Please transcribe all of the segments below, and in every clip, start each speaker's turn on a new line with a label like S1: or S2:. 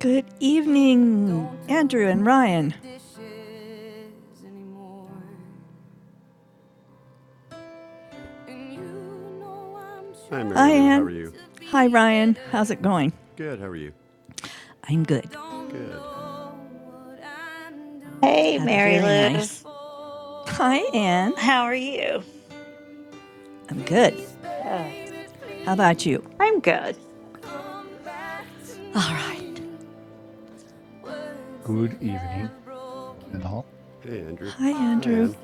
S1: Good evening, Ryan. How's
S2: Hi, Mary Lou. How are you?
S1: it going?
S2: Good. How are you?
S1: I'm good.
S2: Good.
S3: Hey,
S1: What a
S3: Mary
S1: very
S3: Liz.
S1: hi, Ann.
S3: How are you?
S1: How
S3: Good.
S1: about you?
S3: I'm good.
S4: Good evening, one and all.
S2: Hey, Andrew.
S1: Hi,
S2: Hi,
S1: Andrew.
S2: Ann.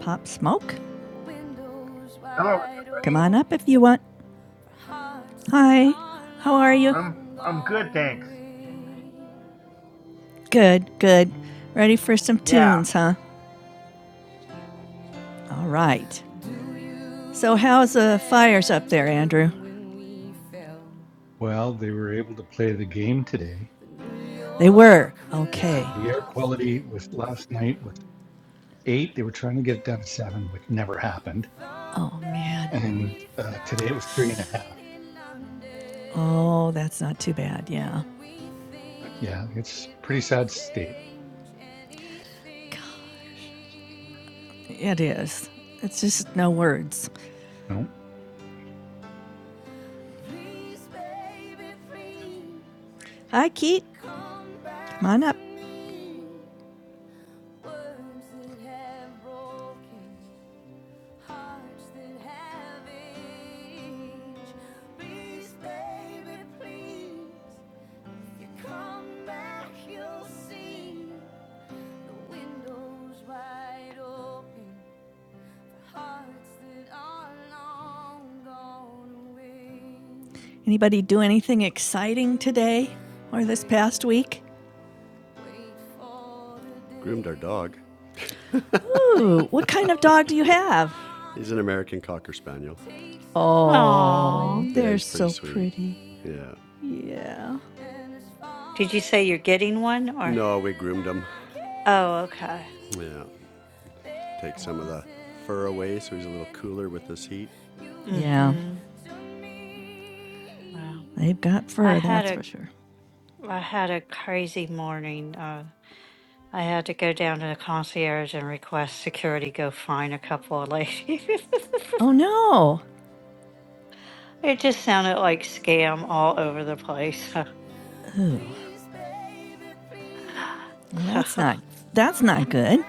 S1: Pop smoke?
S5: Hello.
S1: On up if you want.
S5: I'm I'm good, thanks.
S1: Good, good. Ready for some
S5: Yeah.
S1: tunes, huh? All right. So, how's the fires up there, Andrew?
S4: Well, they were able to play the game today,
S1: They were. Okay.
S4: and the air quality was last night was eight. They were trying to get it down to seven, which never happened.
S1: Oh, man.
S4: And uh, today it was three and a half.
S1: Oh, that's not too bad. Yeah,
S4: Yeah, it's pretty sad state.
S1: it is. It's just no words.
S4: No,
S1: Hi, Keat. Anybody do anything exciting today or this past week?
S2: Groomed our dog.
S1: Ooh, what kind of dog do you have?
S2: He's an American Cocker Spaniel.
S3: Aw.
S1: Oh,
S2: Yeah,
S1: they're
S2: he's pretty
S1: so
S2: sweet.
S1: pretty.
S2: Yeah.
S1: Yeah.
S3: Did you say you're getting one or?
S2: No, we groomed him.
S3: Oh, okay.
S2: Yeah. Take some of the fur away so he's a little cooler with this heat.
S1: Yeah,
S3: Mm-hmm. Wow.
S1: they've got
S3: I
S1: fur,
S3: had
S1: that's
S3: a
S1: for sure.
S3: I had a crazy morning. Uh, I had to go down to the concierge and request security go find a couple of ladies.
S1: Oh no.
S3: it just sounded like scam all over the place.
S1: Well, that's not that's not good.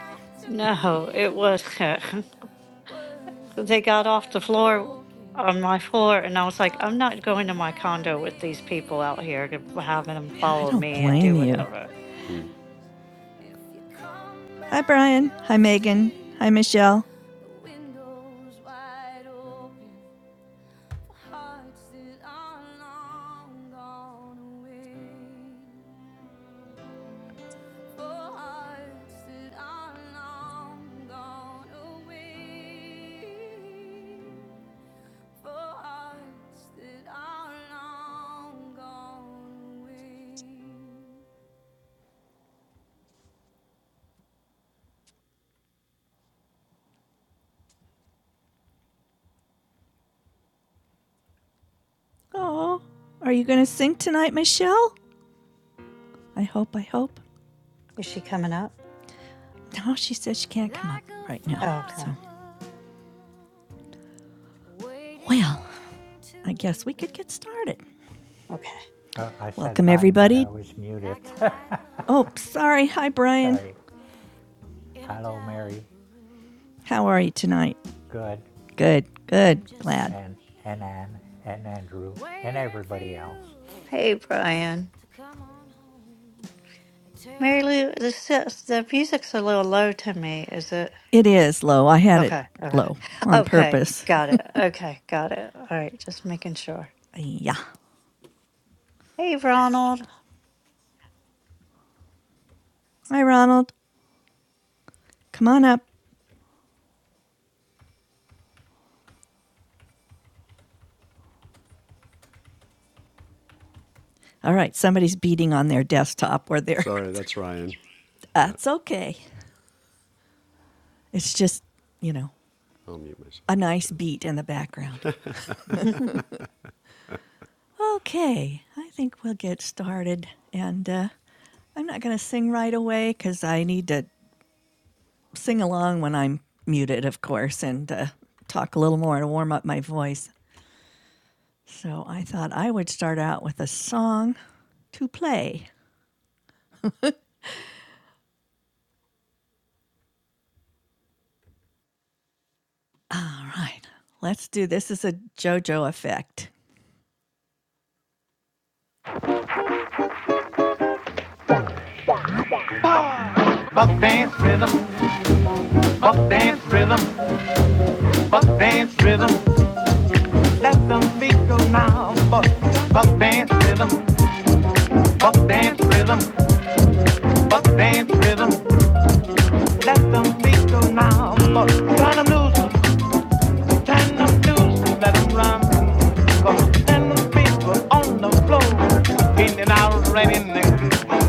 S3: no, it was. they got off the floor on my floor and I was like, I'm not going to my condo with these people out here to having them follow me and do whatever.
S2: Hmm.
S1: Hi, Michelle. Oh, are you going to sing tonight, Michelle? I hope, I hope.
S3: Is she coming up?
S1: No, she says she can't come.
S3: Oh, okay.
S1: Well, I guess we could get started.
S3: Okay.
S6: Uh, I said
S1: Welcome
S6: hi, but
S1: everybody.
S6: I was muted.
S1: Oh, sorry. Hi, Brian.
S6: Sorry. Hello, Mary,
S1: How are you tonight?
S6: Good,
S1: Good. Good.
S6: and and Anne, and Andrew, and everybody else.
S3: Hey, Brian. Mary Lou, the, s- the music's a little low to me. Is it?
S1: It is low. I had it
S3: Okay. Okay.
S1: low on
S3: Okay.
S1: purpose.
S3: Got it. Okay. Got it. All right. Just making sure.
S1: Yeah.
S3: Hey, Ronald.
S1: Hi, Ronald. Come on up. All right. Somebody's beating on their desktop or their.
S2: Sorry, that's Ryan. Yeah.
S1: That's okay. It's just, you know,
S2: I'll mute
S1: a
S2: myself.
S1: nice
S2: Yes.
S1: beat in the background.
S3: Who
S1: Okay. I think we'll get started. And uh, I'm not going to sing right away because I need to sing along when I'm muted, of course, and uh, talk a little more to warm up my voice. So I thought I would start out with a song to play. All right, let's do this. This Is a JoJo effect. Buck dance rhythm, buck dance rhythm, buck dance rhythm. Let them feet go now. Buck, buck dance rhythm, buck dance rhythm, buck dance rhythm. Let them feet go now. Buck, turn them loose, turn them loose, let them run. Buck, turn them feet go on the floor. In and out, right in there.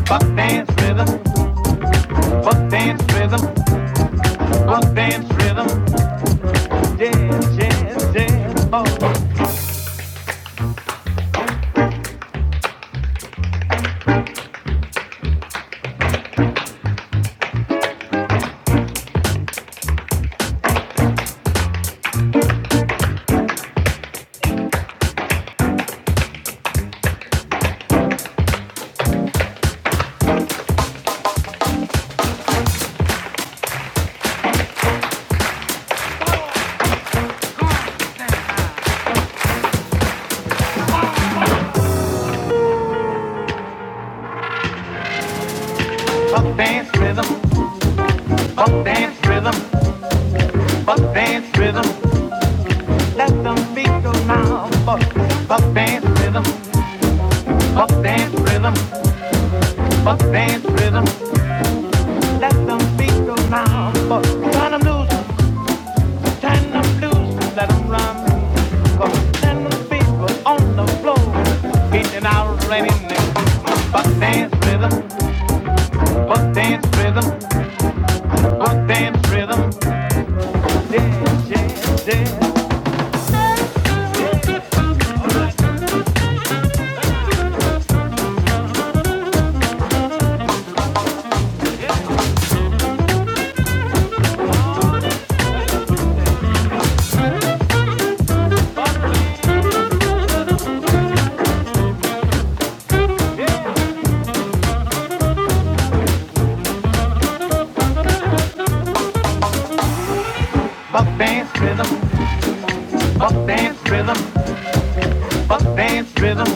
S1: Buck dance rhythm, buck dance rhythm, buck dance rhythm. Yes, yes, yes. Buck, buck dance rhythm. Buck dance rhythm, buck dance rhythm, let them beat the now. Buck, buck dance rhythm, buck dance rhythm, buck dance rhythm, let them beat the now. Buck, turn them loose, turn them loose, let them run. turn them people on the floor, beating out raining. Buck dance rhythm, buck dance rhythm, buck dance rhythm, yeah, yeah, yeah, yeah. yeah. Buck dance rhythm. Buck dance rhythm, buck dance rhythm,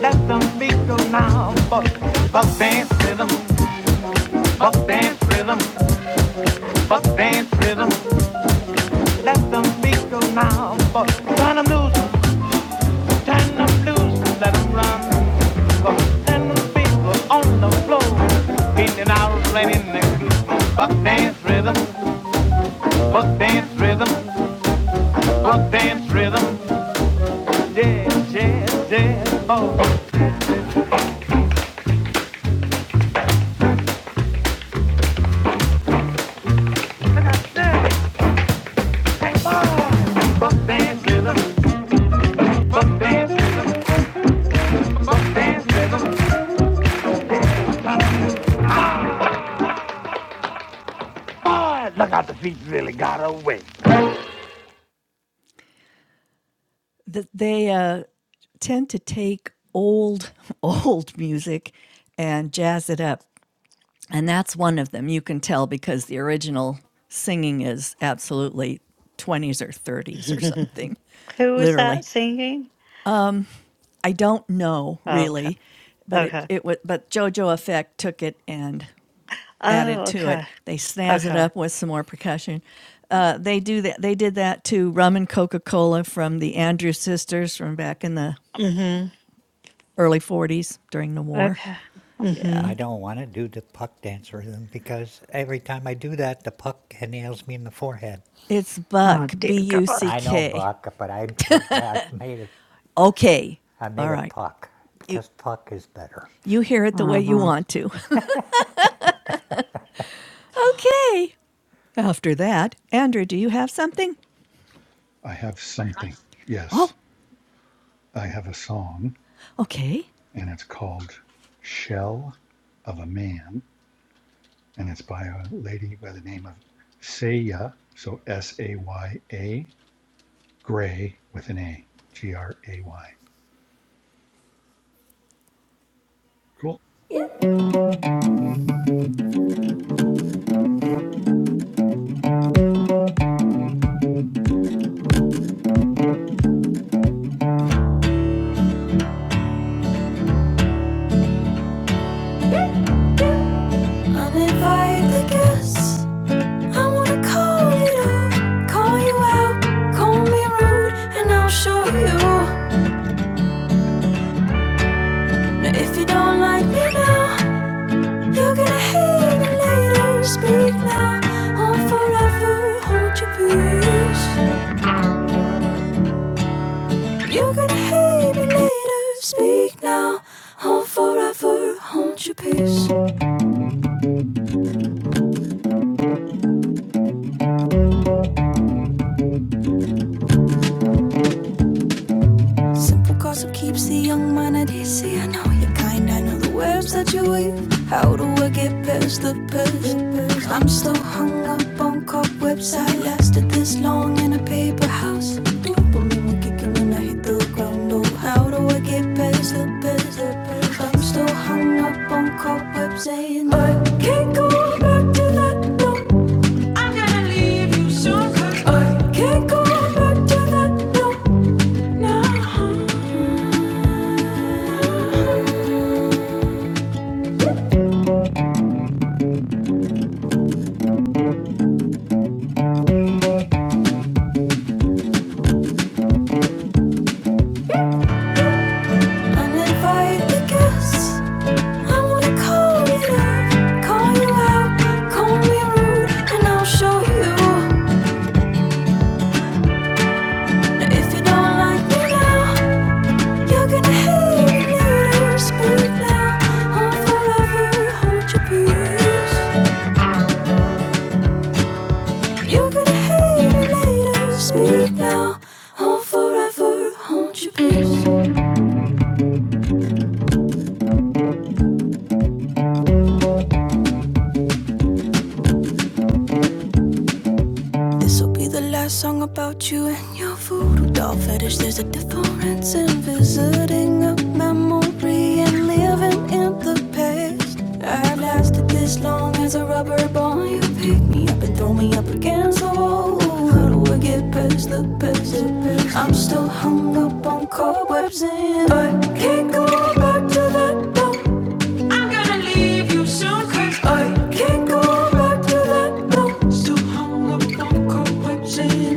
S1: let them beat go now. Buck, buck dance rhythm, buck dance rhythm, buck dance rhythm, let them beat go now. Buck, turn them loose, turn them loose, let them run. Buck, turn them people on the floor, in and out, raining the goose. Buck dance rhythm, buck dance rhythm, buck dance rhythm, yeah, yeah, yeah, oh. And I said, Look out, the feet really got away. that they uh, tend to take old old music and jazz it up and that's one of them you can tell because the original singing is absolutely 20s or 30s or something
S3: was
S1: literally
S3: that singing?
S1: i don't know
S3: Okay.
S1: really but it
S3: Okay.
S1: it was but jojo effect took it and
S3: Oh,
S1: added to it.
S3: okay.
S1: They snazz it
S3: Okay.
S1: up with some more percussion. Uh, they do that. They did that to rum and Coca Cola from the Andrews Sisters from back in the
S3: Mm-hmm.
S1: early '40s during the war.
S3: Okay. Mm-hmm.
S6: I don't want to do the puck dance rhythm because every time I do that, the puck nails me in the forehead.
S1: It's
S3: Oh
S1: Buck
S3: dear
S1: B U
S3: God.
S1: C
S6: I know
S1: K.
S6: buck, but I, I made it.
S1: Okay,
S6: I made
S1: all
S6: it
S1: right.
S6: puck
S1: You
S6: because puck is better.
S1: you hear it the way you
S3: Uh-huh.
S1: want to. Okay. After that, Andrew, do you have something?
S4: I have something.
S1: Oh,
S4: Yes, I have a song,
S1: okay.
S4: and it's called "Shell of a Man," and it's by a lady by the name of Saya. So S A Y A Gray with an A, G R A Y. Cool.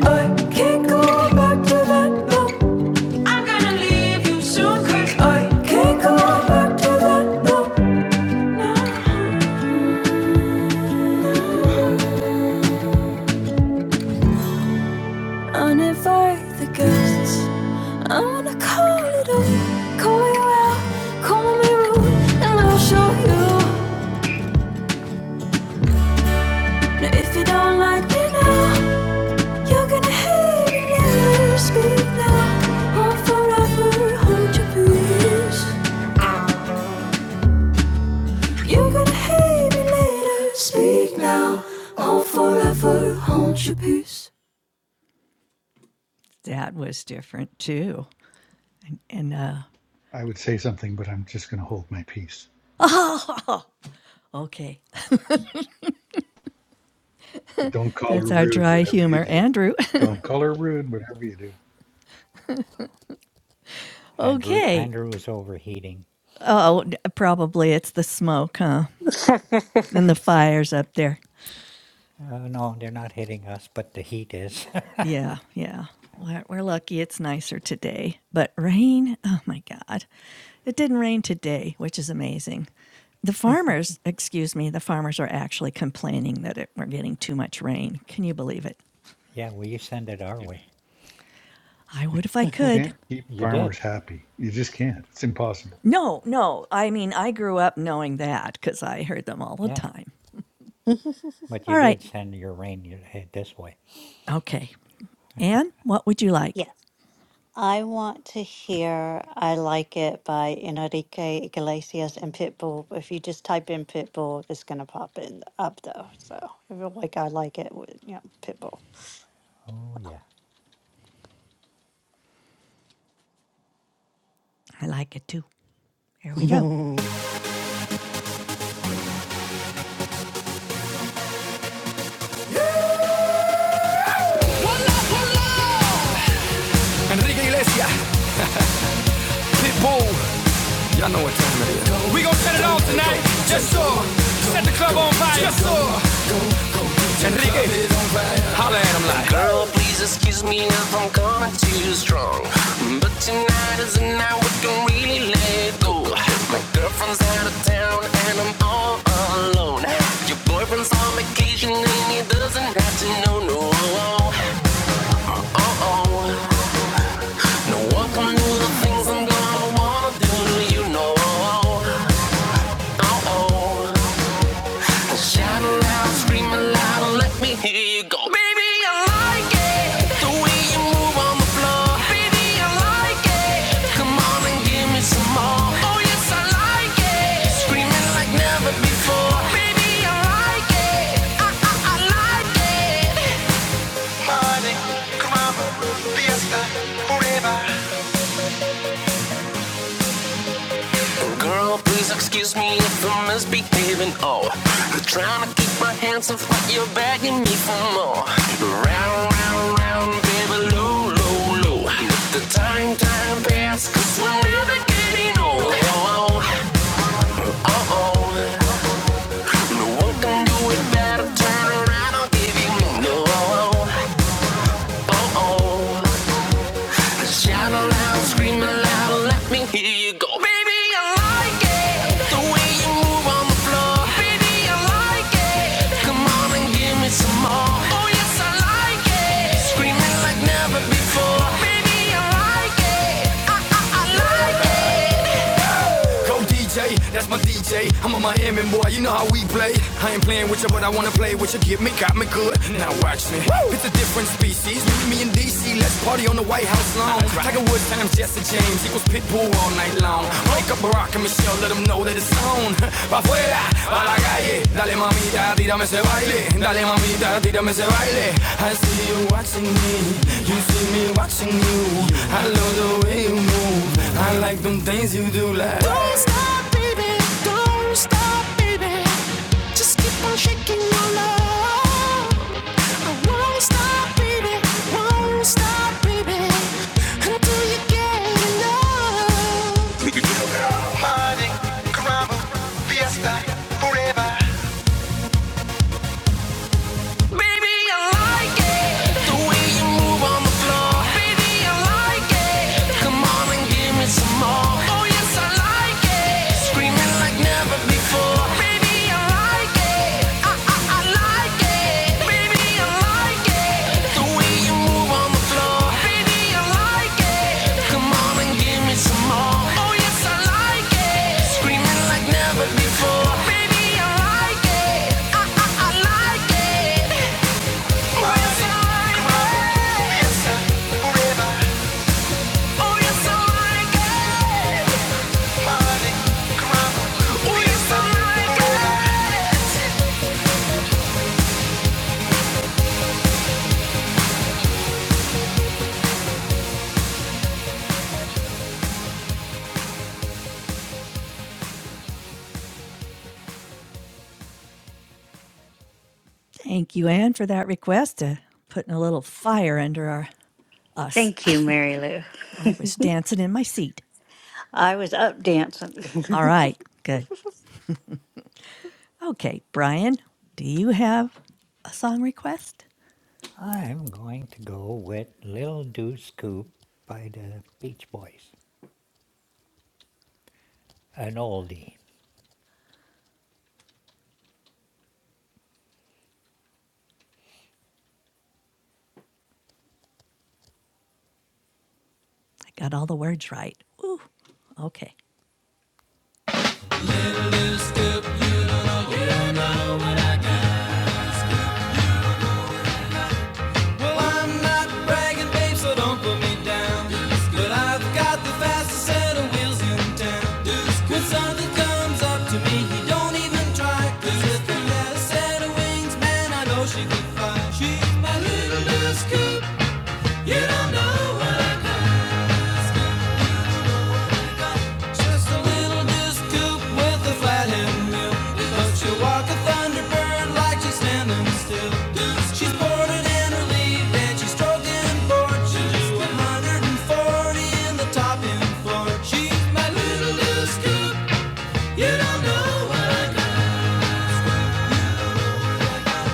S1: I can't go back to that that. No, no. was different too. And, and uh,
S4: I would say something, but I'm just going to hold my peace.
S1: okay,
S4: But don't call her
S1: that's our
S4: rude,
S1: dry
S4: whatever you
S1: humor,
S4: do.
S1: Andrew.
S4: Don't call her rude, whatever you do.
S6: Andrew,
S1: okay.
S6: Andrew is overheating.
S1: Oh, probably it's the smoke, huh? And the fires up there.
S6: Oh, no, they're not hitting us, but the heat is.
S1: Yeah, yeah. We're, we're lucky it's nicer today. But rain, oh my God. It didn't rain today, which is amazing. The farmers, excuse me, the farmers are actually complaining that it, we're getting too much rain. Can you believe it?
S6: yeah, well, you send it our way.
S1: I would if I could.
S4: Can't keep
S6: You
S4: farmers
S6: did.
S4: happy. You just can't. It's impossible.
S1: No, no. I mean, I grew up knowing that because I heard them all the
S6: Yeah.
S1: time.
S6: But you
S1: All right.
S6: did send your reindeer head this way.
S1: Okay. Anne, what would you like?
S3: yes. I want to hear I Like It by Enrique Iglesias and Pitbull. If you just type in Pitbull, it's gonna pop in up though. So if you like I like it with yeah, Pitbull.
S6: Oh, yeah.
S1: I like it too. Here we go. Enrique Iglesias, Pitbull, Y'all know what time it is. We gon' set it off tonight. Just so. Set the club on fire. Just so. Enrique, holla at him like. Girl, please excuse me if I'm coming too strong. But tonight is the night we can really let go. My girlfriend's out of town and I'm all alone. Your boyfriend's on vacation and he doesn't have to know. No, oh, oh. No, welcome to the things I'm gonna wanna do to you. know, oh, oh. Shout it aloud, scream it loud, and let me hear you go. Baby, I like it. The way you move on the floor. Baby, I like it. Come on and give me some more. Oh, yes, I like it. Screaming like never before. Big party, come on, fiesta, forever. Girl, please excuse me if I'm misbehaving. Oh, I'm trying to keep my hands off, but you're begging me for more. Round, round, round, baby, low, low, low. Let the time, time pass, we we're never getting old. Oh, oh, oh, oh. No one can do it better. Turn around, I'll give you more. No, oh, oh, oh. oh. Shout aloud, scream aloud, let me hear you go. Baby, I like it. The way you move on the floor. Come on and give me some more. Screaming like never before. Go DJ, that's my DJ. I'm a Miami boy, you know how we play. I ain't playing with you, but I wanna play with you. Give me, got me good. Now watch me. Woo! It's a different species. Meet me in DC, let's party on the White House lawn. Tiger Woods times Jesse James equals Pitbull all night long. Wake up Barack and Michelle, let them know that it's on. Pa' fuera, pa' la calle. Dale mamita, tírame ese baile. Dale mamita, tírame ese baile. I see you watching me, you see me watching you. I love the way you move. I like them things you do like. Thank you, Anne, for that request. Uh, putting a little fire under our us.
S3: Thank you, Mary Lou.
S1: I was dancing in my seat.
S3: I was up dancing.
S1: All right, good. Okay, Brian, do you have a song request?
S6: I'm going to go with Little Do Scoop by the Beach Boys. An oldie.
S1: I got all the words right. Ooh, okay. Well, I'm not bragging, babe, so don't put me down. But I've got the fastest set of wheels in town. When something comes up to me, he don't even try. with the left set of wings, man, I know she could fly. She's my little Miss Cooper. You don't know what I got. Just a little disc with a flat end But she'll a thunderbird like she's standing still. She's boarded and relieved, and she's stroking bored. She's 140 in the top end floor. She's my little disc coupe. You don't know what I got.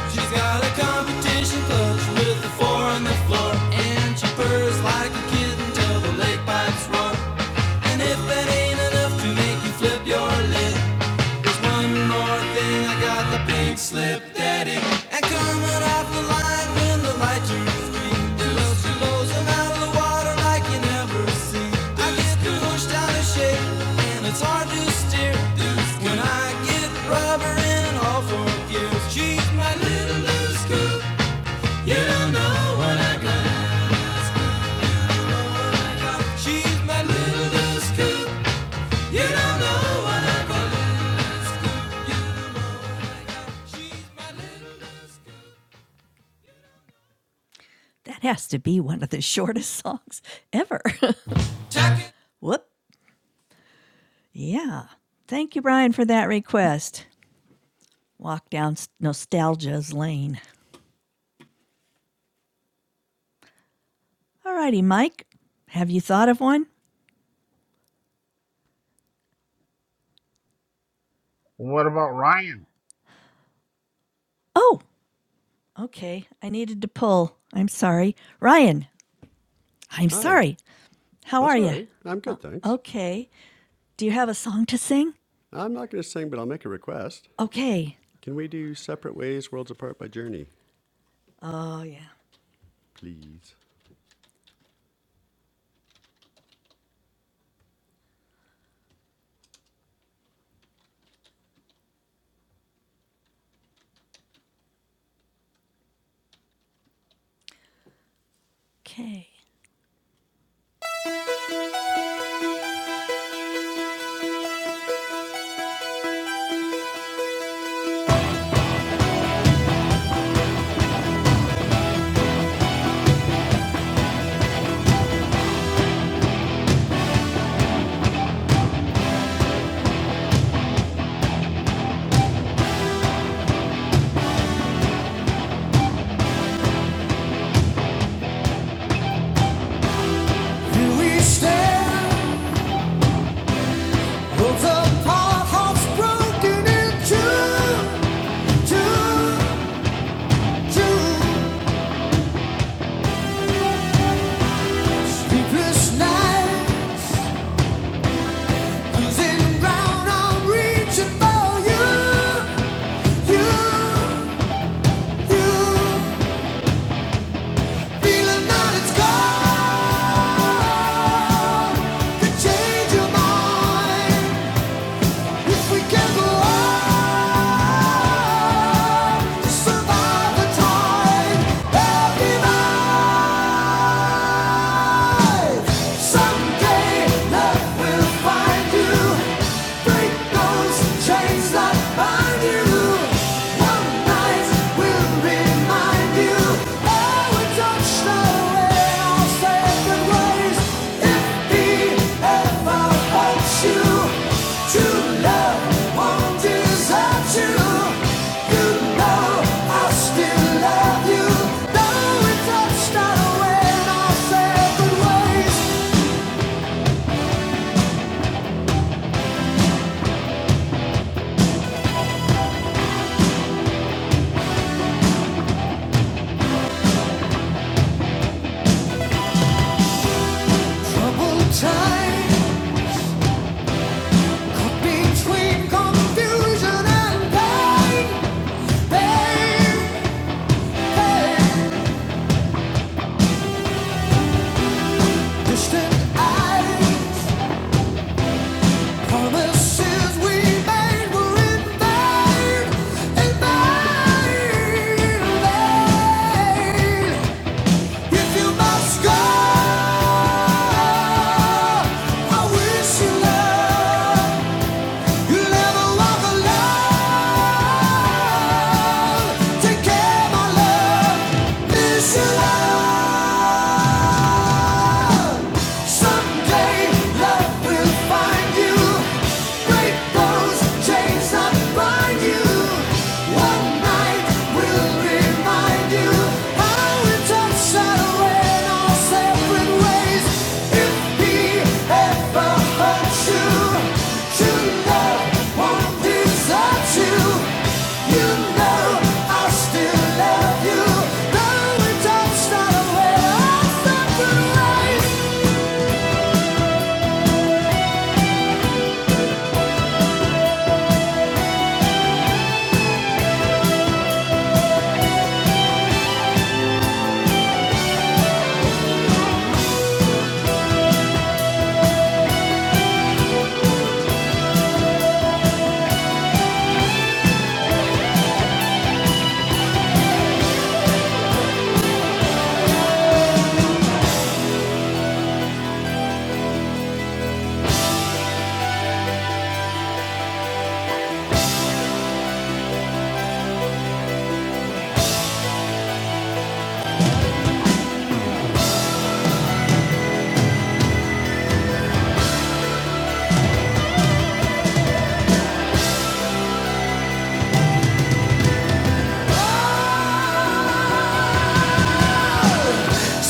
S1: She's got a competition clutch with the four on the floor. And she purrs like a kitten till the lake pipes roar. And if that ain't enough to make you flip your lid, there's one more thing, I got the pink slip daddy. And coming off the line when the light turns green. It looks she blows him out of the water like you never seen. I get pushed out of shape, and it's hard to steer. When I get rubber in all four gears, she's my little loose scoop. You don't know what I got. She's my little loose scoop. You don't know what I got. She's my little That has to be one of the shortest songs ever. Whoop. Yeah. Thank you, Brian, for that request. Walk down nostalgia's lane. All righty, Mike. Have you thought of one?
S5: What about Ryan?
S1: Oh, okay. I needed to pull. I'm sorry. Ryan, I'm
S2: Hi.
S1: sorry. How
S2: That's
S1: are
S2: all
S1: you?
S2: right. I'm good, thanks.
S1: Okay. Do you have a song to sing?
S2: I'm not going to sing, but I'll make a request.
S1: Okay.
S2: Can we do Separate Ways, Worlds Apart by Journey?
S1: Oh, yeah.
S2: Please.
S1: Okay. Do we stand? Both of our hearts broken in two, two. Survive the time, happy mind. will you, remind you, Oh, we Don't know where I'll say goodbye. Time caught between confusion and pain, pain, pain. Distant eyes Promises we made were in vain, in vain, in vain. If you must go, I wish you love. You never walk alone. Take care, my love. Miss you, love. Someday love will find you. Break those chains that bind you. One night will remind you how it's unsettling in our separate ways. If he ever hurts you, true love won't desert you. You know I still love you. Though it does not aware our separate ways.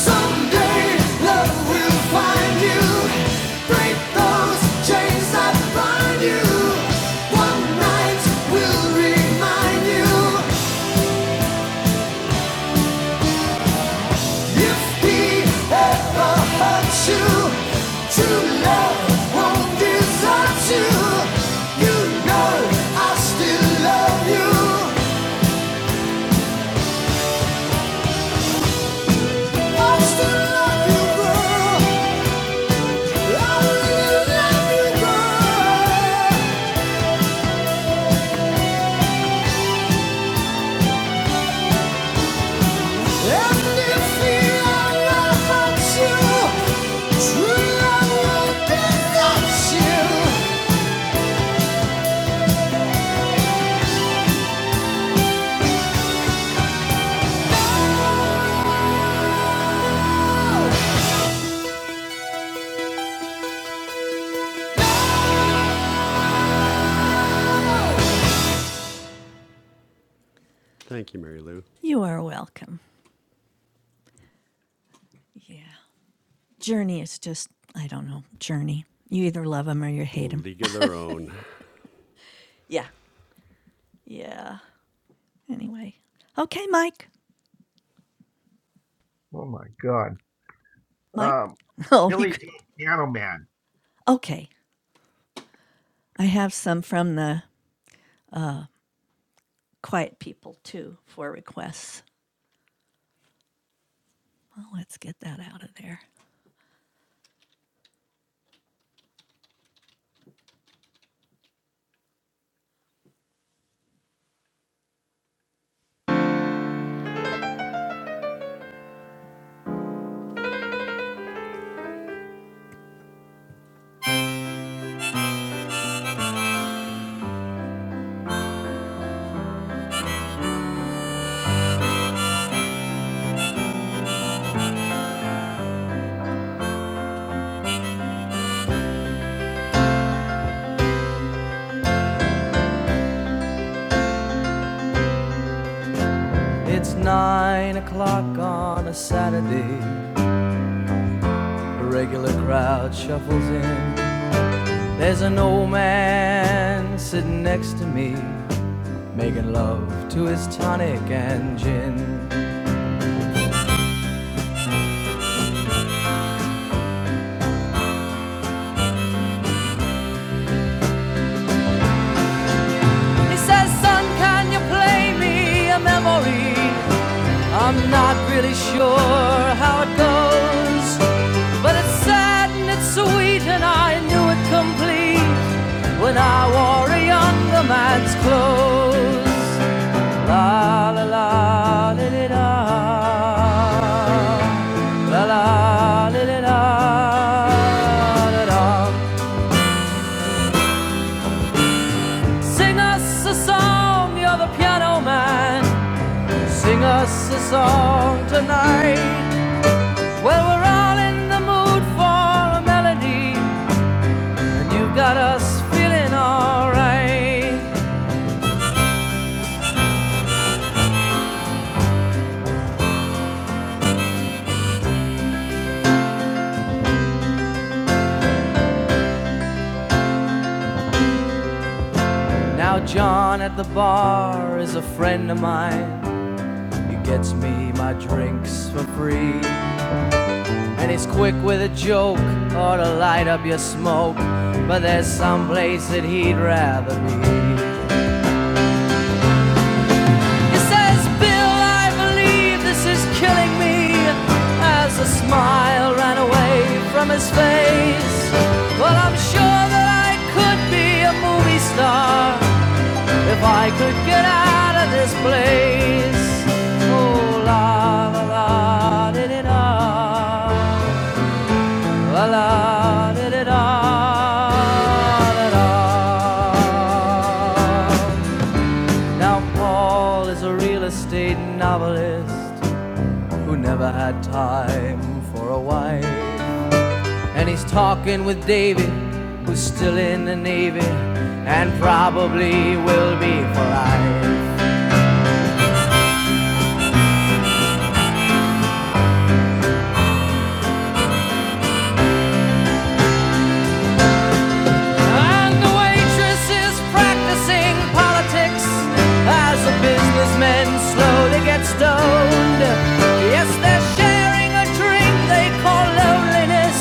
S1: Someday love will find you. Break those chains that bind you. One night will remind you. If he ever hurts you, true love won't desert you. You know I still love you. I still love you, girl. I really love you, girl. you,
S2: Thank you, Mary Lou.
S1: are welcome. Yeah. Journey is just, I don't know, journey. You either love him or you hate him.
S2: League of Their Own.
S1: Yeah. Yeah. Anyway. Okay, Mike.
S5: Oh my God.
S1: Mike?
S5: Um,
S1: Oh, you.
S5: Billy
S1: c-
S5: Joe Piano Man.
S1: Okay. I have some from the quiet people too for requests. Well, let's get that out of there. It's nine o'clock on a Saturday. The regular crowd shuffles in. There's an old man sitting next to me, making love to his tonic and gin. He says, Son, can you play me a memory? I'm not really sure how it goes, but it's sad and it's sweet, and I knew it complete when I wore a younger man's clothes. La la la la la. La La la la li, Sing us a song, you're the piano man. Sing us a song tonight. Well, we're all in the mood for a melody, and you've got us feeling alright. Now, John at the bar is a friend of mine. He gets me my drinks for free. And he's quick with a joke or to light up your smoke. But there's some place that he'd rather be. He says, Bill, I believe this is killing me. As a smile ran away from his face. Well, I'm sure that I could be a movie star if I could get out of this place. Oh, la la la, did it all. La la da da da da da. Now Paul is a real estate novelist who never had time for a wife, and he's talking with David, who's still in the navy and probably will be for life. And the waitress is practicing politics as the businessmen slowly get stoned. Yes, they're sharing a drink they call loneliness,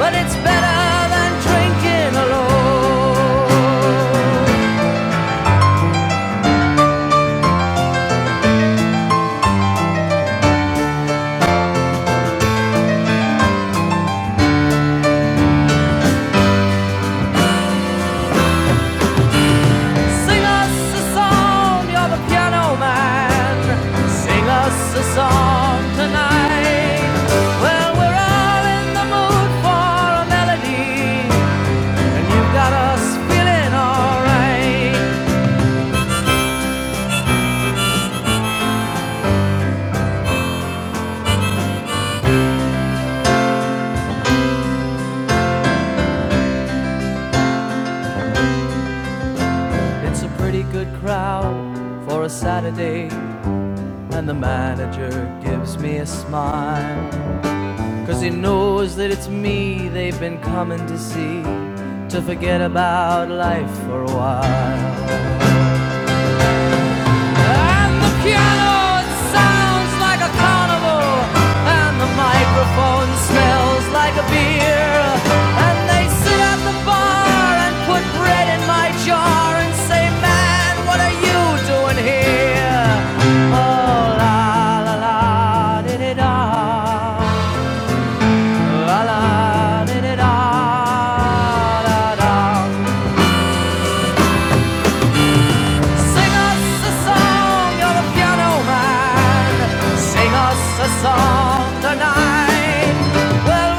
S1: but it's better than drinking alone. Sing us a song, you're the piano man. Sing us a song tonight. Well, we're all in the mood for a melody. And you've got us feeling alright. It's a pretty good crowd for a Saturday. And the manager gives me a smile 'cause he knows that it's me they've been coming to see. To forget about life for a while. And the piano, it sounds like a carnival. And the microphone smells like a beer. And they sit at the bar and put bread in my jar and say, Man, what are you doing here? Oh, la la la, did it all. La la, did it all. La la. Well,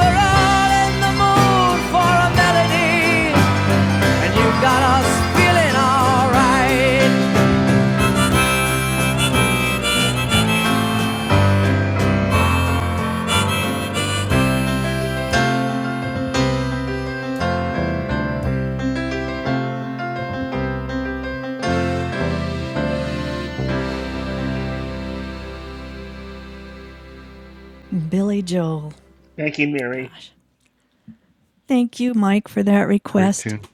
S1: Billy Joel.
S5: Thank you, Mary.
S1: Gosh. Thank you, Mike, for that
S4: Great
S1: request.
S4: tune.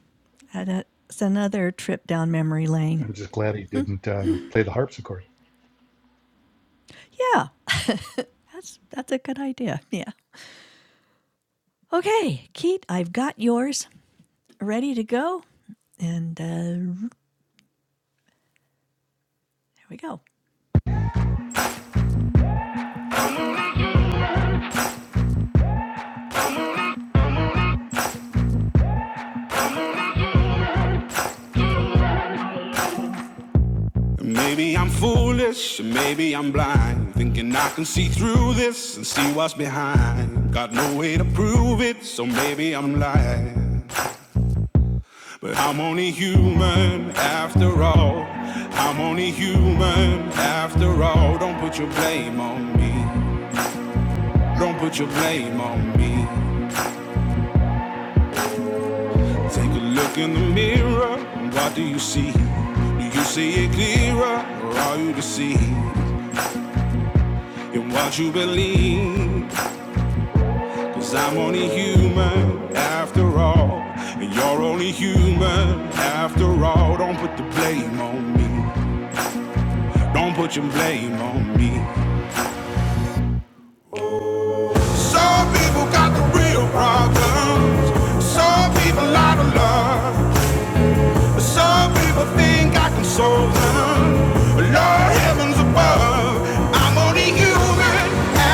S1: That's another trip down memory lane.
S4: I'm just glad he didn't um, play the harpsichord.
S1: Yeah, that's that's a good idea. Yeah. Okay, Keith, I've got yours ready to go. And uh, there we go. Maybe I'm foolish, maybe I'm blind, thinking I can see through this and see what's behind. Got no way to prove it, so maybe I'm lying. But I'm only human after all. I'm only human after all. Don't put your blame on me. Don't put your blame on me. Take a look in the mirror, and what do you see? Do you see it clearer, or are you deceived in what you believe? Cause I'm only human after all. And you're only human after all. Don't put the blame on me. Don't put your blame on me. Some people got the real problems. Some people out of love. Some people think I can solve them. Lord heavens above. I'm only human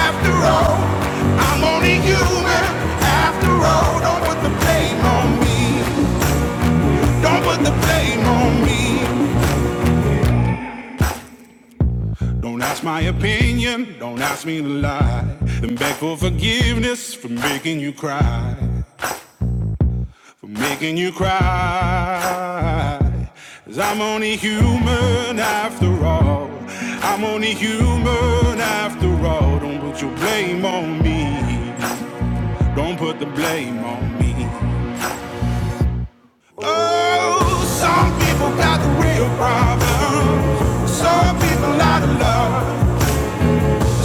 S1: after all. I'm only human after all. Don't put the blame on me. Don't put the blame on me. Don't ask my opinion. Don't ask me to lie. And beg for forgiveness for making you cry. For making you cry. i I'm only human after all. I'm only human after all. Don't put your blame on me. Don't put the blame on me. Oh, some people got the real problems. Some people out of love.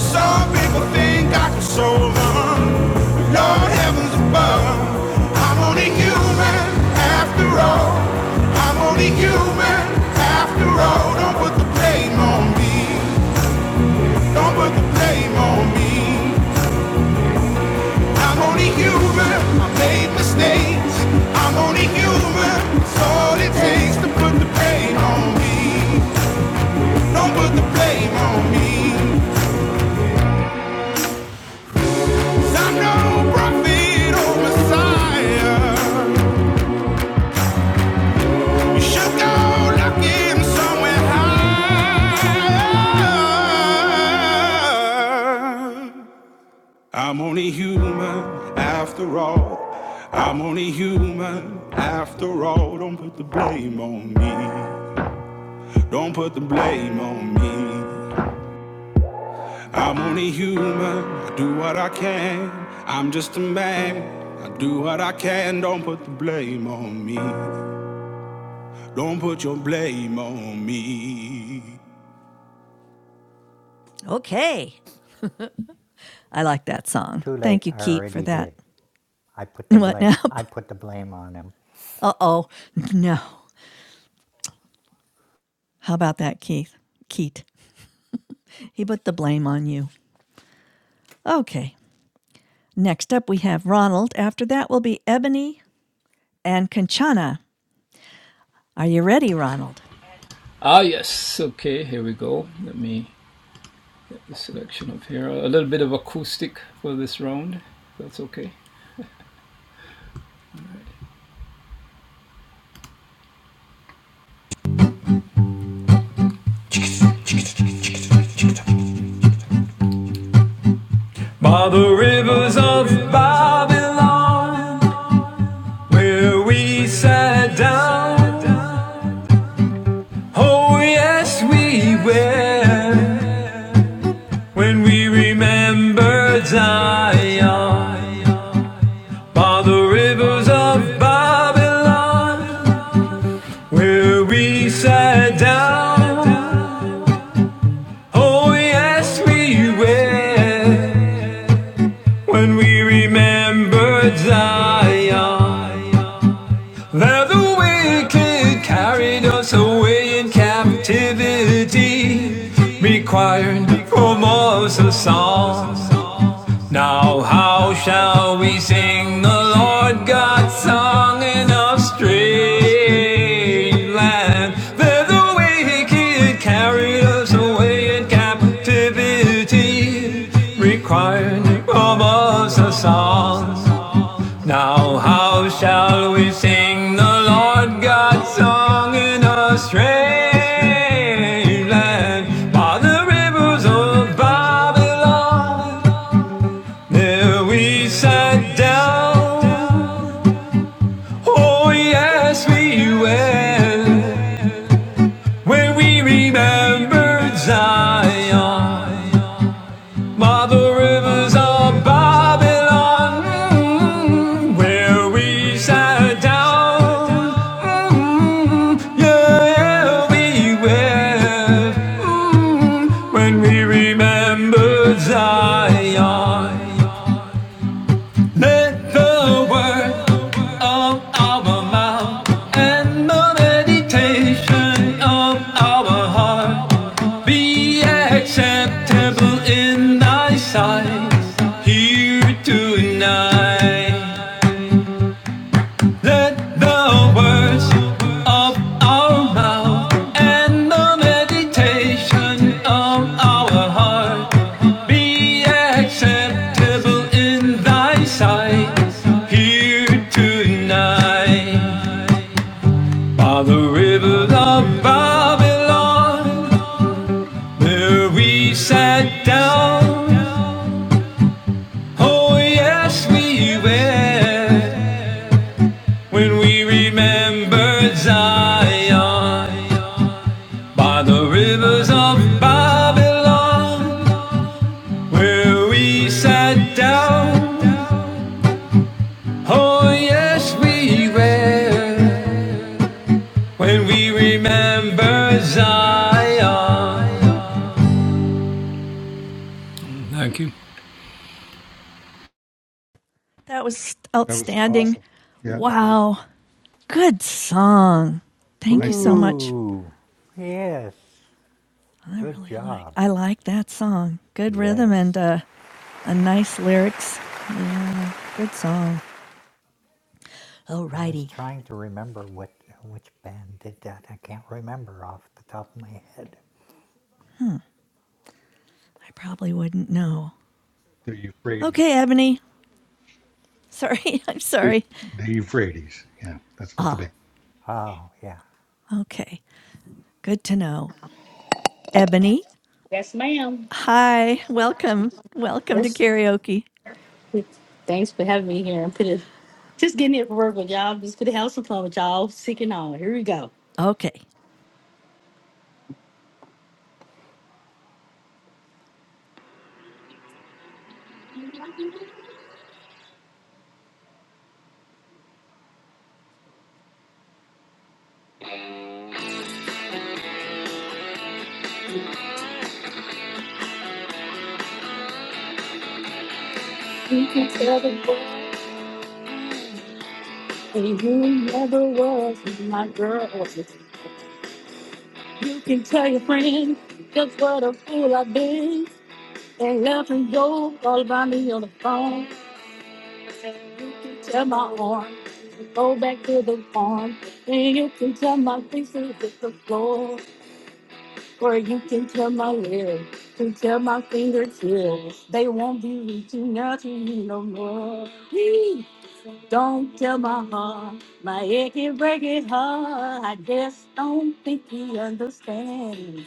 S1: Some people think I can soul them. Lord heavens above. I'm only human after all. I'm only human after all. Don't put the blame on me. Don't put the blame on me. I'm only human. I made mistakes. I'm only human. It's all it takes to put the blame on me. Don't put the blame on me. 'Cause I'm no prophet or messiah. You should go look somewhere higher. I'm only human after all. I'm only human after all. Don't put the blame on me. Don't put the blame on me. I'm only human. I do what I can. I'm just a man. I do what I can. Don't put the blame on me. Don't put your blame on me. Okay. I like that song.
S6: Too late,
S1: Thank you,
S6: I
S1: Keith, for
S6: already
S1: that.
S6: did. I put the
S1: What
S6: blame
S1: now?
S6: I put the blame on him.
S1: Uh oh. No. How about that, Keith? Keith. He put the blame on you. Okay. Next up, we have Ronald. After that will be Ebony and Conchana. Are you ready, Ronald?
S7: By the rivers of Babylon, where we sat down. Oh, yes, we were. When we remembered Zion. By the rivers of Babylon, where we sat down. Oh, yes, we were. When we remembered Zion. There the wicked carried us away in captivity, required from us a song. Now, how shall we sing the Lord God's song in a strange land? There the wicked carried us away in captivity, required from us a song. Now, how shall we sing the Lord God's song in a strange land by the rivers of Babylon? There we sat down. Oh, yes, we went when we remembered Zion by the rivers of Babylon, mm, where we sat down. Mm, yeah, we wept mm, when we remembered Zion. Let the word of our mouth and the meditation of our heart be acceptable in thy sight here tonight. Let the words of our mouth and the meditation of our heart be acceptable in thy sight here tonight. By the river of Babylon, there we sat down. Oh, yes, we went. When we remember Zion by the rivers of Babylon, where we sat down, oh yes, we were. When we remember Zion,
S1: That was
S4: That was
S1: outstanding.
S4: awesome. Yeah, I really love
S1: Wow.
S4: it.
S1: Good song. Thank you
S4: Nice
S1: so
S4: job.
S1: much.
S6: Woo! Yes.
S1: I
S6: Good
S1: really like
S6: job.
S1: I like that song. Good
S6: Yes.
S1: rhythm and uh, a nice lyrics. Good song.
S6: I was
S1: Alrighty.
S6: trying to remember what which band did that. I can't remember off the top of my head.
S1: I probably wouldn't know.
S4: The Euphrates.
S1: Okay, Ebony. Sorry, I'm
S4: The
S1: sorry.
S4: Euphrates. Yeah, that's what the
S1: Ah,
S4: band.
S6: Oh yeah.
S1: okay. Good to know. Ebony,
S8: Yes, ma'am.
S1: hi. Welcome. Welcome to
S8: Yes.
S1: karaoke.
S8: Thanks for having me here. I'm pretty, just getting here for work with y'all. Just for the house of fun with y'all. Seeking on. Here we go.
S1: Okay.
S8: You can tell the boy who never was my girl. You can tell your friend just what a fool I've been. And left and go all by me on the phone. You can tell my arm, to go back to the farm. And you can tell my face is the floor. For you can tell my lips, can tell my fingertips, they won't be reaching out to you no more. Please don't tell my heart, my aching, breaking heart. I just don't think he understands.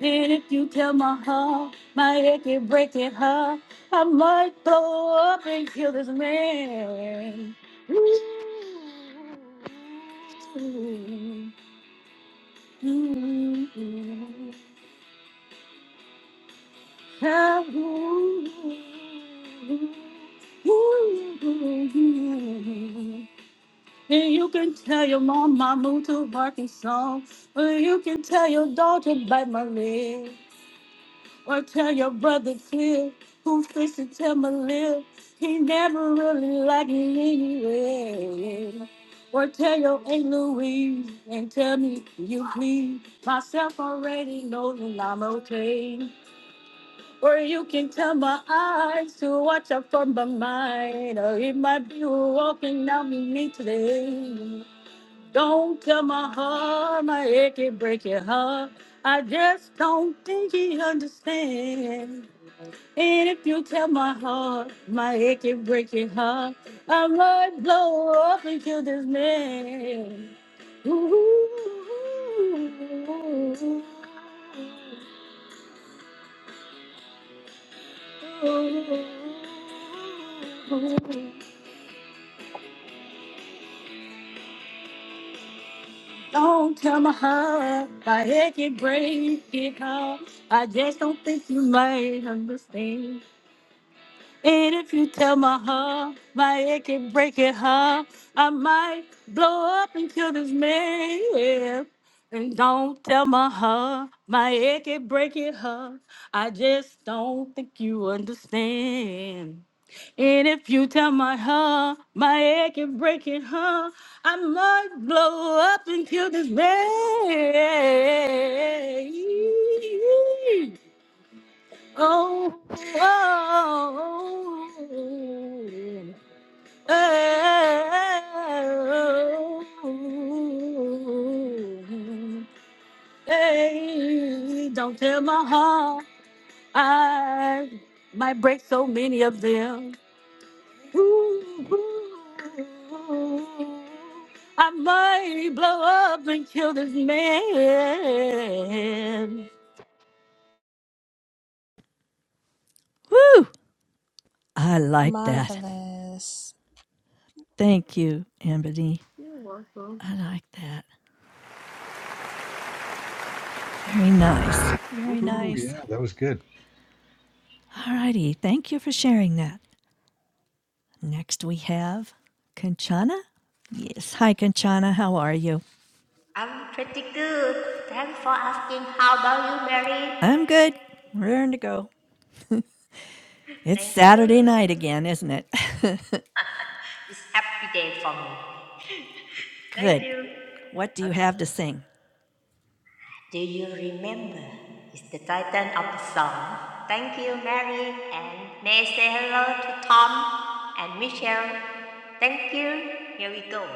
S8: And if you tell my heart, my aching, breaking heart, I might blow up and kill this man. Ooh. Ooh. And you can tell your mom I moved to working song, Or you can tell your daughter bite my leg. Or tell your brother Phil, who fixed to tell my lip. He never really liked me anyway. Or tell your Aunt Louise and tell me you please. Myself already knows that I'm okay. Or you can tell my eyes to watch out for my mind. Or it might be who walking down with me today. Don't tell my heart, my head can break your heart. I just don't think he understands. And if you tell my heart, my head can break your heart. I might blow up and kill this man. Ooh. Don't tell my heart, my head can break it hard. I just don't think you might understand. And if you tell my heart, my head can break it hard. I might blow up and kill this man. yeah. And don't tell my heart, my head can break it hard. I just don't think you understand. And if you tell my heart, my head can break it, huh? I might blow up and kill this man. Oh, oh, oh, oh. oh. Hey, don't tell my heart, I might break so many of them. I might blow up and kill this man.
S1: Whew. I like that.
S9: Marvelous.
S1: Thank you, Ebony.
S8: You're welcome.
S1: I like that. Very nice. Very
S4: Woohoo.
S1: nice.
S4: Yeah, that was good.
S1: All righty. Thank you for sharing that. Next we have Kanchana. Yes. Hi, Kanchana. How are you?
S10: I'm pretty good. Thanks for asking. How about you, Mary?
S1: I'm good. We're ready to go. It's
S10: Thank you.
S1: Saturday night again, isn't it?
S10: It's happy day for me. Thank
S1: Good.
S10: you.
S1: What do you
S10: Okay.
S1: have to sing?
S10: Do you remember? It's the title of the song. Thank you, Mary, and may I say hello to Tom and Michelle. Thank you. Here we go.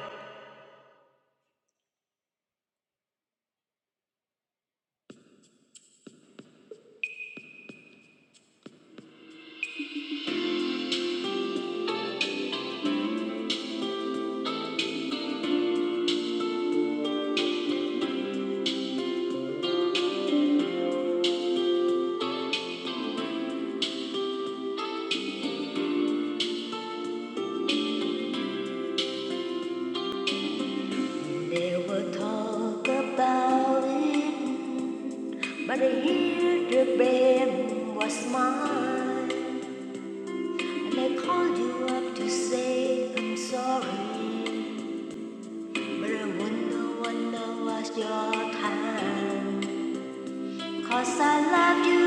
S10: Never talk about it, but I hear the blame was mine. And I called you up to say I'm sorry, but I wonder when I was your time. Cause I love you,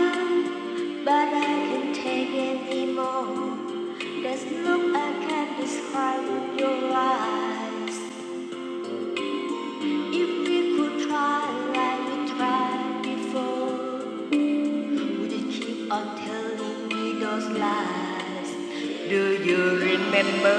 S10: but I can't take it anymore. This look I can't describe with your eyes. If we could try like we tried before, would you keep on telling me those lies? Do you remember?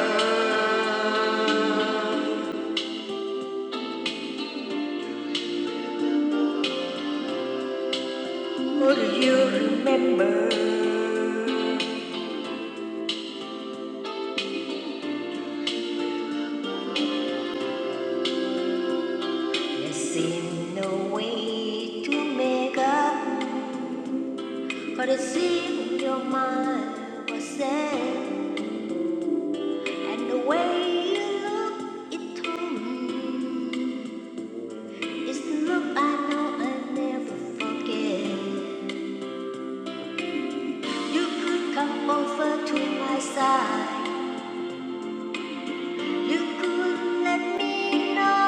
S10: Oh, do you remember? There seemed no way to make up for the sin your mind was set, and the way you looked it told me is the look I know I will never forget. You could come over to my side. You could let me know.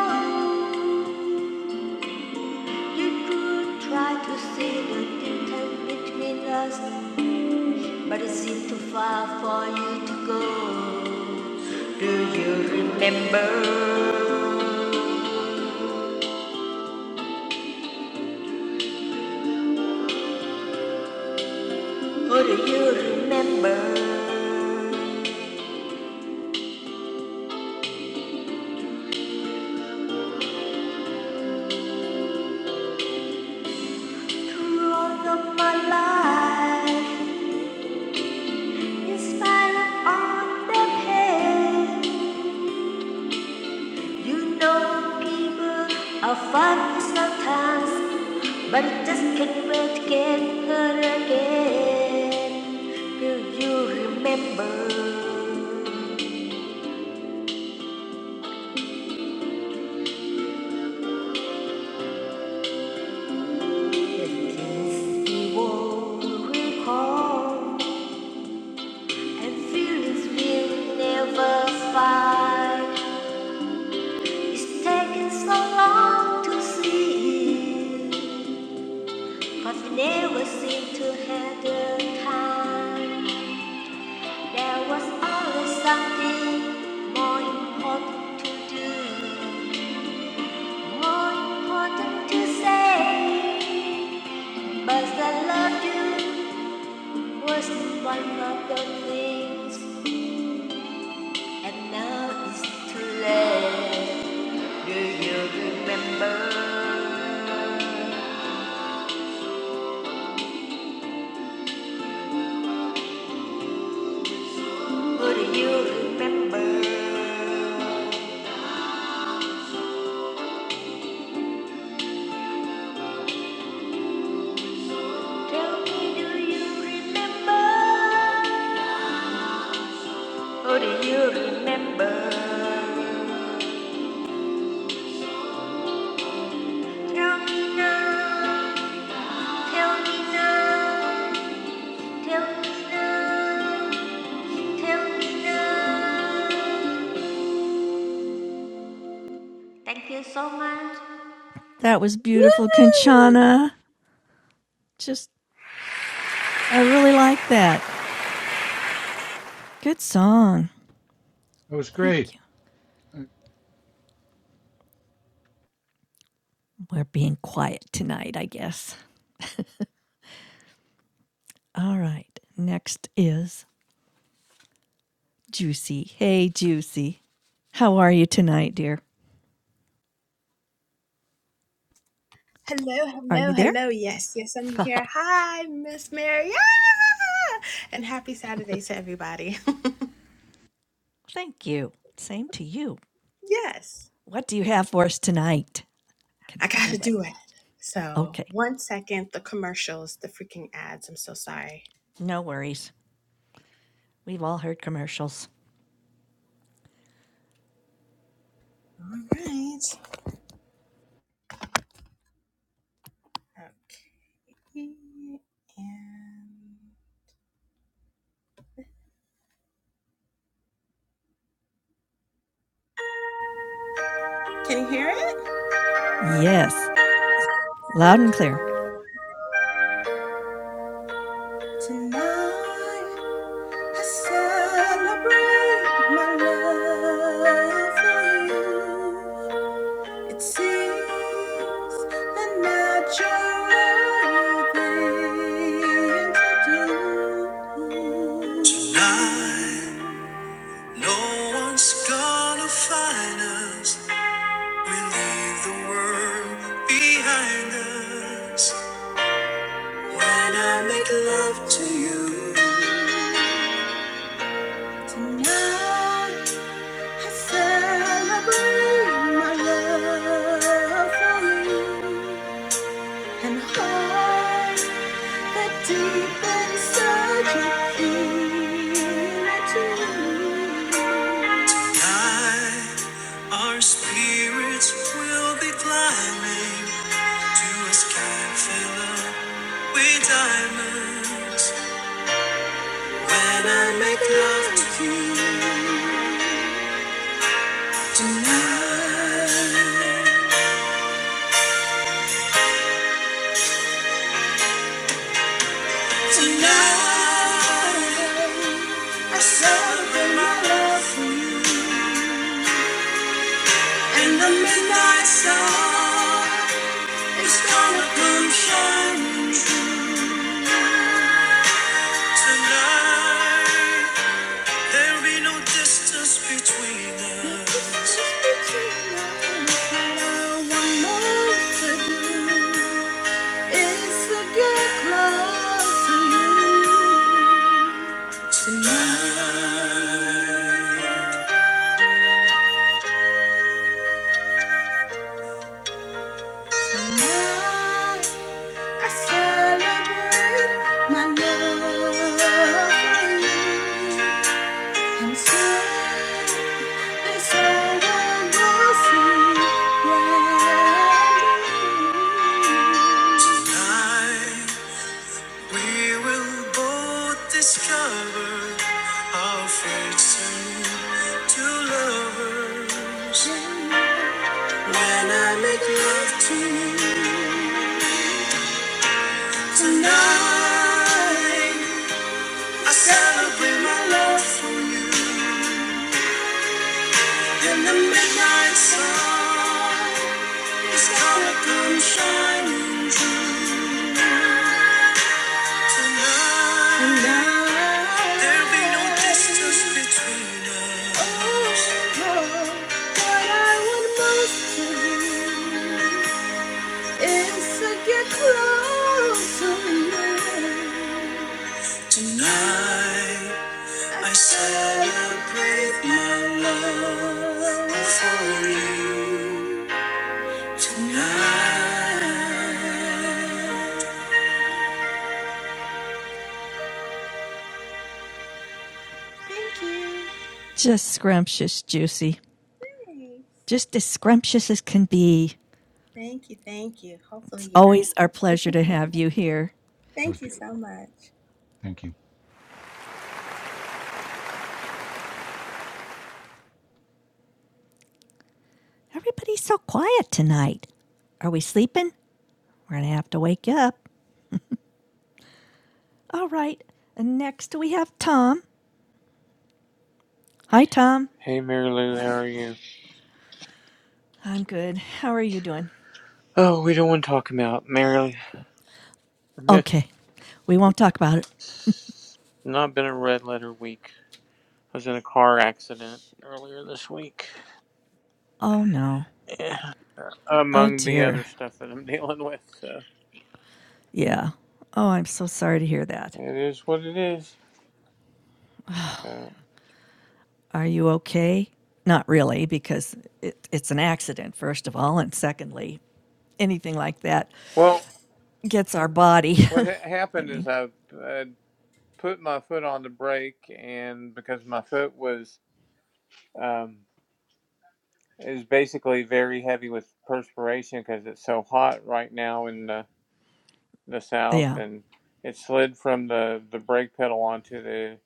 S10: You could try to see the difference between us. But is it too far for you to go? Do you remember? Or do you remember? Through all of my life, in spite of all the pain, you know people are fun sometimes, but it just can't wait to get hurt again. Do you remember? We will recall and feelings will never spy. It's taken so long to see, but we never seem to have the time. There was always something more important to do, more important to say. But I love you was not one of the things And now it's too late. Do you remember? Would you remember? Tell me, do you remember? Or do you remember? Tell me now. Tell me now. Tell me now. Tell me now. Thank you so much.
S1: That was beautiful, Conchana. Just, I really like that. Good song.
S4: That was great.
S1: Thank you.
S4: That
S1: We're being quiet tonight, I guess. All right. Next is Juicy. Hey, Juicy. How are you tonight, dear?
S9: Hello,
S1: Are
S9: hello,
S1: you there?
S9: hello. Yes, yes, I'm here. Hi, Miss Mary. Ah! And happy Saturday to everybody.
S1: Thank you. Same to you.
S9: yes,
S1: What do you have for us tonight? Can
S9: I
S1: hardly
S9: gotta
S1: wait.
S9: do it. So,
S1: Okay.
S9: one second, the commercials, the freaking ads. I'm so sorry.
S1: No worries. We've all heard commercials.
S9: All right. Okay. And can you hear it?
S1: Yes, loud
S9: Okay,
S1: and clear.
S9: wonderful. Tonight. I celebrate my love for you. It seems the natural thing to do. Tonight, gonna find us. We leave the world behind us when I make love to you. Tonight. I celebrate my love for you and all that deep inside you feel it too. our spirits will be climbing to a sky filled with diamonds when I make love to you tonight, tonight. I celebrate my love for you. And so this old will see brand new. Tonight we will both discover our fates and to lovers. When I make love to you tonight, I celebrate my love for you. And the midnight sun is gonna come shining. there be no distance between us. What I want most is to get close to you. Tonight, I celebrate my love for you. Tonight. Thank you.
S1: Just scrumptious, juicy.
S9: Thanks.
S1: Just as scrumptious as can be.
S9: Thank you. Thank you. Hopefully
S1: It's
S9: you heard.
S1: always our
S9: me.
S1: pleasure to have you here.
S4: was
S9: thank you so
S4: beautiful.
S9: much.
S4: Thank you.
S1: Everybody's so quiet tonight. Are we sleeping? We're going to have to wake you up. All right. And next we have Tom. Hi, Tom.
S11: Hey Mary Lou, how are you?
S1: I'm good. How are you doing?
S11: Oh, we don't want to talk about Mary. Lou.
S1: Okay. We won't talk about it.
S11: Not been a red letter week. I was in a car accident earlier this week,
S1: Oh, no.
S11: Yeah.
S1: Oh,
S11: among the other
S1: dear.
S11: stuff that I'm dealing with. So
S1: Yeah. Oh, I'm so sorry to hear that.
S11: it is what it is. So
S1: Are you okay? Not really, because it, it's an accident, first of all. And secondly, anything like that
S11: well,
S1: gets our body.
S11: what ha-
S1: I
S11: happened is
S1: mean,
S11: I uh, put my foot on the brake, and because my foot was um, is basically very heavy with perspiration because it's so hot right now in uh, the south,
S1: yeah.
S11: and it slid from the the brake pedal onto the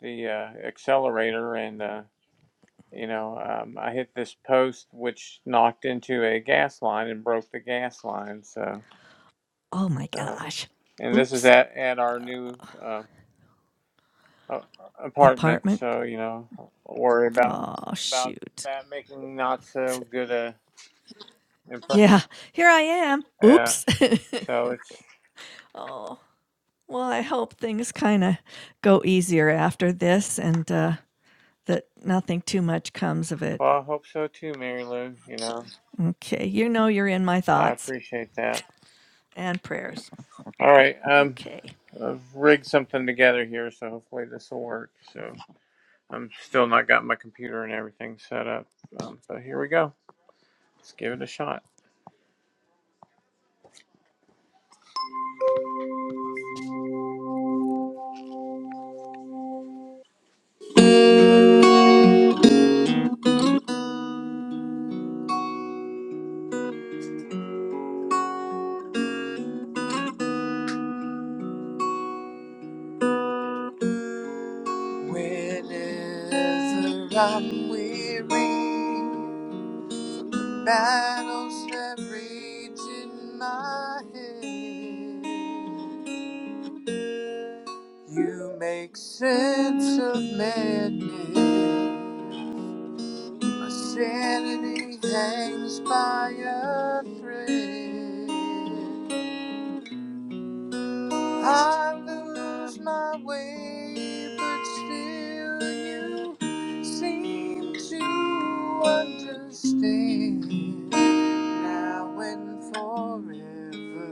S11: the uh, accelerator, and uh, you know um, I hit this post, which knocked into a gas line and broke the gas line. So,
S1: Oh my
S11: so
S1: gosh.
S11: and this is
S1: Oops.
S11: at at our new uh, a- apartment,
S1: Apartment.
S11: so you know worry about
S1: Oh,
S11: about
S1: shoot.
S11: that making not so good a impression.
S1: Yeah, here I am.
S11: Yeah,
S1: Oops.
S11: so it's.
S1: oh, well, I hope things kind of go easier after
S11: Uh,
S1: this and uh, that nothing too much comes of it.
S11: well, I hope so too, Mary Lou. You know,
S1: Okay, you know you're in my
S11: well, I
S1: thoughts
S11: appreciate that.
S1: and prayers.
S11: All right. Um,
S1: Okay,
S11: I've rigged something together here, so hopefully this will work. So I'm still not got my computer and everything set up. Um, but here we go. Let's give it a shot. Whenever I'm weary, battles that rage in my head, you make sense of madness. My sanity hangs by a thread. I lose my way, but still you seem to understand now and forever.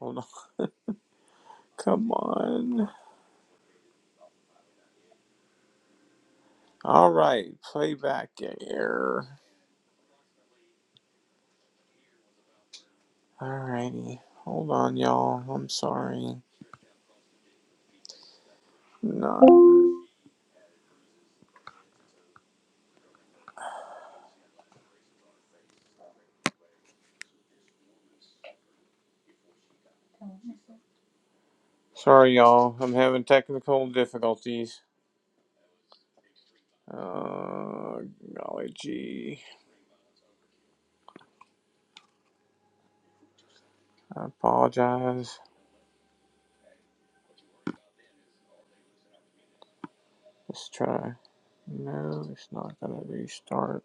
S11: Hold on. Come on. All right, playback error. All righty. Hold on, y'all. I'm sorry. No. Sorry, y'all. I'm having technical difficulties. Uh, golly gee. I apologize. Let's try. No, it's not gonna restart.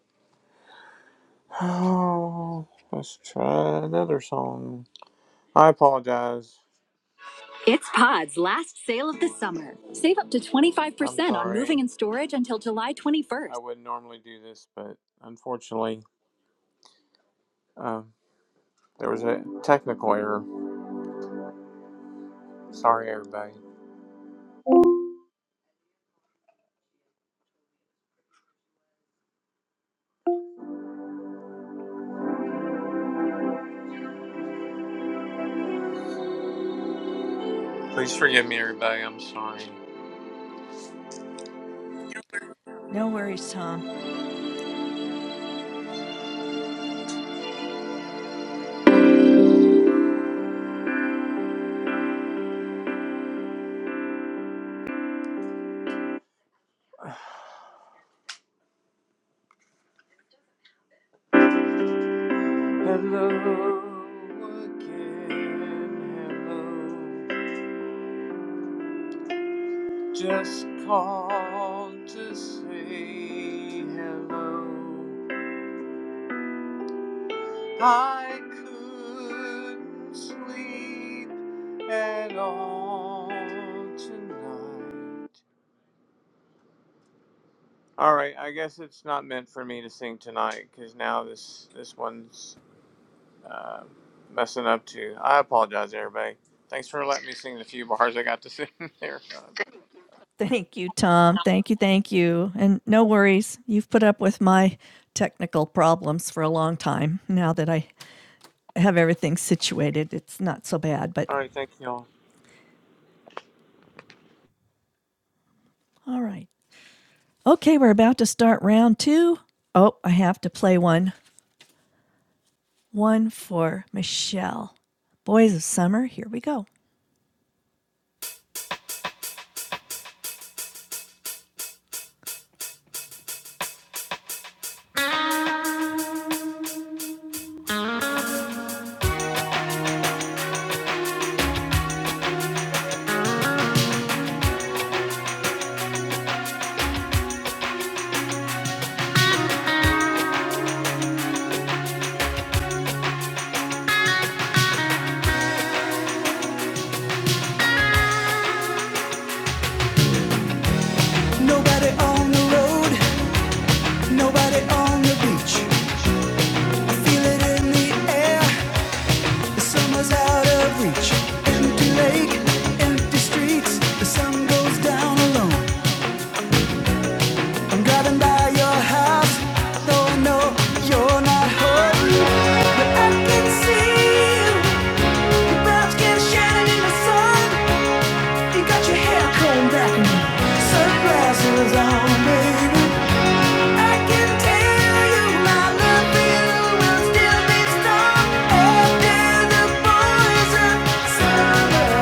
S11: Oh, let's try another song. I apologize. It's Pod's last sale of the summer. Save up to 25% percent on moving and storage until July 21st. I wouldn't normally do this, but unfortunately, um, there was a technical error. Sorry, everybody. Please forgive me, everybody. I'm sorry.
S1: no worries, Tom.
S11: Hello again, hello. Just called to say hello. I couldn't sleep at all tonight. All right, I guess it's not meant for me to sing tonight because now this this one's uh, messing up too. I apologize, everybody. Thanks for letting me sing the few bars I got to sing there.
S1: Thank you, Tom. Thank you, thank you. And no worries. You've put up with my technical problems for a long time. Now that I have everything situated, it's not so bad. But
S11: All right, thank y'all.
S1: All right. Okay, we're about to start round two. Oh, I have to play one. One for Michelle. Boys of Summer, here we go. Nobody on the road, nobody on the beach. Feel it in the air, summer's out of reach. Big empty streets, the sun goes down alone. I'm driving by your house, though I know you're not home. But I can see you, your brown skin shining in the sun. You got your hair combed back and sunglasses on, baby. I can tell you my love for you will still be strong after the poison summer.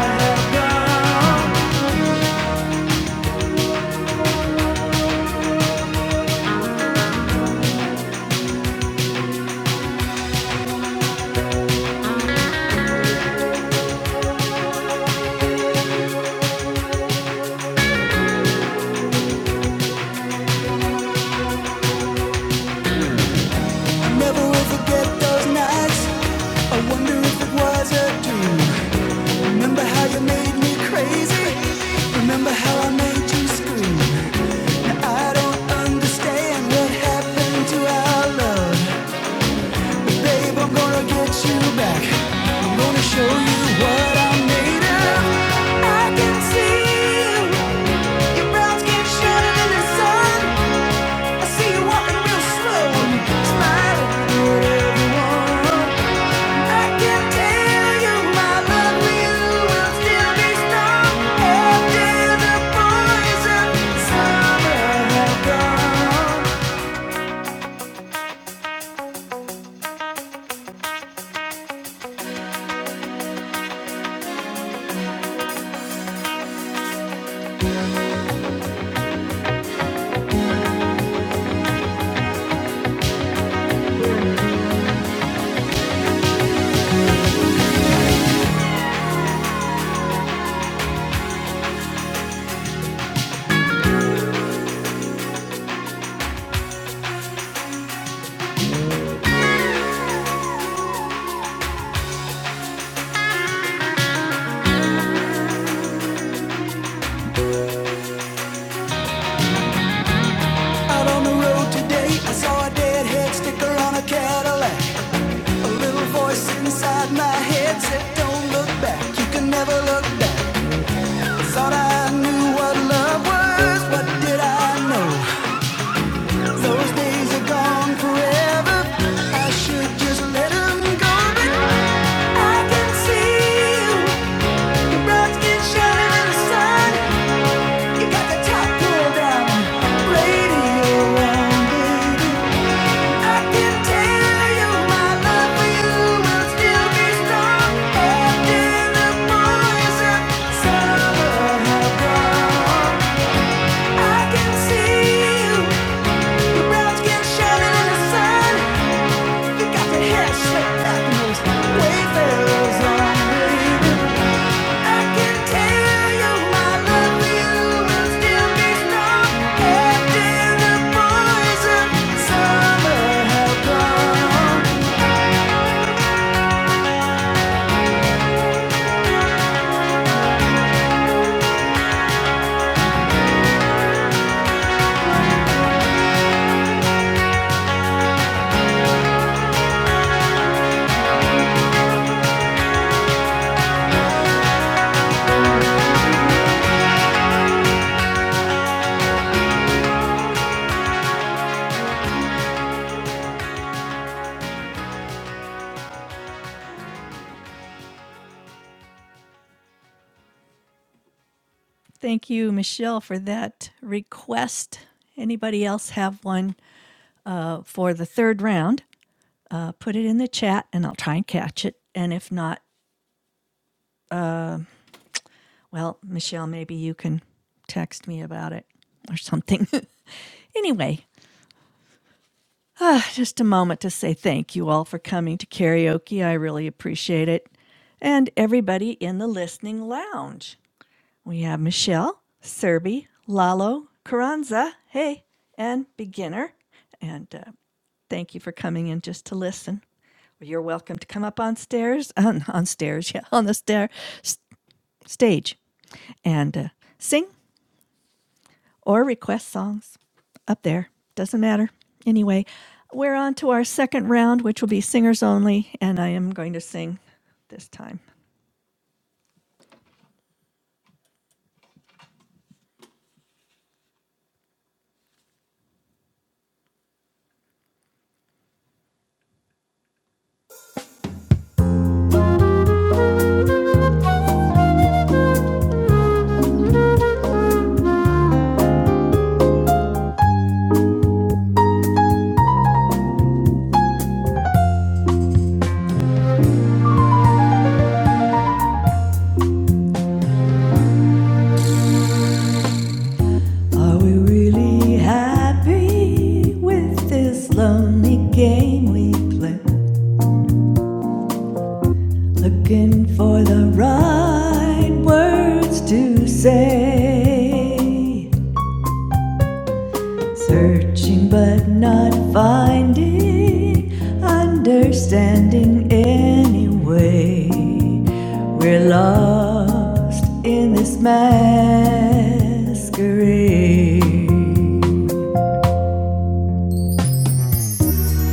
S1: Never will forget those nights. I wonder if it was a dream. Remember how you made me crazy? Remember how I made you scream? I don't understand what happened to our love. Babe, I'm gonna get you back. I'm gonna show you what I'm made of. I can see you. Your brown skin shining in the sun. I see you walking real slow, and smiling. Out on the road today, I saw a deadhead sticker on a Cadillac. A little voice inside my head said, Don't look back. You can never look back. Thought I knew what love was, but did I know? Thank you, Michelle, for that request. Anybody else have one uh, for the third round? Uh, put it in the chat and I'll try and catch it. And if not, well, Michelle, maybe you can text me about it or something. anyway, Ah, just a moment to say thank you all for coming to karaoke. I really appreciate it. And everybody in the listening lounge. We have Michelle, Serby, Lalo, Carranza, hey, and beginner. And uh, thank you for coming in just to listen. You're welcome to come up on stairs, on, on stairs, yeah, on the stair, s- stage, and uh, sing or request songs up there. Doesn't matter. Anyway, we're on to our second round, which will be singers only, and I am going to sing this time. Are we really happy with this lonely game we play? Looking for the right words to say. Searching but not finding, understanding anyway. We're lost in this masquerade.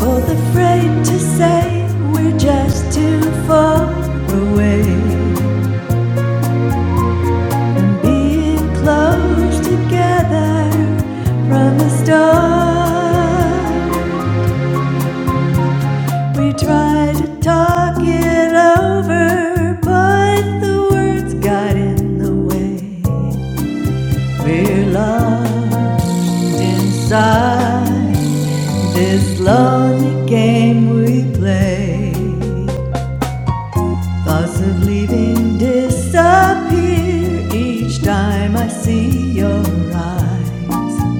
S1: Both afraid to say we're just too far away. Being close together from the start. We tried to talk it over, but the words got in the way. We're lost inside this lonely game we play. Thoughts of leaving disappear each time I see your eyes.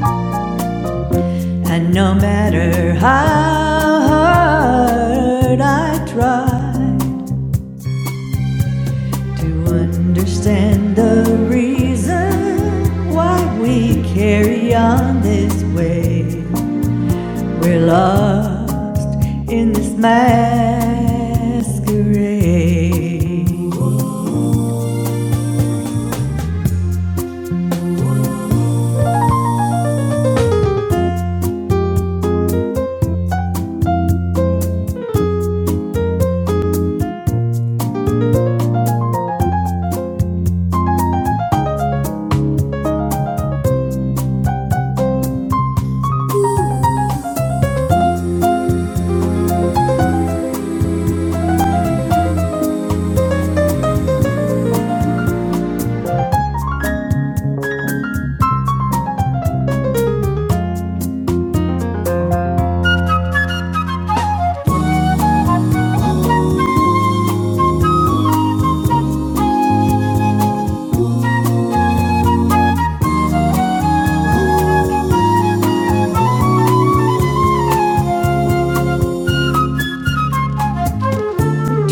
S1: And no matter how hard I try, To understand the reason why we carry on this way, we're lost in this masquerade.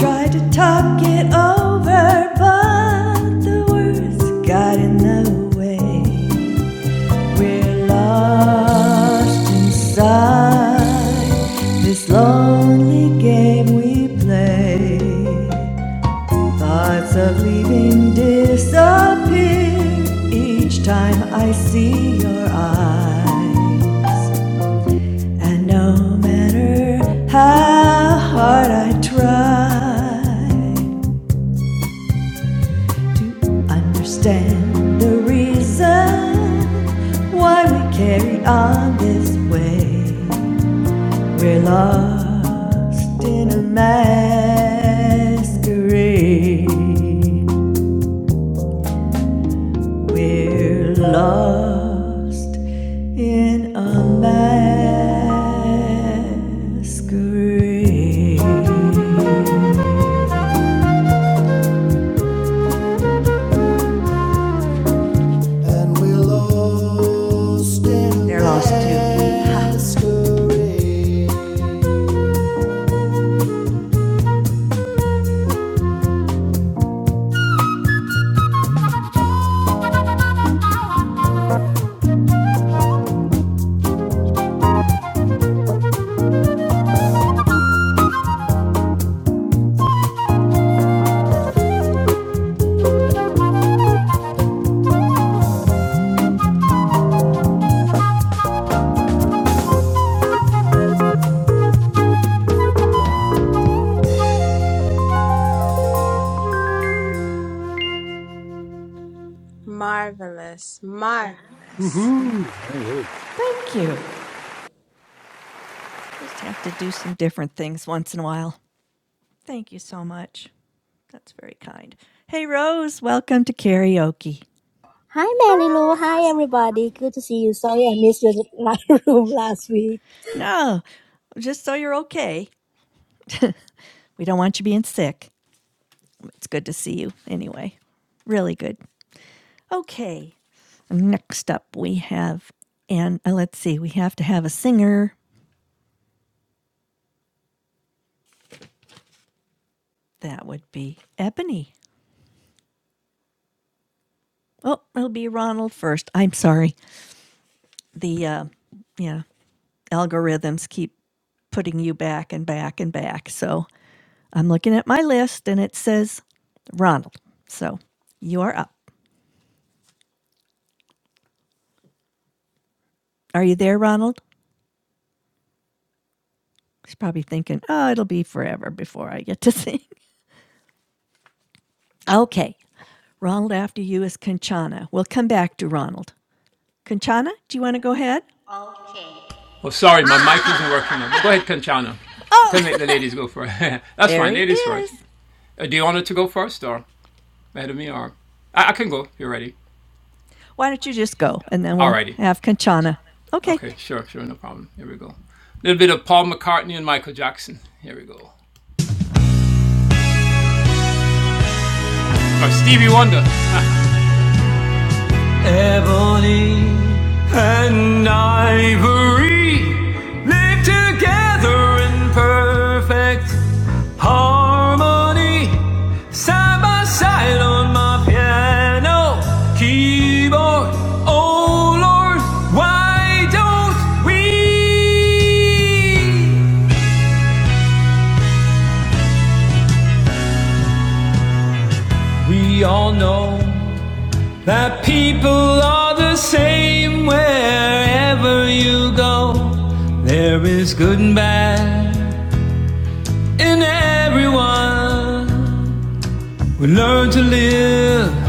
S1: Tried to talk it over, but the words got in the way. We're lost inside this lonely game we play. Thoughts of leaving disappear each time I see your eyes. And no matter how hard I try to understand the reason why we carry on this way, we're lost in a masquerade. We're lost in a masquerade. They're lost too.
S9: Marvelous. Marvelous.
S4: Woohoo. Mary Lou.
S1: Thank you. I just have to do some different things once in a while. Thank you so much. That's very kind. Hey, Rose, welcome to karaoke.
S12: Hi, Mary Lou. Hi, everybody. Good to see you. Sorry I missed your live room last week.
S1: No, just so you're okay. We don't want you being sick. It's good to see you anyway. Really good. Okay. Next up, we have, and uh, let's see, we have to have a singer. That would be Ebony. Oh, it'll be Ronald first. I'm sorry. The uh, yeah algorithms keep putting you back and back and back. So I'm looking at my list, and it says Ronald. So you are up. Are you there, Ronald? He's probably thinking, oh, it'll be forever before I get to sing. Okay. Ronald, after you is Conchana. We'll come back to Ronald. Conchana, do you want to go ahead?
S10: Okay. Ah!
S1: There he is. Why don't you just go and then we'll have Kanchana? Okay,
S7: ebony and ivory live together in perfect harmony. Side by side on my piano keyboard. Oh Lord, why don't we? We all know that people are the same wherever you go. There is good and bad in everyone. We learn to live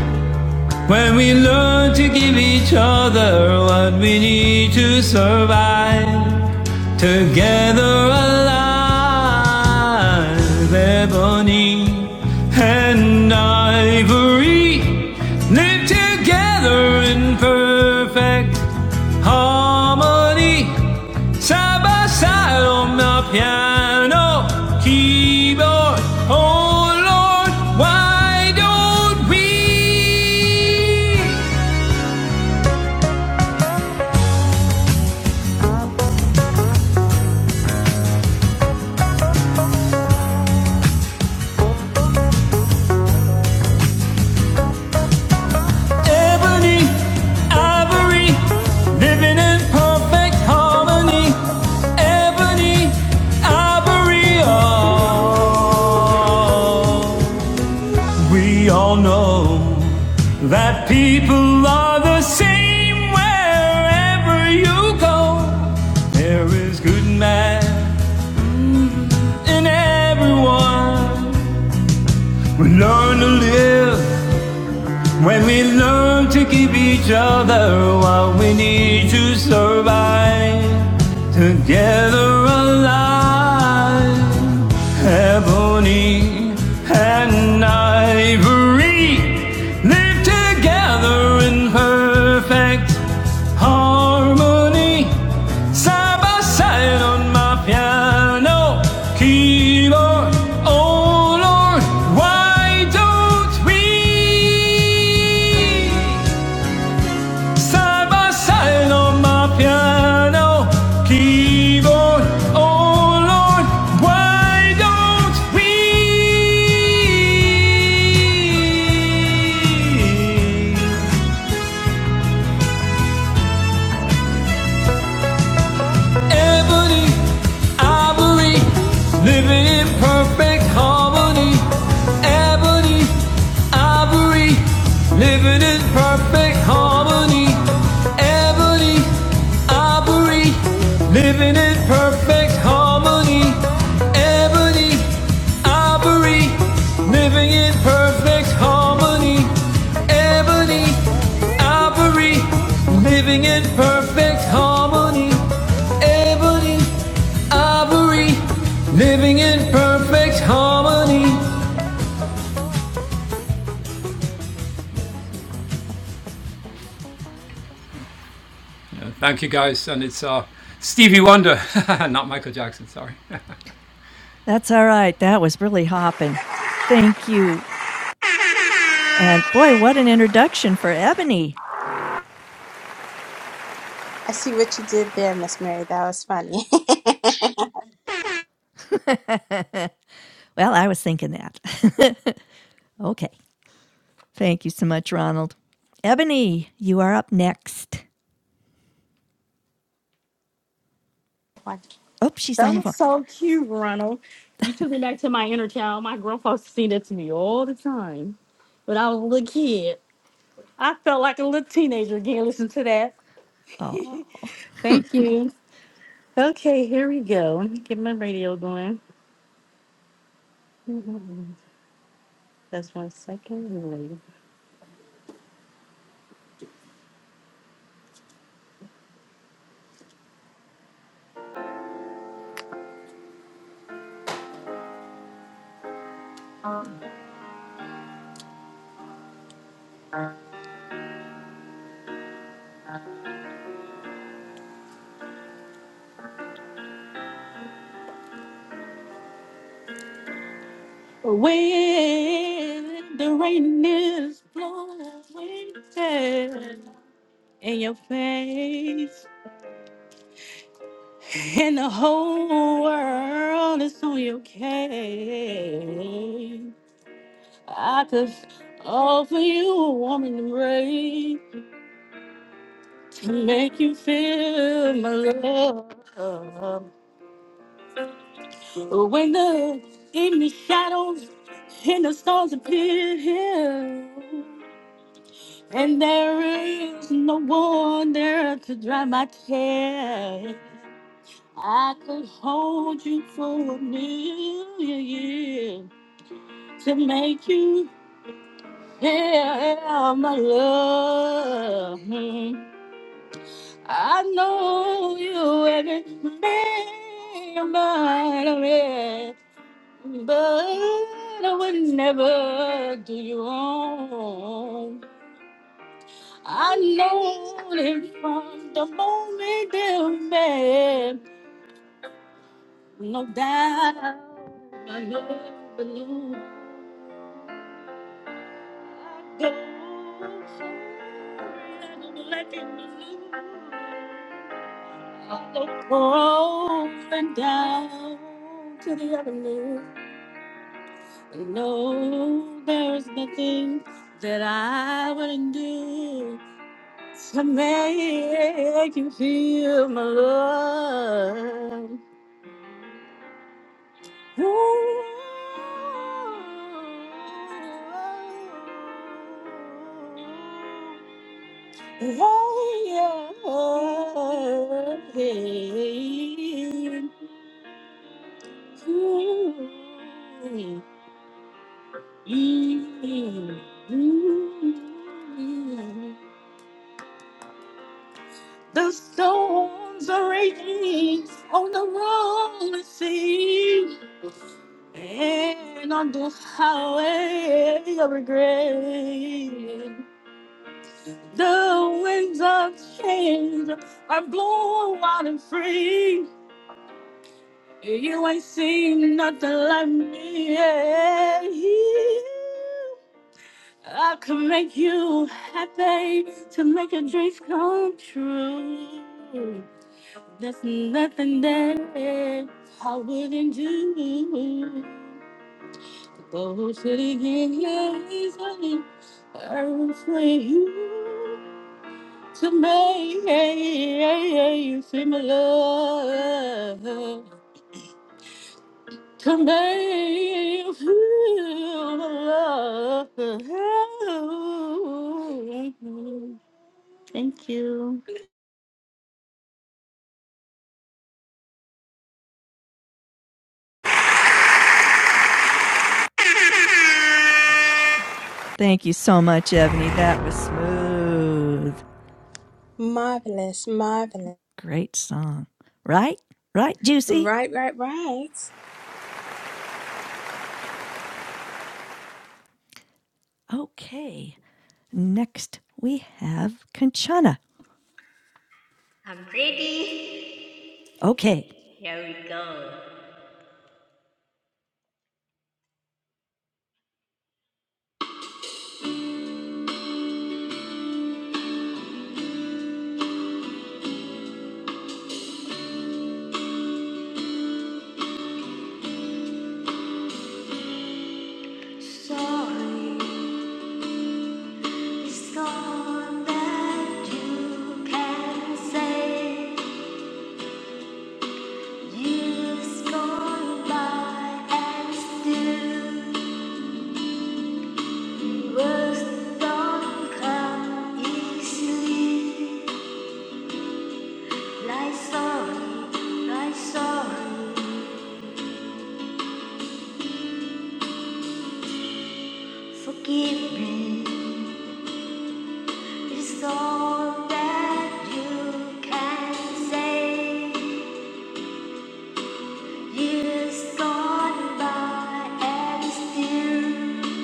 S7: When we learn to give each other what we need to survive, together alive, ebony and ivory live together in perfect harmony, side by side on the piano keyboard. Oh Lord, why don't we? Ebony, ivory, living in perfect harmony. Ebony, ivory, oh. We all know that people are the same wherever you go. There is good man in everyone. We learn to live When we learn to give each other what we need to survive, together alive, ebony and ivory live together in perfect harmony. Side by side on my piano keyboard. Oh Lord, why don't we? Side by side on my piano keyboard. Oh Lord, why don't we? ebony, ivory, living in perfect harmony. Ebony, ivory, living in perfect harmony. Ebony, ivory, living in perfect harmony. Ebony, ivory, living in perfect harmony. Ebony, ivory, living in perfect harmony. Ebony, ivory, living in perfect harmony. Thank you guys, and it's uh, Stevie Wonder, not Michael Jackson. Sorry, I
S1: that's all right. That was really hopping. Thank you. And boy, what an introduction for Ebony.
S9: I see what you did there, Miss Mary. That was funny.
S1: Well, I was thinking that. okay, thank you so much, Ronald. Ebony, you are up next.
S8: Wow.
S1: Oh, she's
S8: That
S1: on the
S8: was
S1: phone.
S8: so cute, Ronald. You took me back to my inner child. My grandpa seen that to me all the time when I was a little kid. I felt like a little teenager again. Listen to that.
S1: Oh,
S8: Thank you. Okay, here we go. Let me Get my radio going. That's one second. When the rain is blowing down in your face, and the whole world is on your case, I could offer you a warm embrace to make you feel my love. When the evening shadows and the stars appear, And there is no one there to dry my tears. I could hold you for a million years to make you feel my love. I know you haven't been mine, already, but I would never do you wrong. I know him from the moment that we met. No doubt, I'm my the belongs. I go from let and blue. I go up and down to the avenue. No, there's nothing that I wouldn't do. to make you feel my love. Ooh. Yeah, yeah. Ooh. Mm, mm. The storms are raging on the rolling sea. And on the highway of regret, the winds of change are blowing wild and free. You ain't seen nothing like me. I could make you happy to make your dreams come true. There's nothing that I wouldn't do. Those sitting in his name, I pray you to make you feel my love. to make you feel my love. Thank you.
S1: thank you so much, Ebony. That was smooth.
S9: marvelous. Marvelous.
S1: Great song. Right? Right, Juicy?
S9: Right, right, right. Yes,
S1: Okay. Next, we have Kanchana.
S10: I'm ready.
S1: Okay.
S10: Here we go. Sorry is gone that you can say. Years gone by and still words don't come easily. Like sorry, like sorry, forgive me. It's all that you can say. Years gone by and still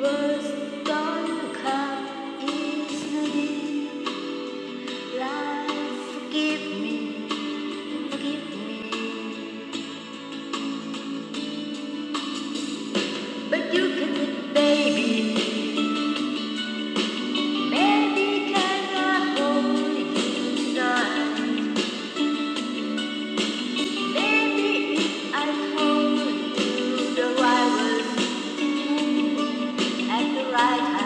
S10: words don't come easily. Life, forgive me, forgive me. But you can it, baby. Maybe can I hold you tonight? Maybe if I told you the right words at the right time,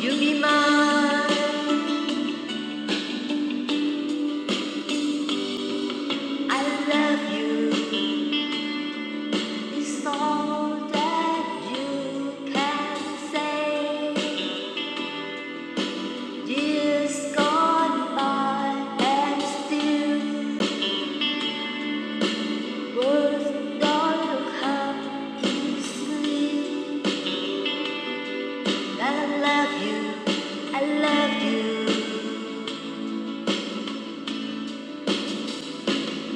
S10: you'll be mine. I love you. It's all that you can say. Years gone by and still words don't come easily. I love you, I love you,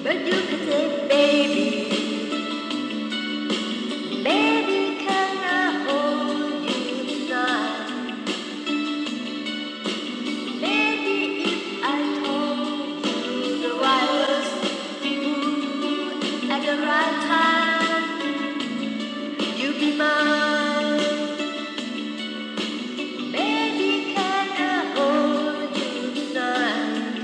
S10: but you can say, baby, baby, can I hold you tonight? Lady, if I told you the wildest moon at the right time, you'd be mine. Maybe can I hold you tonight?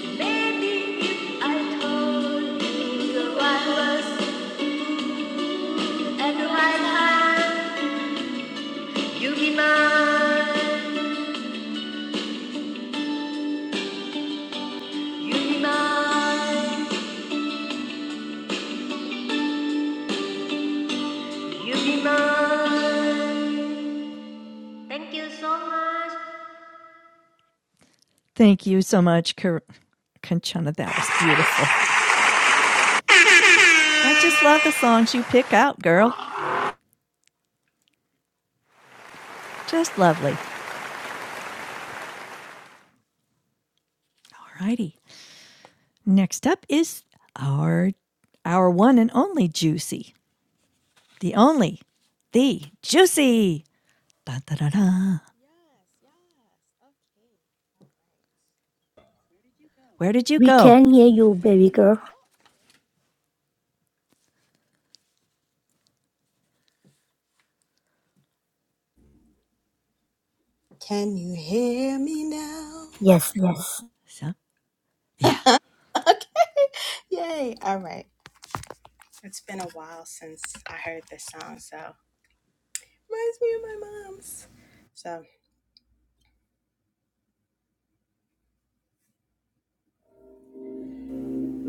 S10: Maybe if I told you the wildest at the right time, you'd be mine. You'd be mine. You'd be mine. Thank you so much.
S1: Thank you so much, Car- Conchana. That was beautiful. I just love the songs you pick out, girl. Just lovely. All righty. Next up is our our one and only Juicy. The only, the Juicy. Dun, dun, dun, dun.
S9: yes. Okay. All right. Where did you go?
S1: Where did you
S12: We
S9: We
S1: go?
S9: can
S12: can hear
S9: hear you.
S12: you,
S9: There you
S12: baby
S9: go.
S12: girl.
S9: Oh, Can you hear me now?
S12: Yes, yes.
S1: So, yeah.
S9: okay. Yay. All right. It's been a while since I heard this song, so reminds me of my mom's. So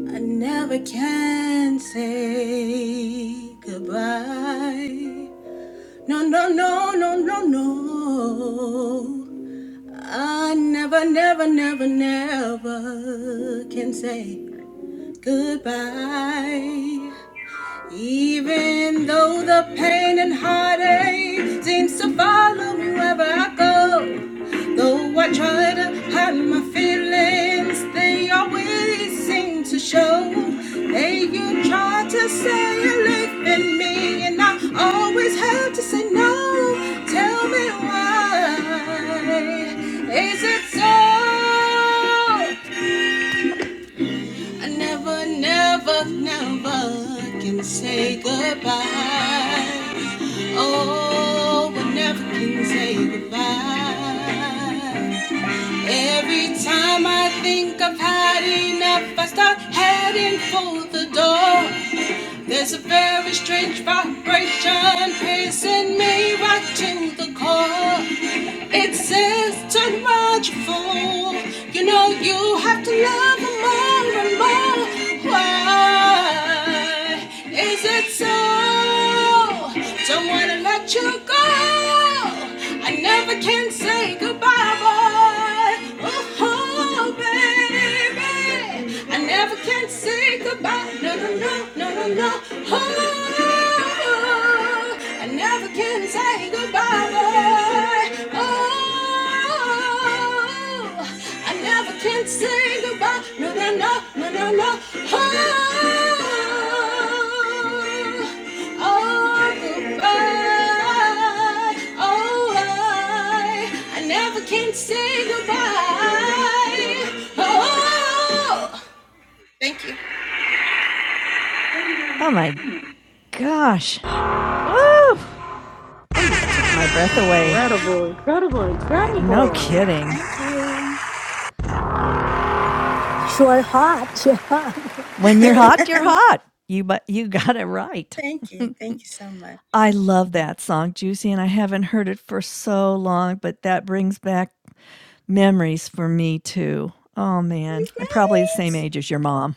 S9: I never can say goodbye. No, no, no, no, no, no. I never, never, never, never can say goodbye. Even though the pain and heartache seems to follow me wherever I go. Though I try to hide my feelings, they always seem to show. Hey, you try to say you live in me, and I always have to say no. Tell me why. Is it so? I never, never, never can say goodbye. Oh, I never can say goodbye. Every time I think I've had enough, I start heading for the door. There's a very strange vibration pacing me right to the core. It says too much fool. You know you have to love them more and more. Why is it so? Don't wanna let you go. I never can say goodbye, boy. Oh, baby baby. I never can say goodbye. No, no, no, no, no, no. Oh, I never can say goodbye, boy. Oh, I never can say goodbye. No, no, no, no, no, no. Oh, can Say goodbye. Oh, thank you,
S1: Oh my gosh. Well, you took my breath away.
S8: Incredible, incredible,
S1: No
S8: incredible.
S1: kidding.
S9: thank you,
S12: Sure, hot, sure hot.
S1: When you're hot, you're hot. You but you got it right.
S9: thank you, thank you so much.
S1: I love that song, Juicy, and I haven't heard it for so long, but that brings back memories for me too. Oh
S9: You
S1: man, I'm probably the same
S9: guys.
S1: age as your mom.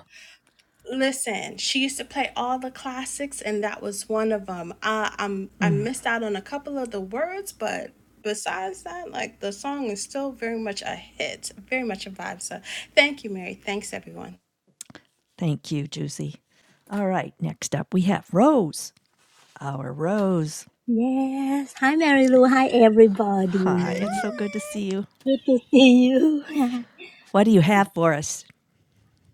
S9: Listen, she used to play all the classics, and that was one of them. Uh, I'm I missed out on a couple of the words, but besides that, like the song is still very much a hit, very much a vibe. So, thank you, Mary. Thanks, everyone.
S1: Thank you, Juicy. All right, next up we have Rose. Our Rose.
S12: Yes. Hi, Mary Lou. Hi,
S1: Hi, it's
S12: everybody.
S1: so good to see
S9: Hi.
S1: you.
S12: Good to see you.
S1: What do you have for us?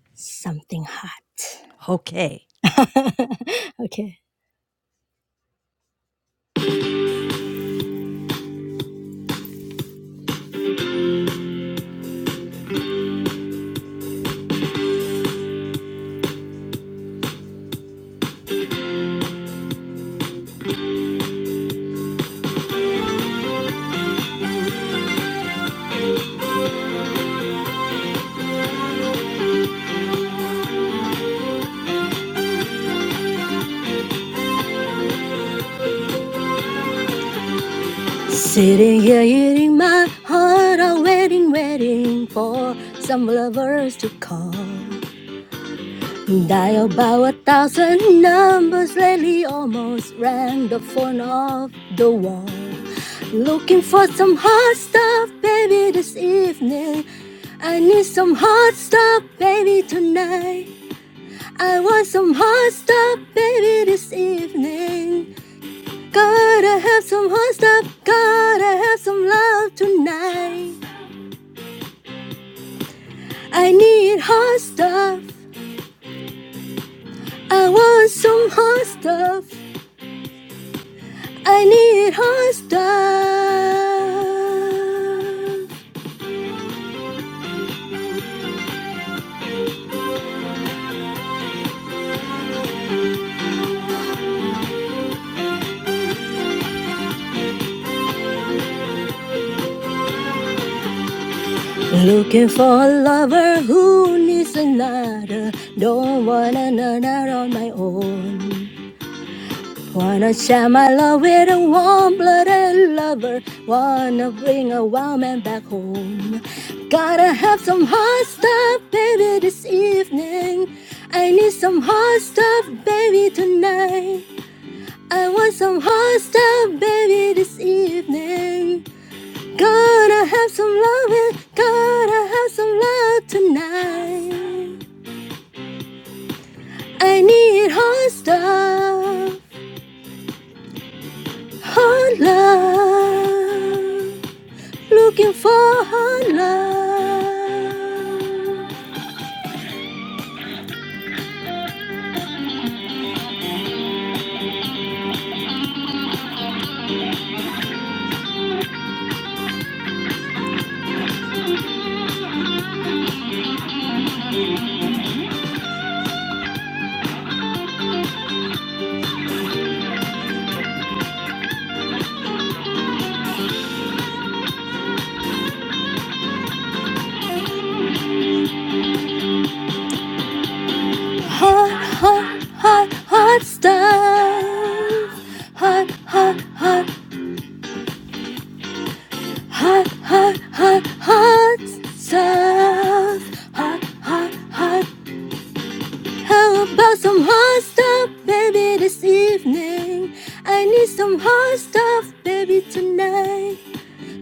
S12: Something hot.
S1: Okay,
S12: okay. Sitting here eating my heart out, waiting, waiting for some lovers to call. Dial about a thousand numbers lately, almost ran the phone off the wall. Looking for some hot stuff, baby, this evening. I need some hot stuff, baby, tonight. I want some hot stuff, baby, this evening. Gotta have some hot stuff. Gotta have some love tonight. I need hot stuff. I want some hot stuff. I need hot stuff. Looking for a lover who needs another. Don't want another on my own. Wanna share my love with a warm-blooded lover. Wanna bring a wild man back home. Gotta have some hot stuff, baby, this evening. I need some hot stuff, baby, tonight. I want some hot stuff, baby, this evening. got to have some loving, got to have some love tonight. I need hot stuff, hot love. looking for hot love. Hot, hot, hot, hot stuff. Hot, hot, hot, hot, hot, hot, hot stuff. Hot, hot, hot. How about some hot stuff, baby, this evening? I need some hot stuff, baby, tonight.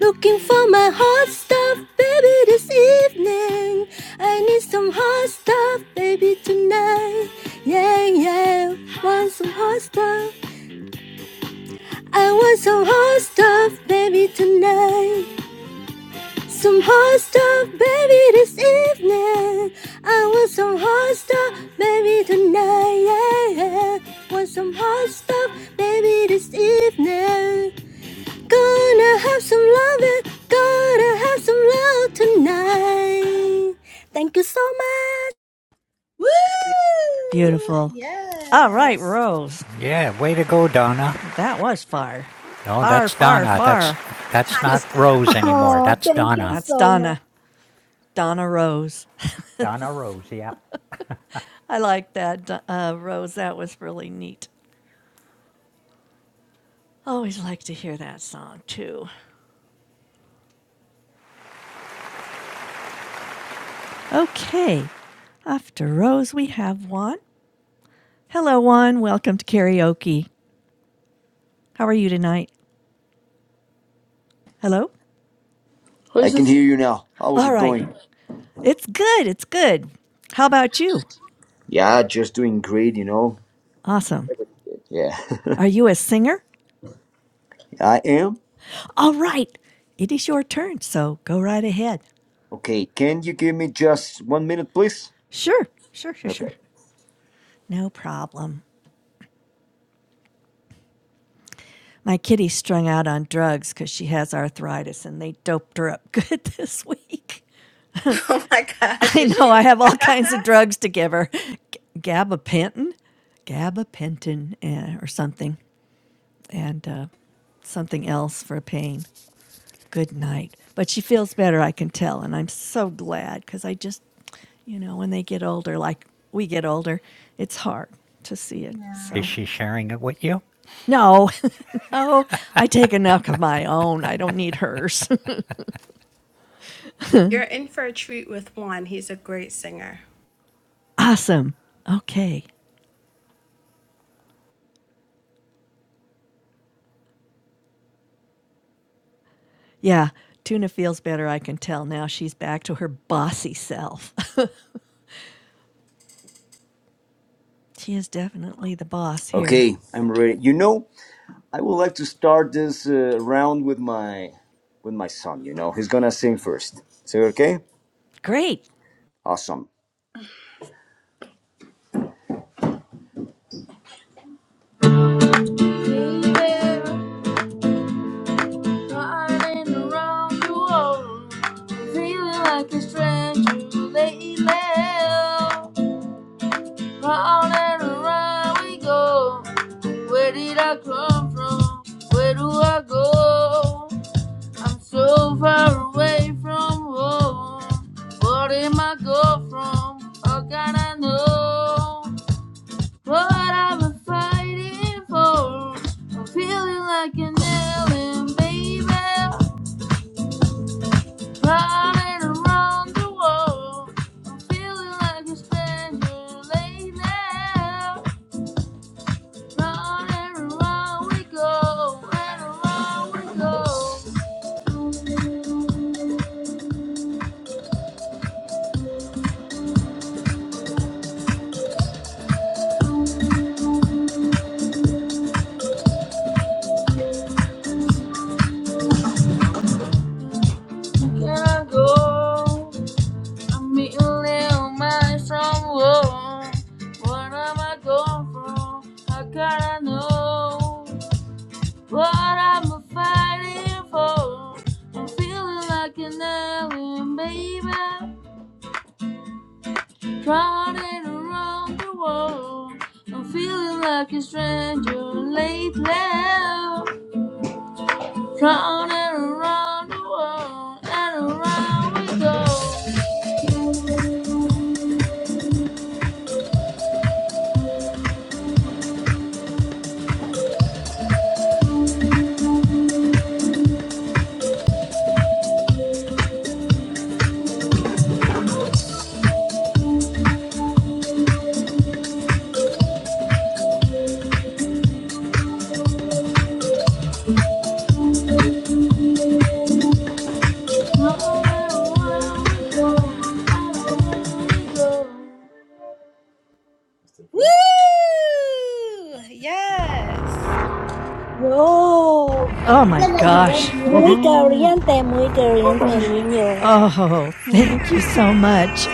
S12: Looking for my hot stuff, baby, this evening. I need some hot stuff, baby, tonight. Yeah, yeah, want some hot stuff. I want some hot stuff, baby, tonight. Some hot stuff, baby, this evening. I want some hot stuff, baby, tonight. Yeah, yeah, want some hot stuff, baby, this evening. Gonna have some love, it. gonna have some love tonight. Thank you so much.
S9: Woo!
S1: beautiful. All right,
S9: Yes.
S1: Rose.
S6: Yeah, way to go, Donna.
S1: That was far.
S6: No,
S1: Far,
S6: that's
S1: far,
S6: Donna. That's
S1: far.
S6: that's
S9: Hot
S6: not Rose
S9: stuff. Hot
S6: anymore.
S12: Oh,
S9: stuff.
S6: That's
S12: thank you
S6: Donna.
S1: That's
S12: so much.
S1: Donna. Donna Rose.
S6: Donna Rose. Yeah.
S1: I like that, uh, Rose. That was really neat. Always like to hear that song, too. Okay, after Rose, we have Juan. Hello, Juan. Welcome to karaoke. How are you tonight? Hello?
S13: I can hear you now. How's
S1: All
S13: it
S1: right.
S13: going?
S1: It's good. It's good. How about you?
S13: Yeah, just doing great, you know.
S1: Awesome.
S13: Yeah,
S1: Are you a singer?
S13: I am.
S1: All right. It is your turn, so go right ahead.
S13: Okay, can you give me just one minute, please?
S1: Sure, sure, sure,
S13: Okay.
S1: sure. No problem. My kitty's strung out on drugs because she has arthritis and they doped her up good this week.
S9: Oh my gosh,
S1: I
S9: is she
S1: know I have
S9: okay?
S1: all kinds of drugs to give her, G- gabapentin, gabapentin, eh, or something, and uh, something else for pain. Good night. But she feels better, I can tell, and I'm so glad because I just, you know, when they get older, like we get older, it's hard to see it.
S6: Is
S1: So
S6: she sharing it with you?
S1: no, no, I take enough of my own. I don't need hers.
S9: You're in for a treat with Juan. He's a great singer.
S1: awesome. Okay. Yeah, Tuna feels better. I can tell now. She's back to her bossy self. she is definitely the boss here.
S13: Okay, I'm ready. You know, I would like to start this uh, round with my with my son. You know, he's gonna sing first. So okay,
S1: Great.
S13: awesome. Hey there, riding around the world, feeling like a stranger lately. Round and around we go. Where did I come from? Where do I go? I'm so far away from home. What am I go from? How can I know what I've been fighting for? I'm feeling like an alien, baby, running around the world. I'm feeling like a stranger late now. Round and round we go, and round we go. Can I go? I'm meeting little man somewhere. What am I going for? I gotta know what I'm fighting for. I'm feeling like an alien, baby. Drowning around the world. I'm feeling like a stranger lately. Round and around the world, and around we go. Round and around we go, and around we go.
S9: Woo! Yes.
S12: Wow,
S1: Oh my gosh.
S12: muy
S4: Woohoo.
S12: caliente, muy caliente, niño.
S1: Oh,
S12: Mm,
S1: thank you so much,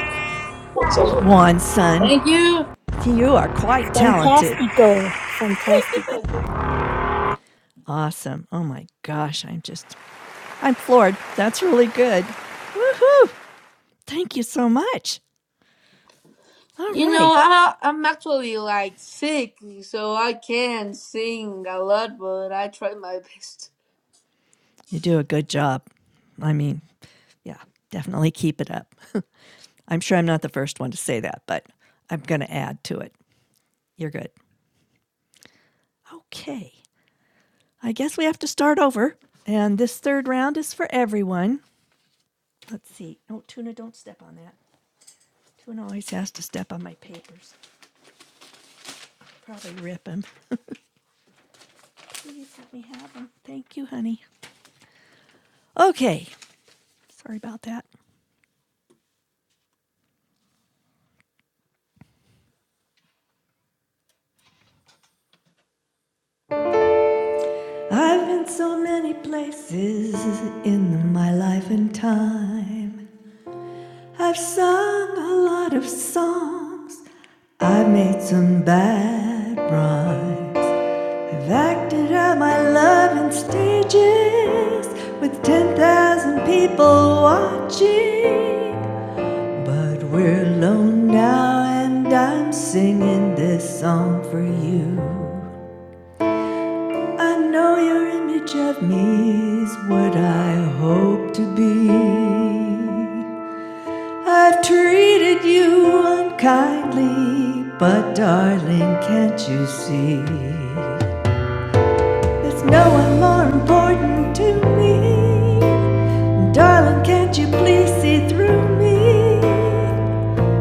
S1: Juan Son.
S13: Thank you.
S1: You are quite talented.
S12: Fantastico, fantastico.
S1: Awesome. Oh my gosh. I'm just, I'm floored. That's really good. Woohoo. Thank you so much. All
S13: You know,
S1: right.
S13: I, I'm actually like sick, so I can sing a lot, but I try my best.
S1: You do a good job. I mean, yeah, definitely keep it up. I'm sure I'm not the first one to say that, but I'm going to add to it. You're good. Okay. I guess we have to start over. And this third round is for everyone. Let's see. No, Tuna, don't step on that. Tuna always has to step on my papers. Probably rip them. Let me have them. Thank you, honey. Okay. Sorry about that. I've been so many places in my life and time. I've sung a lot of songs. I've made some bad rhymes. I've acted out my love in stages with 10,000 people watching. But we're alone now, and I'm singing this song for you. I know your image of me is what I hope to be. I've treated you unkindly, but darling, can't you see? There's no one more important to me. Darling, can't you please see through me?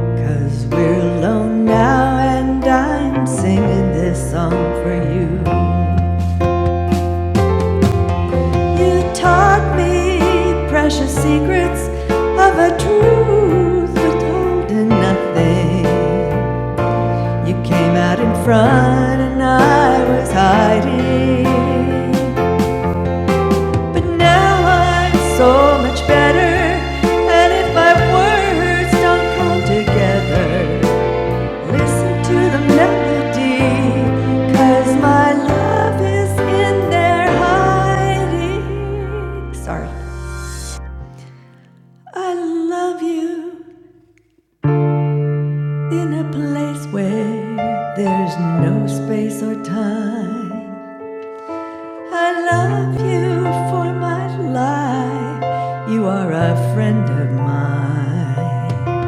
S1: we we're alone now, and I'm singing this song for you. You taught me precious secrets of a truth withholding nothing. You came out in front and I was hiding. But now I'm so much better. And if my words don't come together, listen to the melody, 'cause my love is in there hiding. Sorry. I love you in a place where there's no space or time. I love you for my life. You are a friend of mine.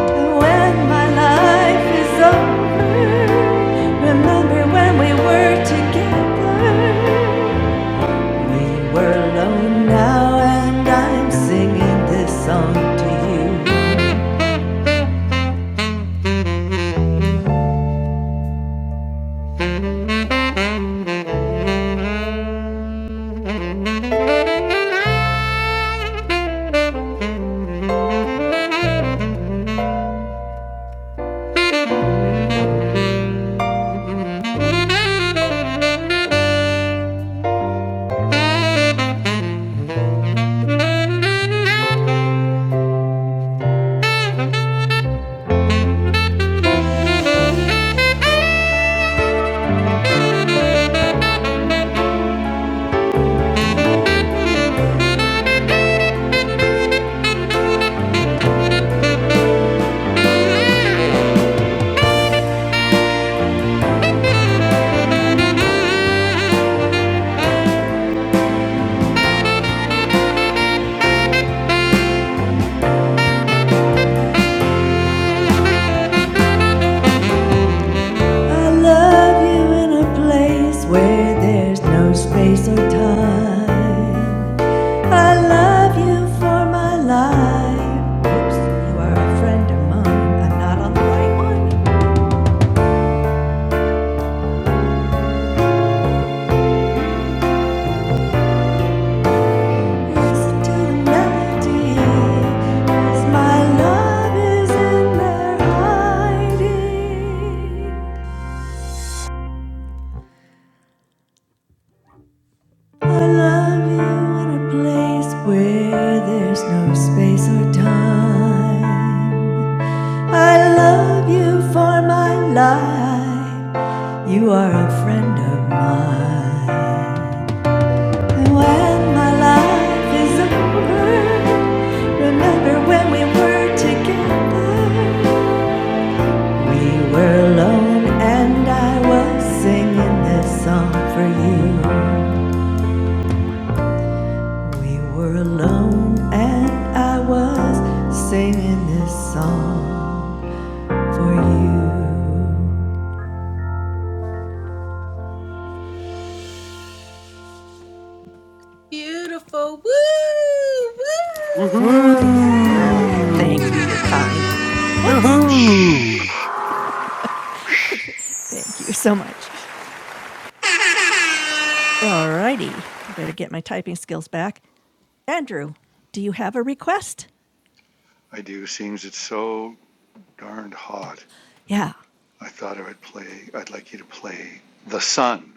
S1: And when my life is over, remember when we were together. We were alone now, and I'm singing this song to you. I love you in a place where there's no space or time. I love you for my life. Oops, you are a friend of mine. I'm not on the right one. Listen to the melody. 'cause my love is in there hiding. I love you in a place where there's no space or time. I love you for my life. You are a friend of mine. When my life is over, remember when we were together. We were alone and I was singing this song for you. We were alone and I was singing this song for you.
S9: Beautiful. Woo! Woo!
S4: Woohoo! Mary Lou.
S1: Oh,
S9: Yeah!
S1: thank you.
S6: Ooh.
S1: You're kind. Whoops.
S6: Ooh.
S1: Thank you so much. All righty. I better get my typing skills back. Andrew, do you have a request?
S4: I do. Seems it's so darned hot.
S1: Yeah.
S4: I thought I would play. I'd like you to play "The Sun"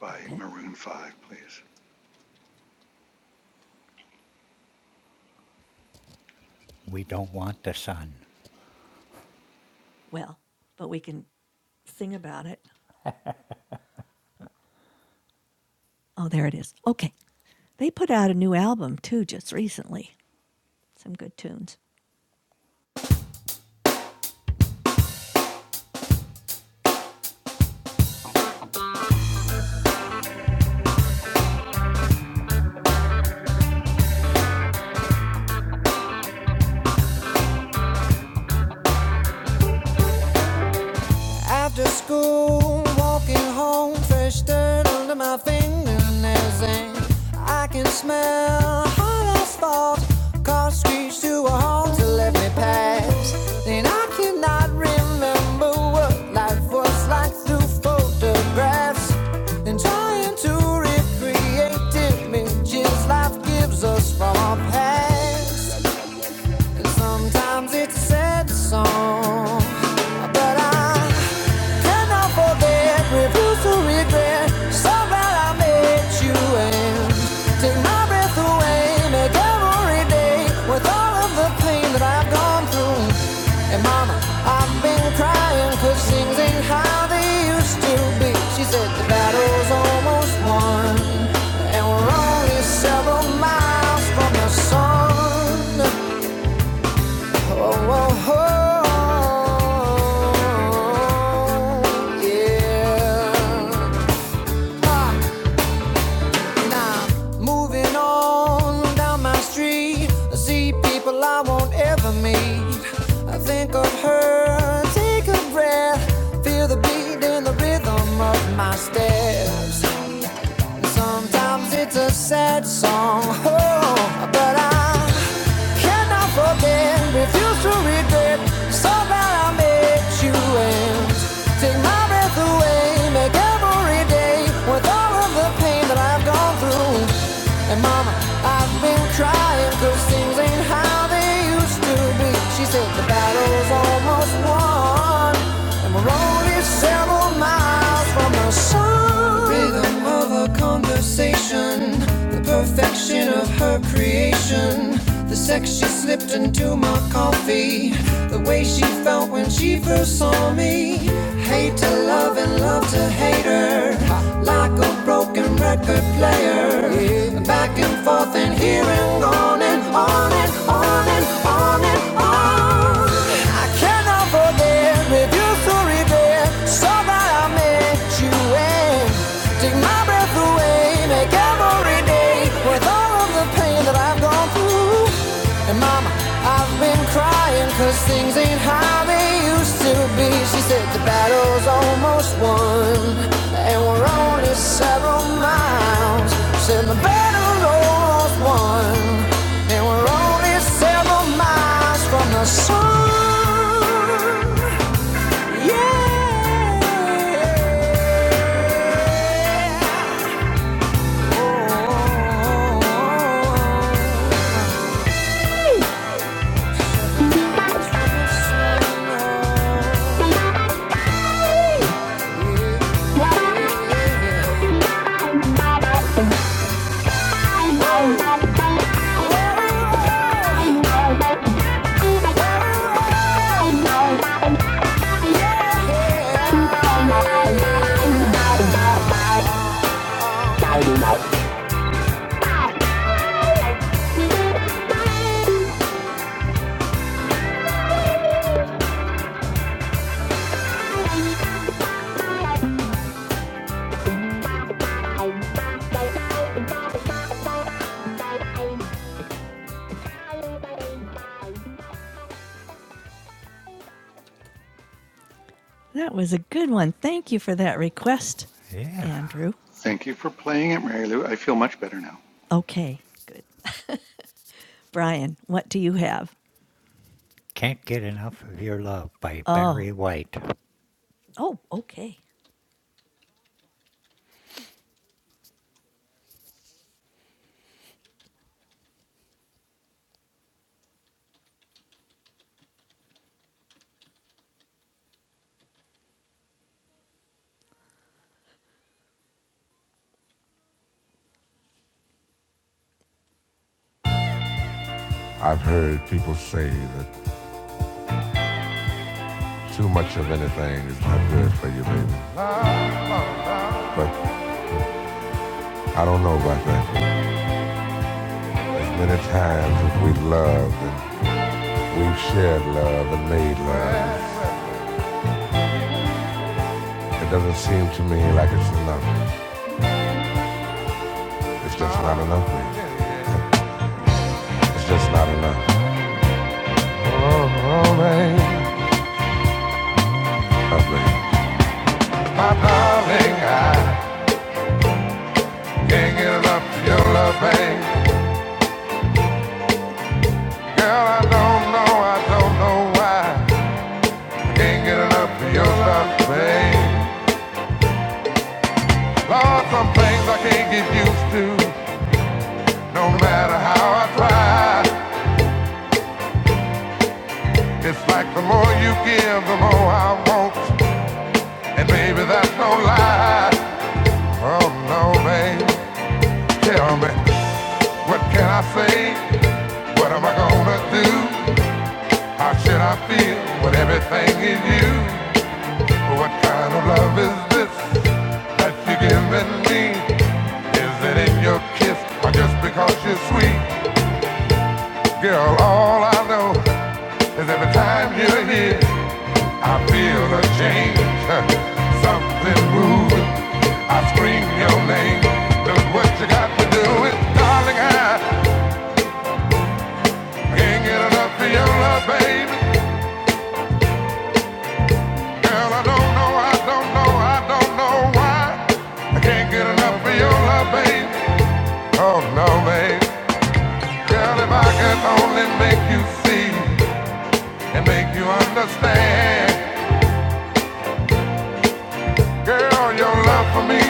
S4: by
S1: Okay.
S4: Maroon Five, please.
S6: We don't want the sun.
S1: Well, but we can sing about it. Oh, there it is. Okay. They put out a new album too just recently. Some good tunes. After school, walking home, fresh dirt under my fingernails, and I can smell hot asphalt. Cars screech to a halt to let me pass. Then I cannot remember what life was like through photographs. Then trying to recreate images life gives us from. Sometimes it's a sad song, but I. Cannot forget, refuse to regret. So glad I met you and take my breath away. Make every day with all of the pain that I've gone through. And mama, I've been crying cause things ain't how they used to be. She said the battle's almost won. And we're only several miles from the sun oh, oh, oh, yeah. Ah. Now, moving on down my street, I see people I won't ever meet. I think of her, take a breath, feel the beat and the rhythm of my steps. Sometimes it's a sad song, oh, but I cannot forget, refuse to regret. So glad I met you and take my breath away, make every day with all of the pain that I I've gone through. And mama, I've been crying cause things ain't how they used to be. She said the battle's almost won. And we're only several miles from the sun. The rhythm of her conversation, the perfection of her creation. The sex she slipped into my coffee, the way she felt when she first saw me. Hate to love and love to hate her. Like a broken record player. Back and forth and here and on and on and on and on and on. I cannot forget, refuse to regret. So that I met you and take my breath away. Make every day worth all of the pain that I've gone through. And mama, I've been crying cause things ain't how they used to be. She said the battle's almost won and we're only several miles. She said the battle's almost won and we're only several miles from the sun. Yeah. Oh. Oh. That was a good one. Thank you for that request,
S6: Yeah.
S1: Andrew.
S4: Thank you for playing it, Mary Lou. I feel much better now.
S1: Okay, good. Brian, what do you have?
S6: Can't get enough of your love by
S1: Oh,
S6: Barry White.
S1: oh, okay. Too much of anything is not good for you, baby. But I don't know about that. As many times as we've loved and we've shared love and made love, it doesn't seem to me like it's enough. Not enough, baby. It's just not enough. Babe. Enough, baby. My darling, I can't get enough of your love, babe. Girl, I don't know, I don't know why. I can't get enough of your love, babe. Lord, some things I can't get used to. No matter how I try. It's like the more you give, the more I want. And baby, that's no lie. Oh no, babe. Tell me, what can I say? What am I gonna do? How should I feel when everything is you? What kind of love is this that you're giving me? Is it free? Well, I know the time you're here, I feel a change. Something moves playing. Look what I can't get enough, baby. Oh, I don't know why. I can't get enough of your love, baby. Oh, hey, girl, if I could only make you leave and make us stand. Girl, you're for me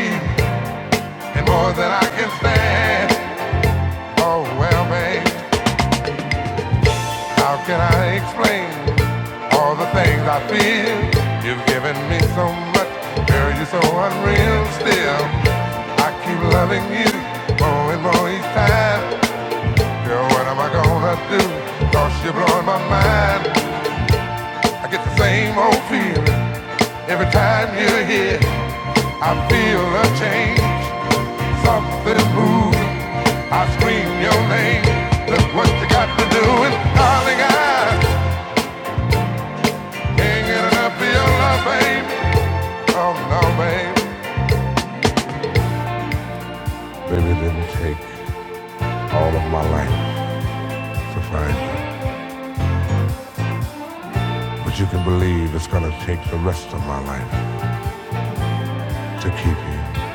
S1: and more than I. and I'll explain all the things I feel. You've given me so much, girl, you're so unreal still. I keep loving you more and more each time. Girl, what am I gonna do? you you're blowing my mind. I get the same old feeling every time you're here. I feel a change, something moves. I scream your name. Look what you got to do, and darling, I can't get enough of your love, baby. No, babe. Baby, it didn't take all of my life to find you. But you can believe it's gonna take the rest of my life to keep you.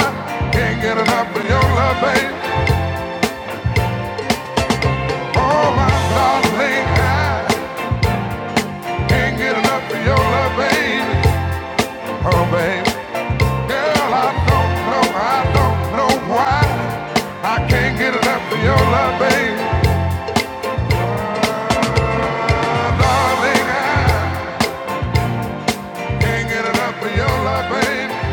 S1: I can't Get enough of your love, babe. Oh, my darling, I can't get enough of your love, babe. Oh, babe. Well, I don't know, I don't know why. I can't get enough of your love, babe. I can't get enough of your love, babe.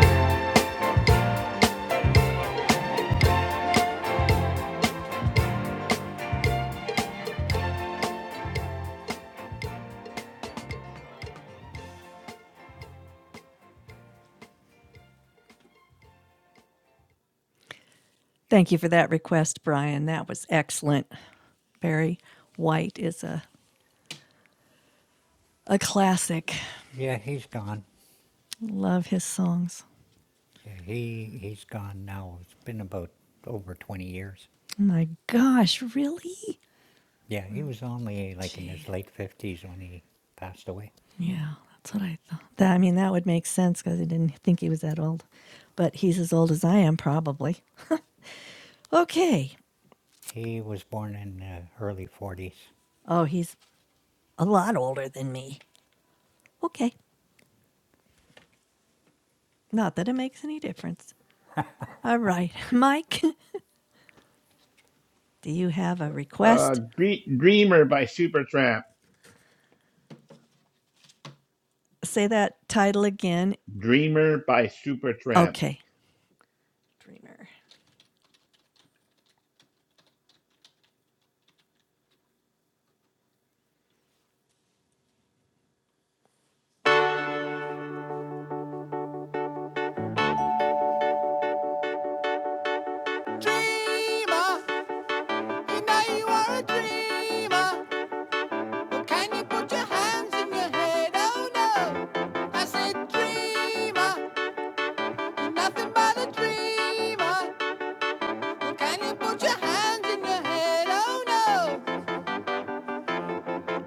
S1: Thank you for that request, Brian. That was excellent. Barry White is a a classic.
S6: Yeah, he's gone.
S1: Love his songs.
S6: Yeah, He he's gone now. It's been about over 20 years.
S1: Oh My gosh, really?
S6: Yeah, he was only like in his
S1: Gee,
S6: late 50s when he passed away.
S1: yeah, that's what I thought. That, I mean, that would make sense because I didn't think he was that old, but he's as old as I am, probably. Okay.
S6: He was born in the early 40s.
S1: Oh, he's a lot older than me. Okay. Not that it makes any difference. All right. Mike, do you have a
S5: Uh,
S1: request?
S5: Dre- Dreamer by Supertramp.
S1: Say that title again.
S5: Dreamer by Supertramp.
S1: Okay. Dreamer. Can you put your hands in your head? Oh no!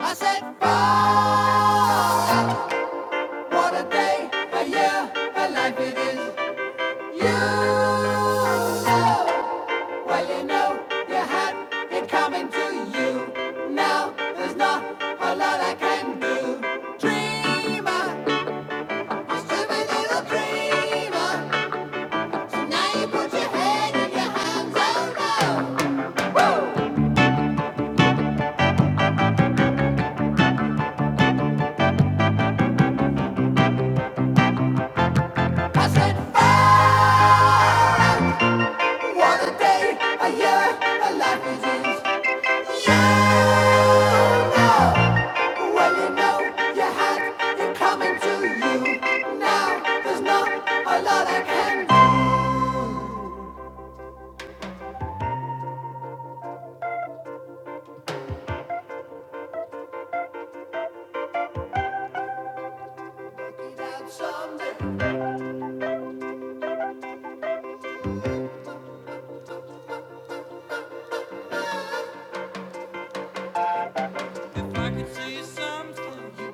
S1: I said, wow, what a day, a year, a life it is. You know, well, you know, you had it coming to you. Now there's not a lot I can do. Dreamer, a stupid little dreamer. Now you put your head in your hands, oh no. Woo! I said, fire! Another day, a year, a life begins. You know, well you know you had it coming to you. Now there's not a lot I can do. Be down someday. If I could see something you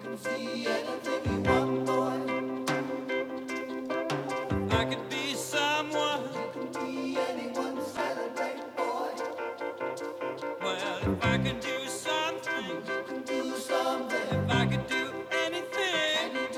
S1: wasn't well. If I could do something, if I could do anything.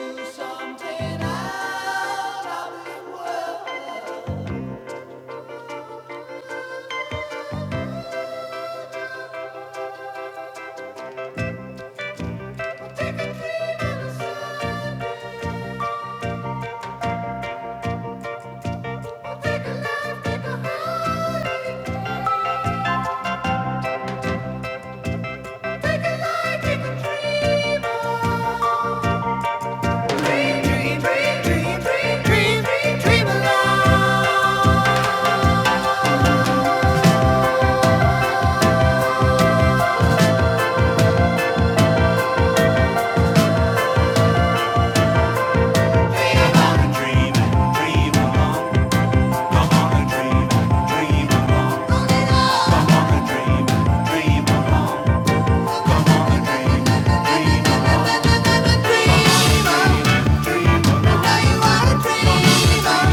S1: Dream on, and dream dream along. Come on, and dream dream along. Come on. and dream.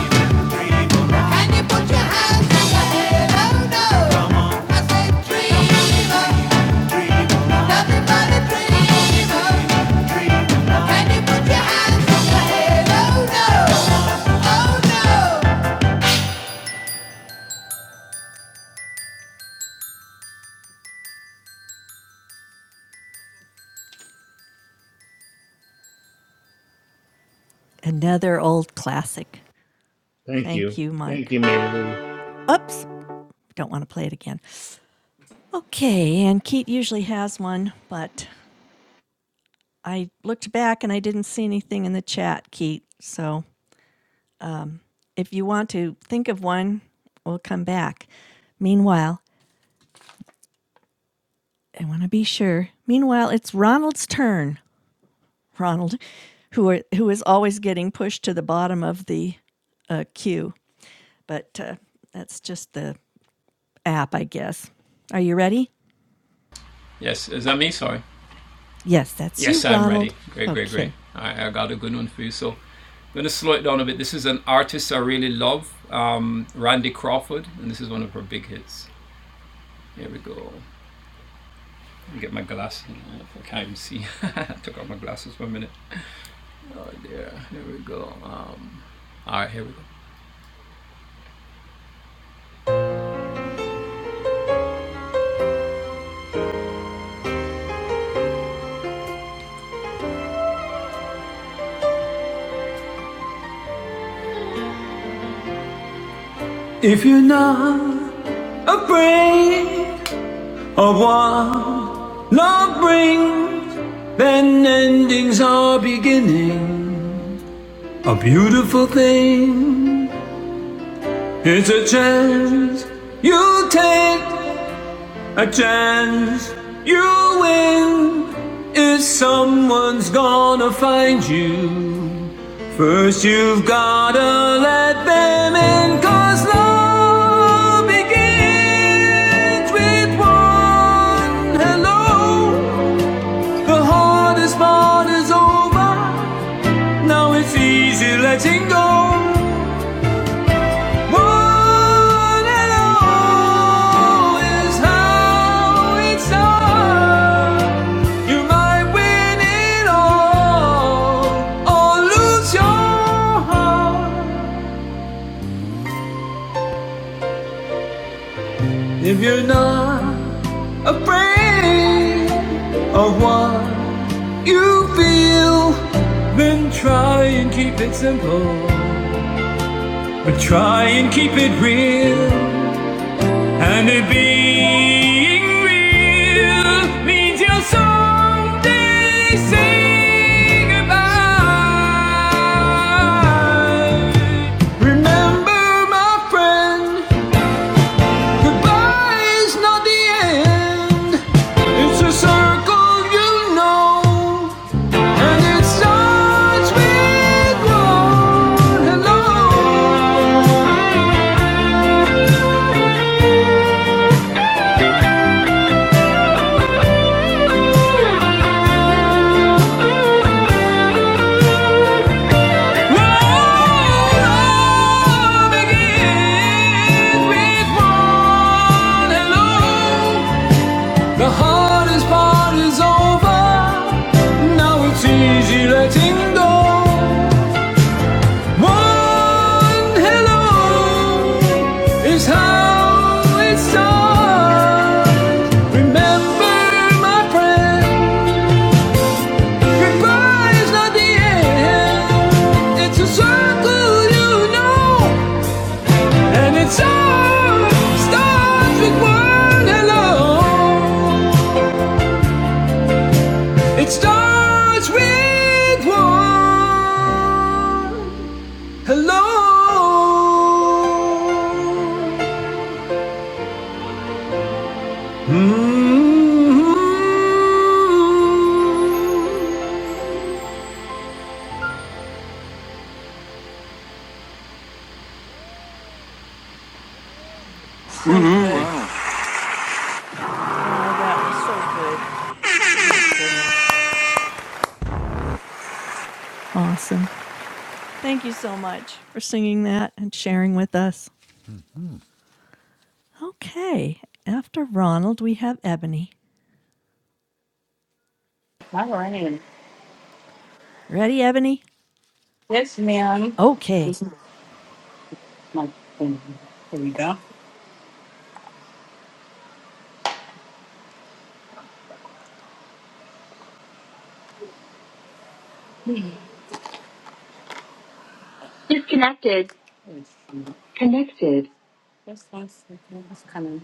S1: Another old classic.
S5: Thank you.
S1: Thank you,
S5: Thank
S1: Mike.
S5: you, Mary Lou.
S1: Oops, don't want to play it again. Okay, and Keat usually has one, but I looked back and I didn't see anything in the chat, Keat. So If you want to think of one, we'll come back. Meanwhile, I want to be sure. Meanwhile, it's Ronald's turn. Ronald, who are, who is always getting pushed to the bottom of the uh, queue, but uh, that's just the app, I guess. Are you ready? Yes, that's you, Ronald. Okay.
S7: took off my glasses for a minute. Yeah, here we go. If you're not afraid. of what love brings. Then endings are beginning. A beautiful thing. It's a chance you take, a chance you win. If someone's gonna find you, first you've gotta let them in. Cause love begins with one hello. The hardest part is over. Now it's easy letting go. One and all is how it's done. You might win it all or lose your heart if you're not afraid of what you feel. Then try and keep it simple. But try and keep it real, and it being real means you'll someday say goodbye. Remember, my friend, goodbye is not the end. It's a circle you know, and it starts with one hello. The hardest part is over. Now it's easy letting go. One hello is how it starts. Remember, my friend. Goodbye not the end. It's a circle, you know, and it's all starts with one hello. It starts with one hello. Mhm.
S1: So
S4: Woohoo,
S1: good,
S4: Ronald.
S1: Ronald. That was so good. My goodness. Awesome. Thank you so much for singing that and sharing with us.
S6: Hmm
S1: Okay. After Ronald, we have Ebony.
S8: All right.
S1: Ready, Ebony?
S8: Yes, ma'am.
S1: Okay.
S8: This is my thing. Here we go. Disconnected. Just one second. It's coming.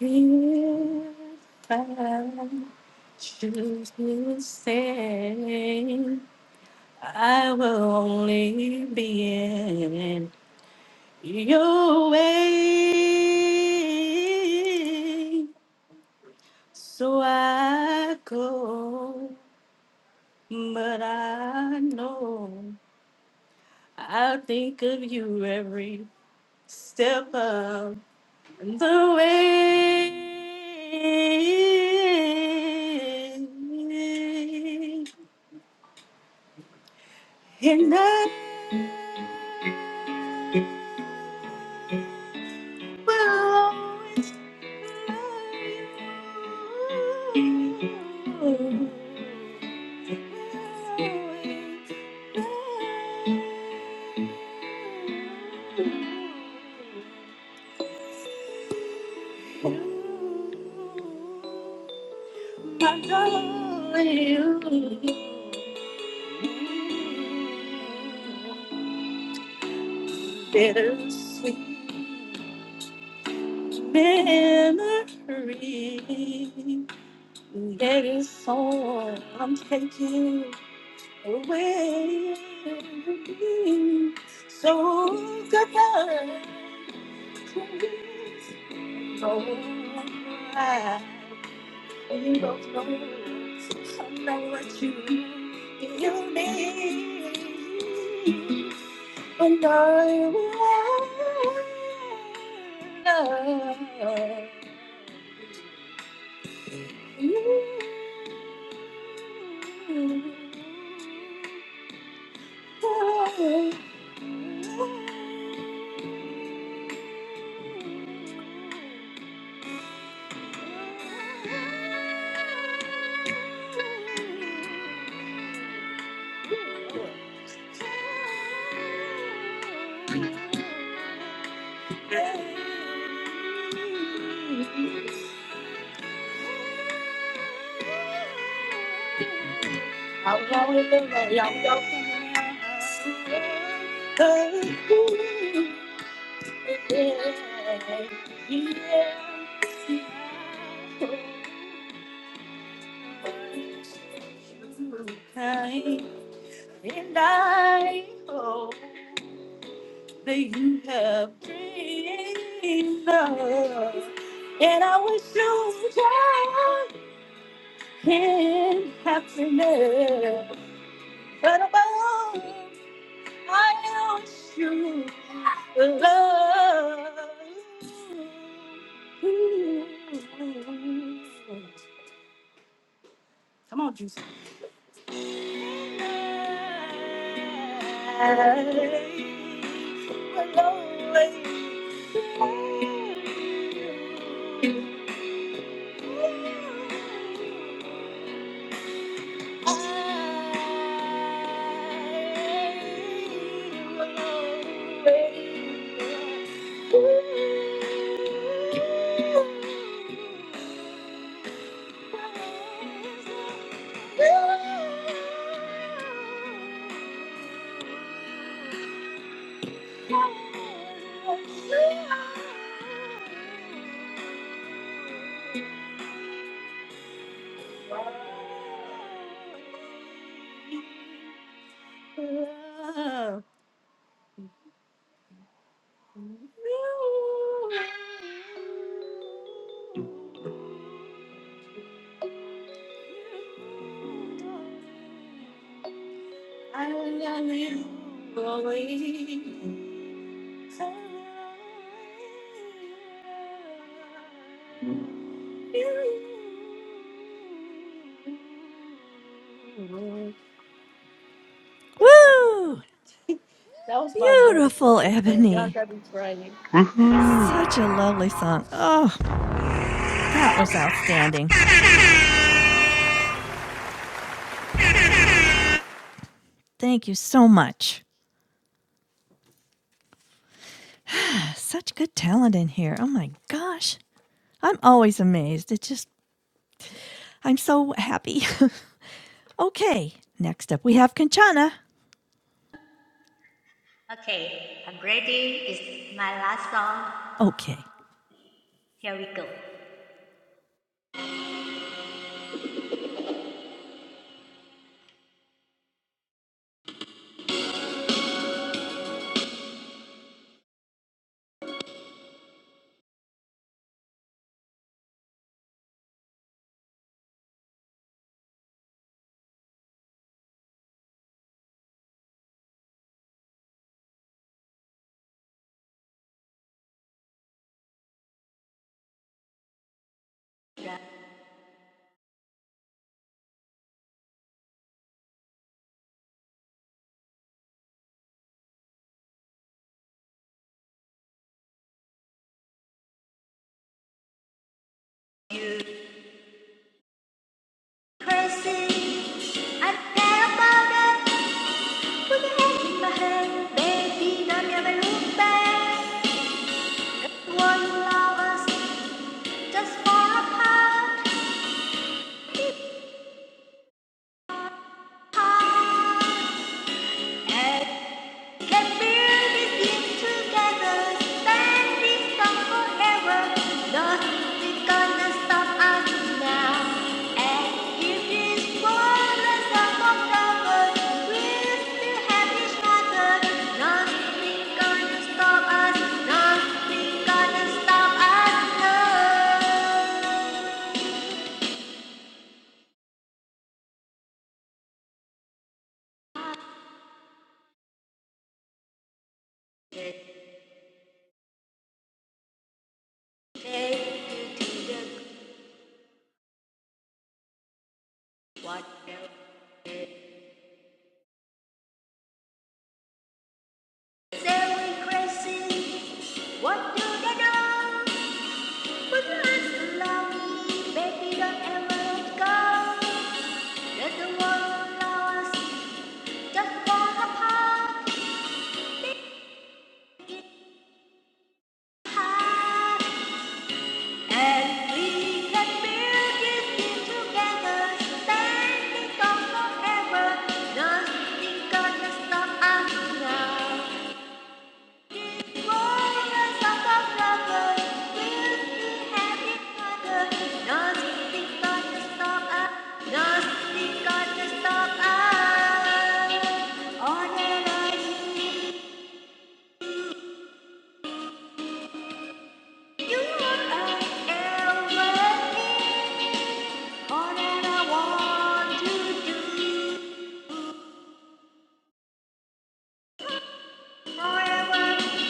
S8: If I choose to stay, I will only be in your way. So I go, but I know I'll think of you every step of The way and I will always love you. always love you. Bitter sweet memory that is all I'm taking away. So goodbye, please, oh, I And You both know I know what you you need, and I will love you. Oh. Hãy subscribe cho kênh Ghiền Mì Gõ Để không bỏ lỡ những video hấp dẫn yeah, yeah. And I hope that you have dreamed of. And I wish you joy and happiness. But above, I wish you Mm-hmm. Come on, Juicy. Thank you. I love you always.
S1: Woo!
S9: Woo!
S8: That was my brother.
S1: Beautiful,
S8: Y'all
S1: Ebony.
S8: got be
S9: Yes.
S8: crying.
S4: Woohoo!
S1: Such a lovely song. Oh, that was outstanding. Thank you so much. Such good talent in here. Oh my gosh. I'm always amazed. It just, I'm so happy. okay. Next up, we have Kanchana.
S10: Okay, I'm ready. It's my last song.
S1: Okay.
S10: Here we go. The crazy, I care about it. Put your hand in my hand, baby. Don't ever look back. The world allow us just for a part. part. Let's build this thing together, stand strong forever. Nothing's gonna stop us now. And if this world is up lovers, we'll still have each other. Nothing's gonna stop us, nothing's gonna stop us now. Take to the water. Say we crazy. What do they know? Put your hands to love, baby, don't ever go. Let the world know us, just fall apart. Big heart, and we can build this thing together. Standing strong forever, nothing gonna stop us now. Forever,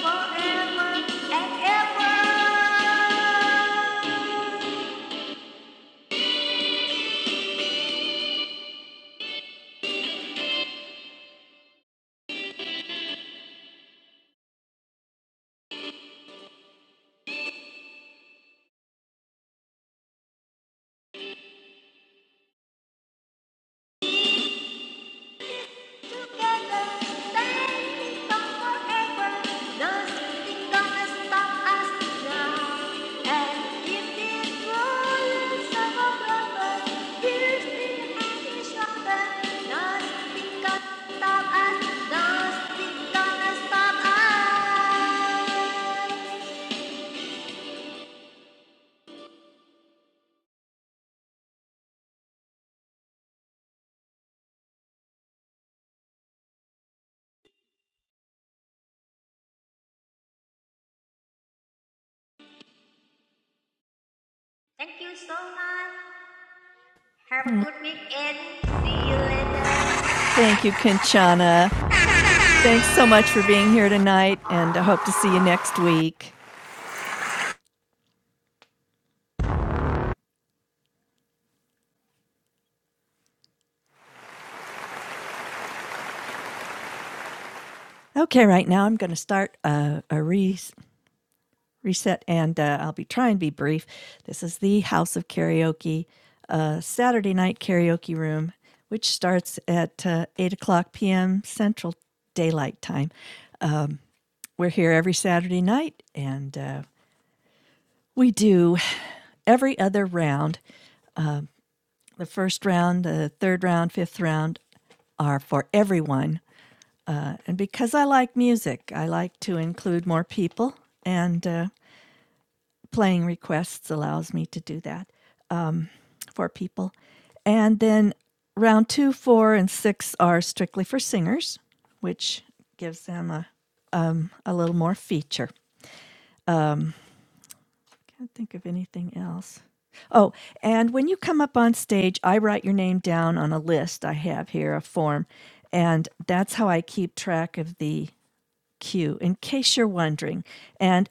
S10: forever, and ever. Thank you so much. Have a good weekend. See you later.
S1: Thank you, Kanchana. Thanks so much for being here tonight, and I hope to see you next week. Okay, right now I'm going to start a, a re- reset and uh, I'll be trying to be brief. This is the House of Karaoke, uh, Saturday night karaoke room, which starts at uh, 8 o'clock p.m. Central Daylight Time. We're here every Saturday night and uh, we do every other round. The first round, the third round, fifth round, are for everyone. And because I like music, I like to include more people. And uh, playing requests allows me to do that for people. And then round two, four, and six are strictly for singers, which gives them a, a little more feature. Can't think of anything else. Oh, and when you come up on stage, I write your name down on a list I have here, a form, and that's how I keep track of the queue, in case you're wondering. And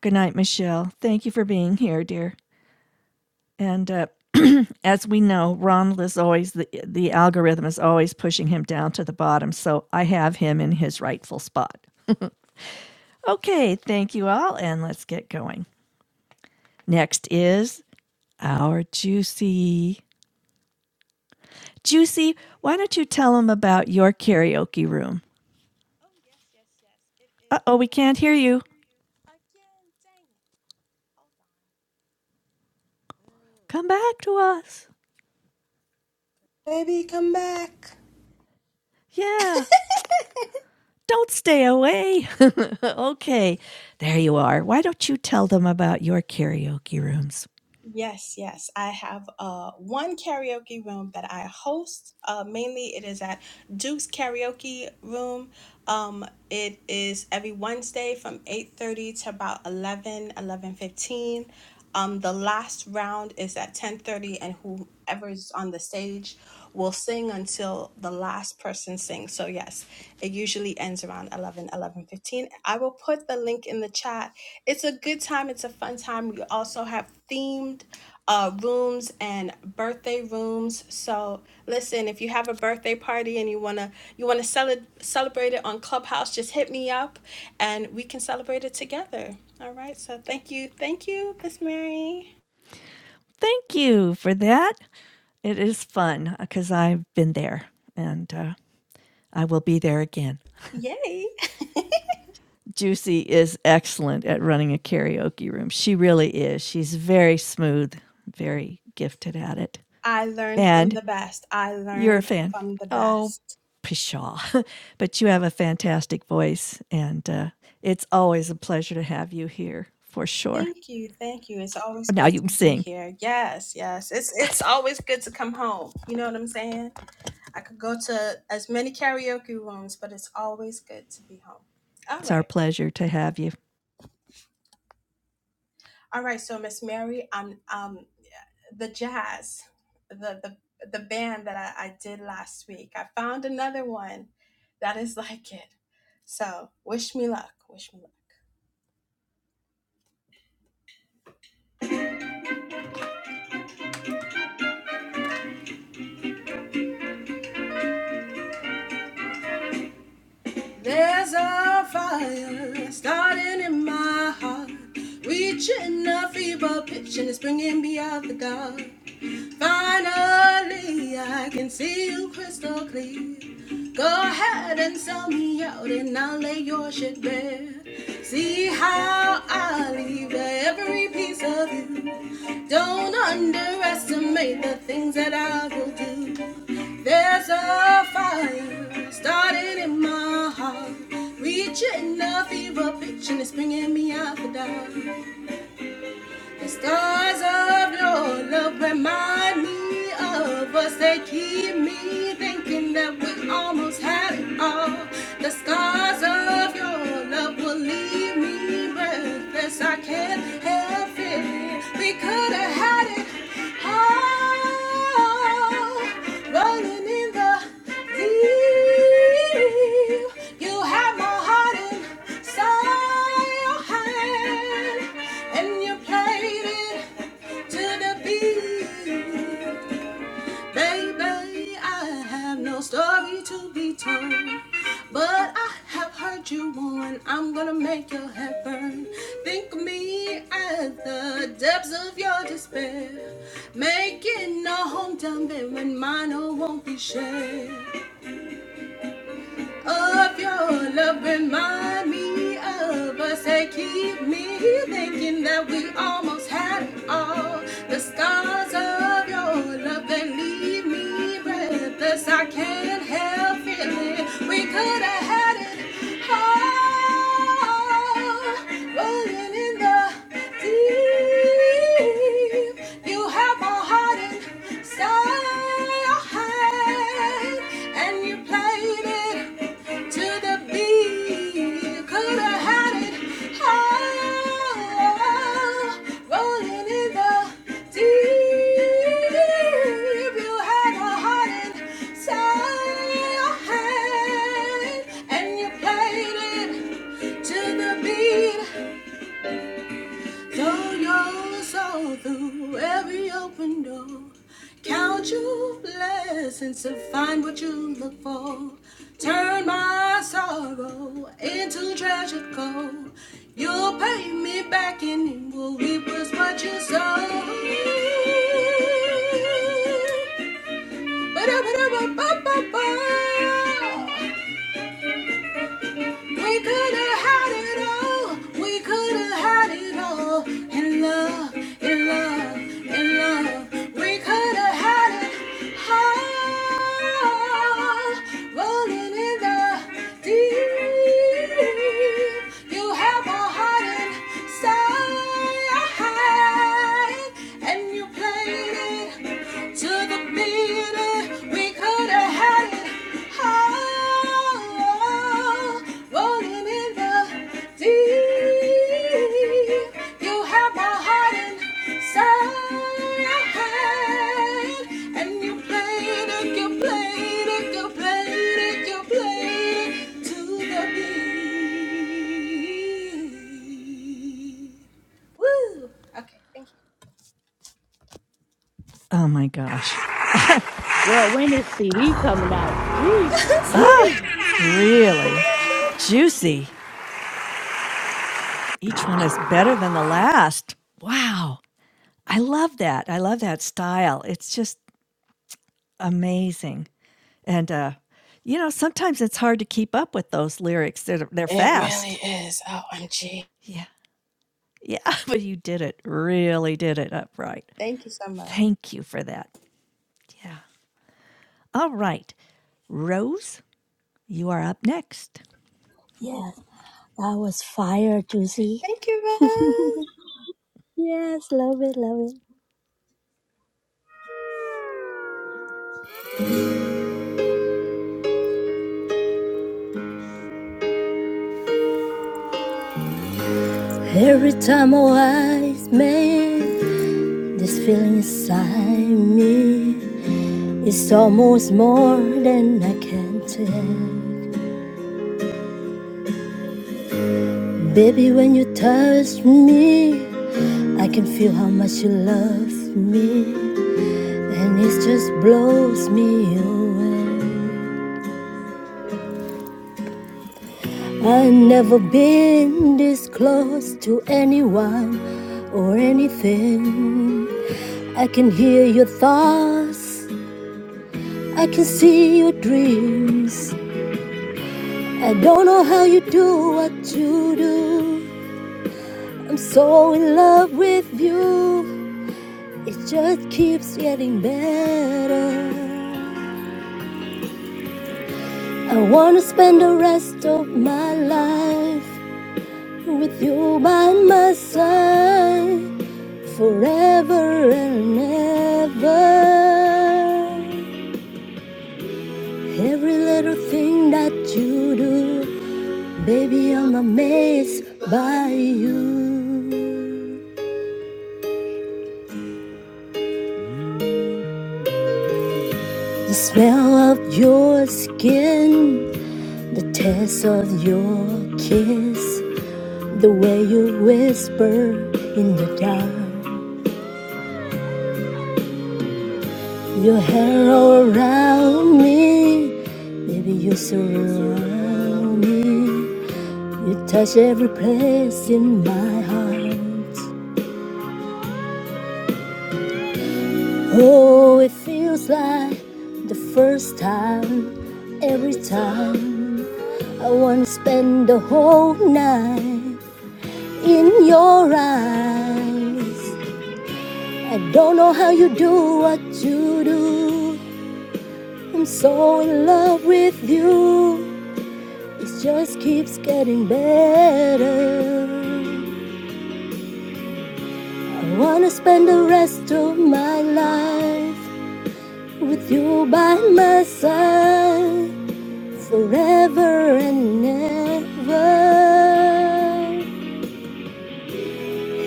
S1: good night, Michelle. Thank you for being here, dear. And uh, as we know, Ronald is always the the algorithm is always pushing him down to the bottom. So I have him in his rightful spot. Okay, thank you all, and let's get going. Next is our Juicy. Juicy, why don't you tell them about your karaoke room?
S9: Oh, yes, yes, yes. It
S1: Uh
S9: is.
S1: oh,
S9: Uh,
S1: we
S9: oh,
S1: can't
S9: we
S1: hear
S9: can't
S1: you.
S9: hear you. Again, dang it. Hold on. Ooh,
S1: Come
S9: this
S1: back
S9: all-
S1: to us.
S9: Baby, come back.
S1: Yeah, don't stay away. okay, there you are. Why don't you tell them about your karaoke rooms?
S9: Yes, yes. I have uh, one karaoke room that I host. Uh, mainly, it is at Duke's Karaoke Room. Um, it is every Wednesday from 8.30 to about eleven, eleven fifteen. Um, the last round is at 10.30, and whoever's on the stage We'll sing until the last person sings. So yes, it usually ends around eleven, eleven fifteen. I will put the link in the chat. It's a good time. It's a fun time. We also have themed uh, rooms and birthday rooms. So listen, if you have a birthday party and you wanna you wanna cele- celebrate it on Clubhouse, just hit me up and we can celebrate it together. All right. So thank you, thank you, Miss Mary.
S1: Thank you for that. It is fun because I've been there and uh, I will be there again.
S9: Yay.
S1: Juicy is excellent at running a karaoke room. She really is. She's very smooth, very gifted at it.
S9: I learned from
S1: And
S9: the best. I
S1: you're a
S9: learned
S1: fan.
S9: from the
S1: Oh,
S9: best.
S1: pshaw. but you have a fantastic voice, and uh, it's always a pleasure to have you here for sure.
S9: Thank you. Thank you. It's always
S1: Now
S9: great
S1: you
S9: to
S1: can
S9: be
S1: sing.
S9: here. Yes, yes. It's it's always good to come home. You know what I'm saying? I could go to as many karaoke rooms, but it's always good to be home. All
S1: It's our
S9: right.
S1: pleasure to have you.
S9: All right. So Miss Mary, I'm um the jazz, the the the band that I, I did last week. I found another one that is like it. So wish me luck. Wish me luck. There's a fire starting in my heart, reaching a fever pitch, and it's bringing me out the dark. Finally, I can see you crystal clear. Go ahead and sell me out, and I'll lay your shit bare. See how I leave every piece of you. Don't underestimate the things that I will do. There's a fire starting in my heart, reaching a fever pitch and it's bringing me out the dark. The stars of your love remind me of us. They keep me thinking that we almost had it all. The scars of your love will leave me breathless. I can't help it. We could have had it all running in the deep. You have my heart inside your hand, and you played it to the beat. Baby, I have no story to be told. But I have heard you warn, I'm gonna make your head burn. Think of me at the depths of your despair. Making a hometown bed when mine oh, won't be shared of your love. Remind me of us and keep me thinking that we almost had it all. The scars of your love that leave me breathless. I can't help feeling we could have had it all. Rolling in the deep, you have my heart inside your hand, and you played it to the beat. You could have had it all, rolling in the deep. You had a heart inside, and you played it to the beat. Throw your soul through every open door. Count your blessings to find what you look for. Turn my sorrow into treasure gold. You'll pay me back and it will reap what you sow. ba da ba Had it all. We could have had it all in love, in love. in love. We could have had it all, rolling in the deep. You have my heart inside, and you played it. To the beat, we could have had it all. Rolling in the deep. You have my heart inside. And you played it, you played it, you played it, you played it to the beat. Woo! Okay, thank you.
S1: Oh my gosh.
S8: Girl, when is CD coming out? Jesus,
S9: Sorry,
S8: yee.
S1: Really
S9: commercial.
S1: juicy. Each one is better than the last. Wow. I love that. I love that style. It's just amazing. And, uh, you know, sometimes it's hard to keep up with those lyrics. They're, they're
S9: It really
S1: fast.
S9: is. OMG.
S1: Yeah. Yeah. But you did it. Really did it upright.
S9: Thank you so much.
S1: Thank you for that. Yeah. All right. Rose, you are up next.
S12: Yes, that was fire, juicy.
S9: Thank you, Rose.
S12: Yes, love it, love it. Every time our eyes meet. This feeling inside me is almost more than I can tell. Baby, when you touch me, I can feel how much you love me, and it just blows me away. I've never been this close to anyone or anything. I can hear your thoughts, I can see your dreams. I don't know how you do what you do. I'm so in love with you. It just keeps getting better. I wanna spend the rest of my life with you by my side forever and ever. Every little thing that you do, baby, I'm amazed by you. The smell of your skin, the taste of your kiss, the way you whisper in the dark, your hair all around me, baby you surround me, you touch every place in my heart. Oh, it feels like the first time, every time. I wanna spend the whole night. in your eyes. I don't know how you do what you do. I'm so in love with you. It just keeps getting better. I wanna spend the rest of my life with you by my side forever and ever.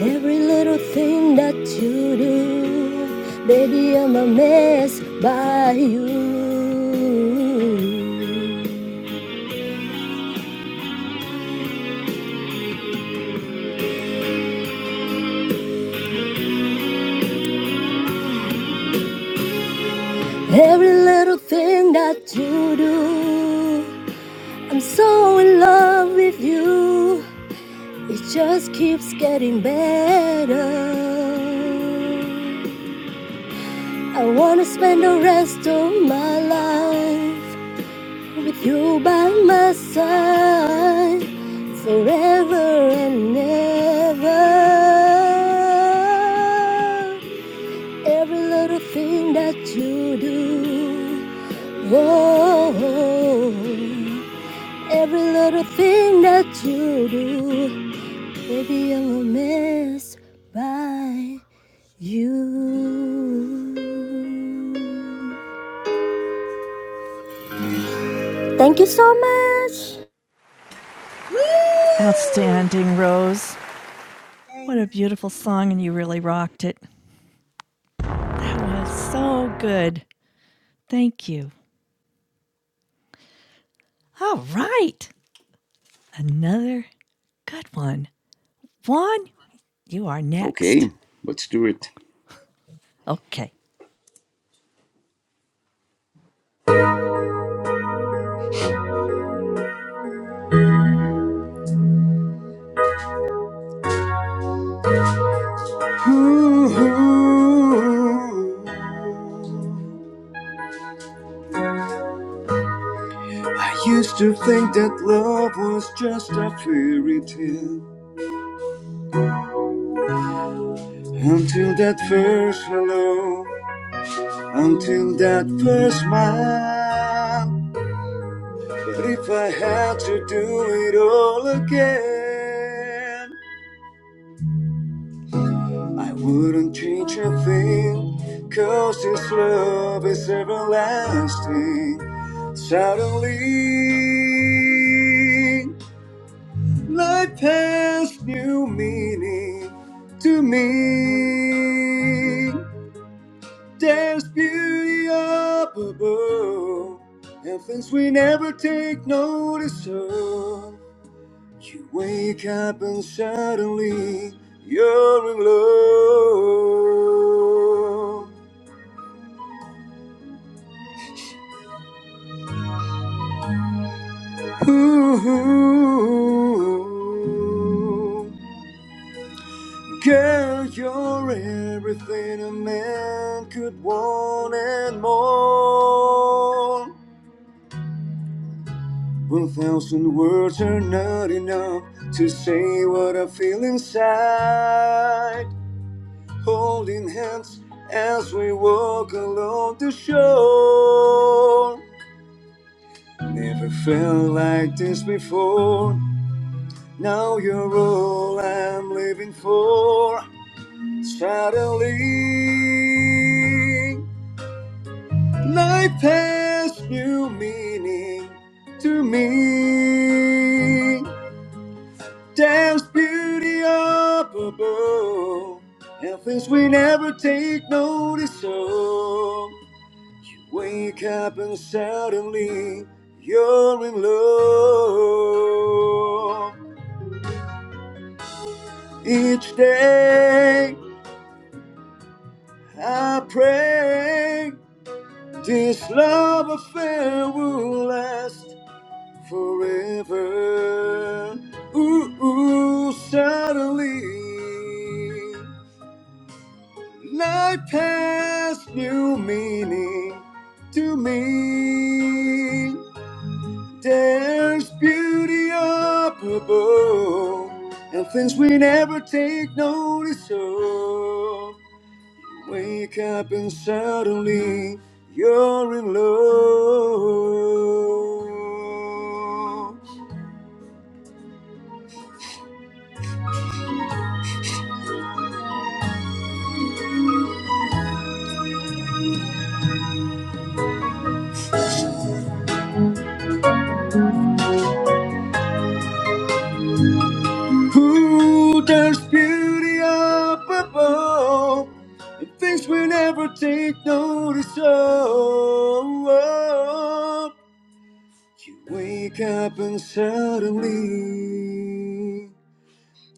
S12: Every little thing that you do, baby, I'm amazed by you. Every little thing that you do, I'm so in love with you. It just keeps getting better. I wanna spend the rest of my life with you by my side forever and ever. Every little thing that you do, whoa, every little thing that you do, baby, I'm a mess by you. Thank you so
S9: Woo!
S1: Outstanding, Rose. What a
S9: Thanks.
S1: beautiful song, and you really rocked it. That was so good. Thank you. All right. Another good one. Juan, you are
S13: Okay,
S1: next.
S13: let's do it.
S1: Okay.
S13: I used to think that love was just a fairy tale. Until that first hello, until that first smile. But if I had to do it all again, I wouldn't change a thing. 'Cause this love is everlasting. Suddenly, life has new meaning to me. There's beauty up above, and things we never take notice of. You wake up and suddenly you're in love. Ooh, girl, you're everything a man could want and more. One thousand words are not enough to say what I feel inside. Holding hands as we walk along the shore. Never felt like this before. Now you're all I'm living for. Suddenly, life has new meaning to me. There's beauty up above, and things we never take notice of. You Wake up and suddenly you're in love. Each day I pray this love affair will last forever. Ooh, ooh suddenly. Life has new meaning to me. There's beauty up above and things we never take notice of. Wake up and suddenly you're in love. Who does beauty up above? And things we never take notice of. You wake up and suddenly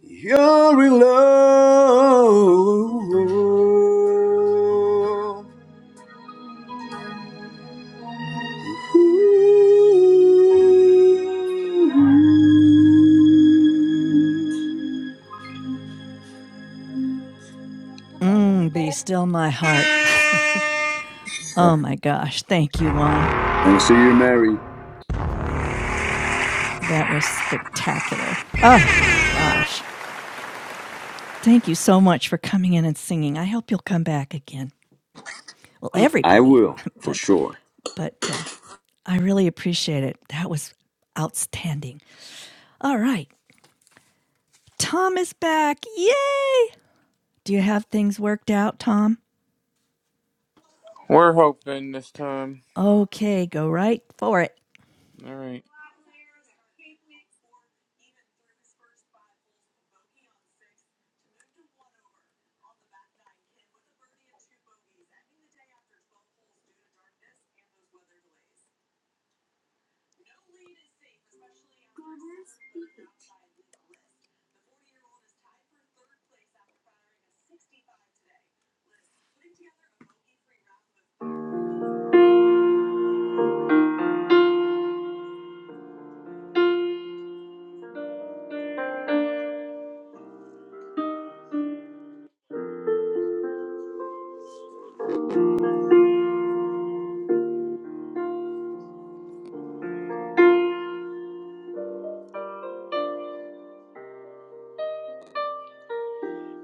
S13: you're in love. Ooh.
S1: Mm, be still my heart.
S12: much.
S1: oh my gosh. Thank you, Juan.
S13: Thanks to you, Mary.
S1: That was spectacular. Oh my gosh. Thank you so much for coming in and singing. I hope you'll come back again. Well,
S13: I
S1: everybody,
S13: will, for
S1: but
S13: sure.
S1: but uh, I really appreciate it. That was outstanding. All right. Tom is back. Yay! Do you have things worked out, Tom?
S11: We're hoping this time.
S1: Okay, go right for it.
S11: All right.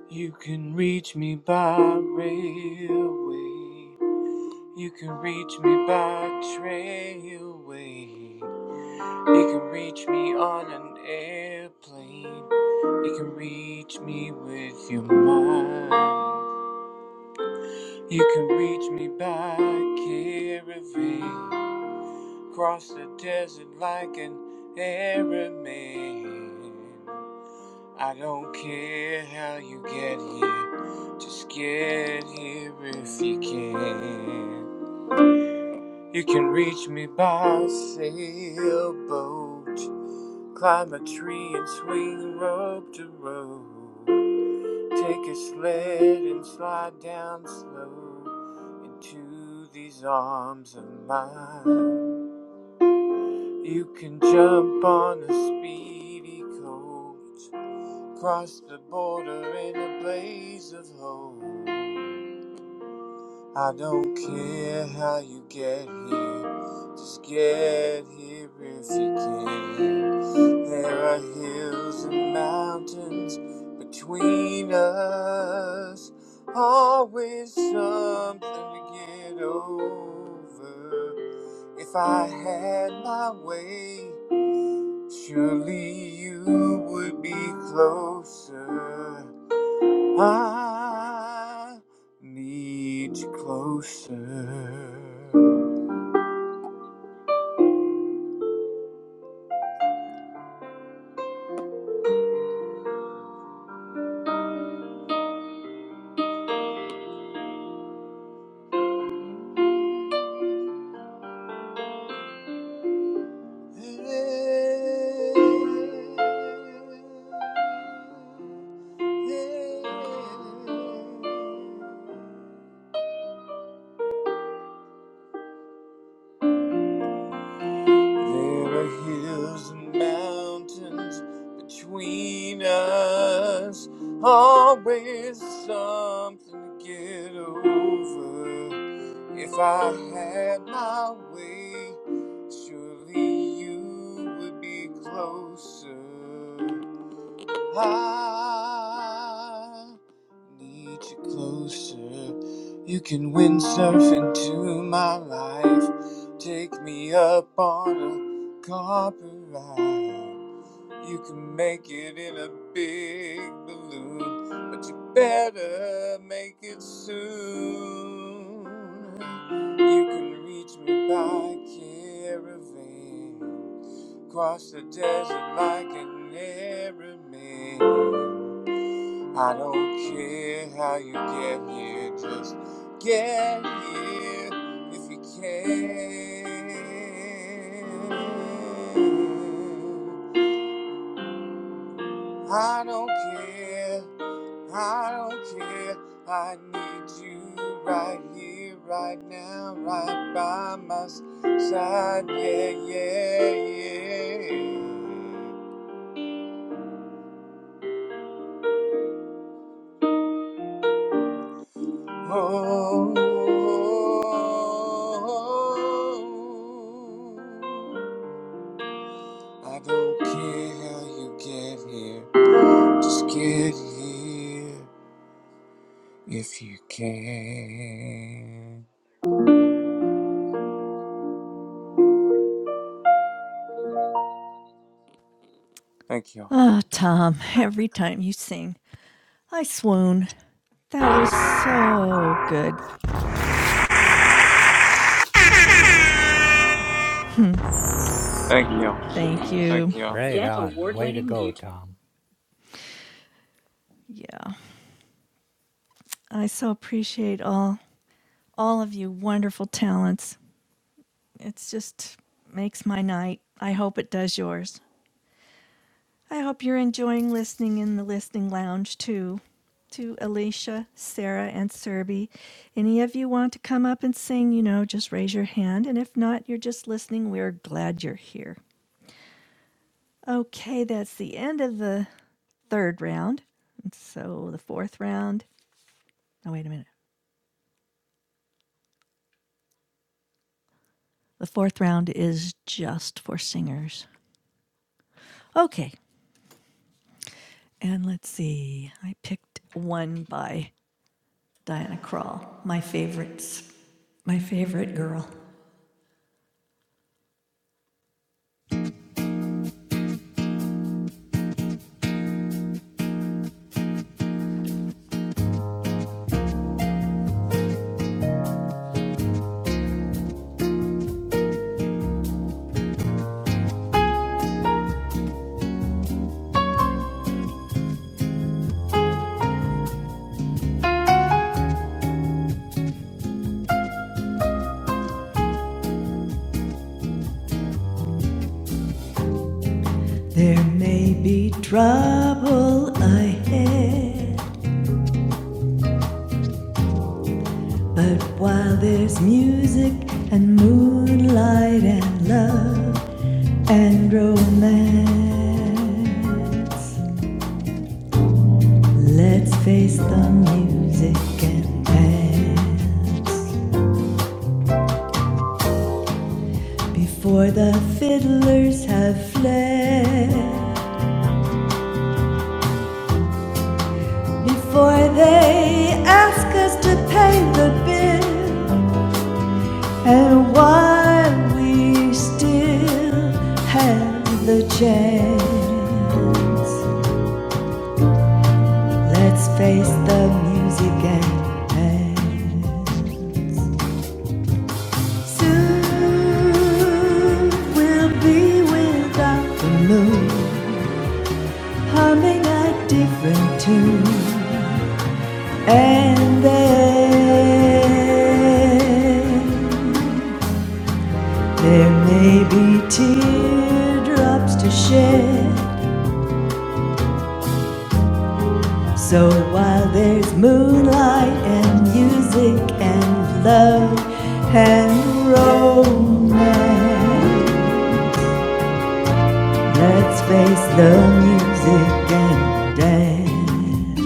S11: You can reach me by railway. You can reach me by trailway. You can reach me on an airplane. You can reach me with your mind. You can reach me by caravan. Cross the desert like an Arab man. I don't care how you get here, just get here if you can. You can reach me by sailboat, climb a tree and swing rope to rope. Take a sled and slide down slow into these arms of mine. You can jump on a speedy coat. Cross the border in a blaze of hope. I don't care how you get here, just get here if you can. There are hills and mountains between us, always something to get over. If I had my way, surely you would be closer. I need you closer. There are hills and mountains between us, always something to get over. If I had my way, surely you would be closer. I need you closer. You can windsurf into my life. Take me up on a carpet ride. You can make it in a big balloon, but you better make it soon. You can reach me by caravan, cross the desert like an Arab man. I don't care how you get here, just get here if you can. I don't care. I don't care. I need you right here, right now, right by my s- side. Yeah, yeah, yeah. Oh. I don't care how you get here. Just get here if you can. Thank you.
S1: Ah, oh, Tom, every time you sing, I swoon. That was so good.
S11: Thank you.
S1: Thank
S11: Thank
S1: you.
S11: you
S6: Right
S11: Get
S6: on. Way to
S11: award-winning
S6: go,
S11: YouTube.
S6: Tom.
S1: Yeah, I so appreciate all all of you wonderful talents. It's just makes my night. I hope it does yours. I hope you're enjoying listening in the listening lounge too. To Alicia, Sarah, and Serby. Any of you want to come up and sing, you know, just raise your hand. And if not, you're just listening. We're glad you're here. Okay, that's the end of the third round. So the fourth round. Oh, wait a minute. The fourth round is just for singers. Okay, and let's see. I picked one by Diana Krall, my favorites, my favorite girl. There may be trouble ahead, but while there's music and moonlight and love and romance. Let's face the music and dance before the fiddlers have fled. Before they ask us to pay the bill, and while we still have the chance, let's face the music and dance. Soon we'll be without the moon. humming a different tune. And then there may be teardrops to shed. So while there's moonlight and music and love and romance. Let's face the music and dance.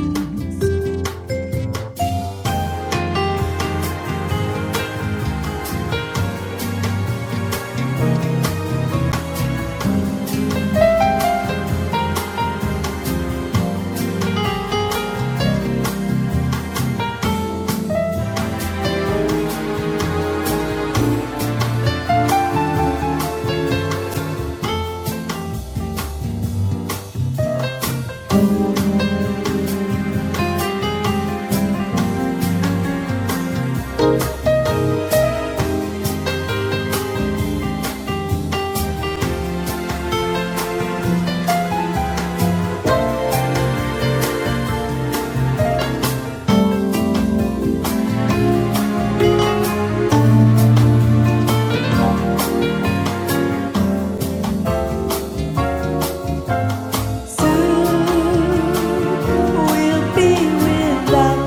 S1: We'll be without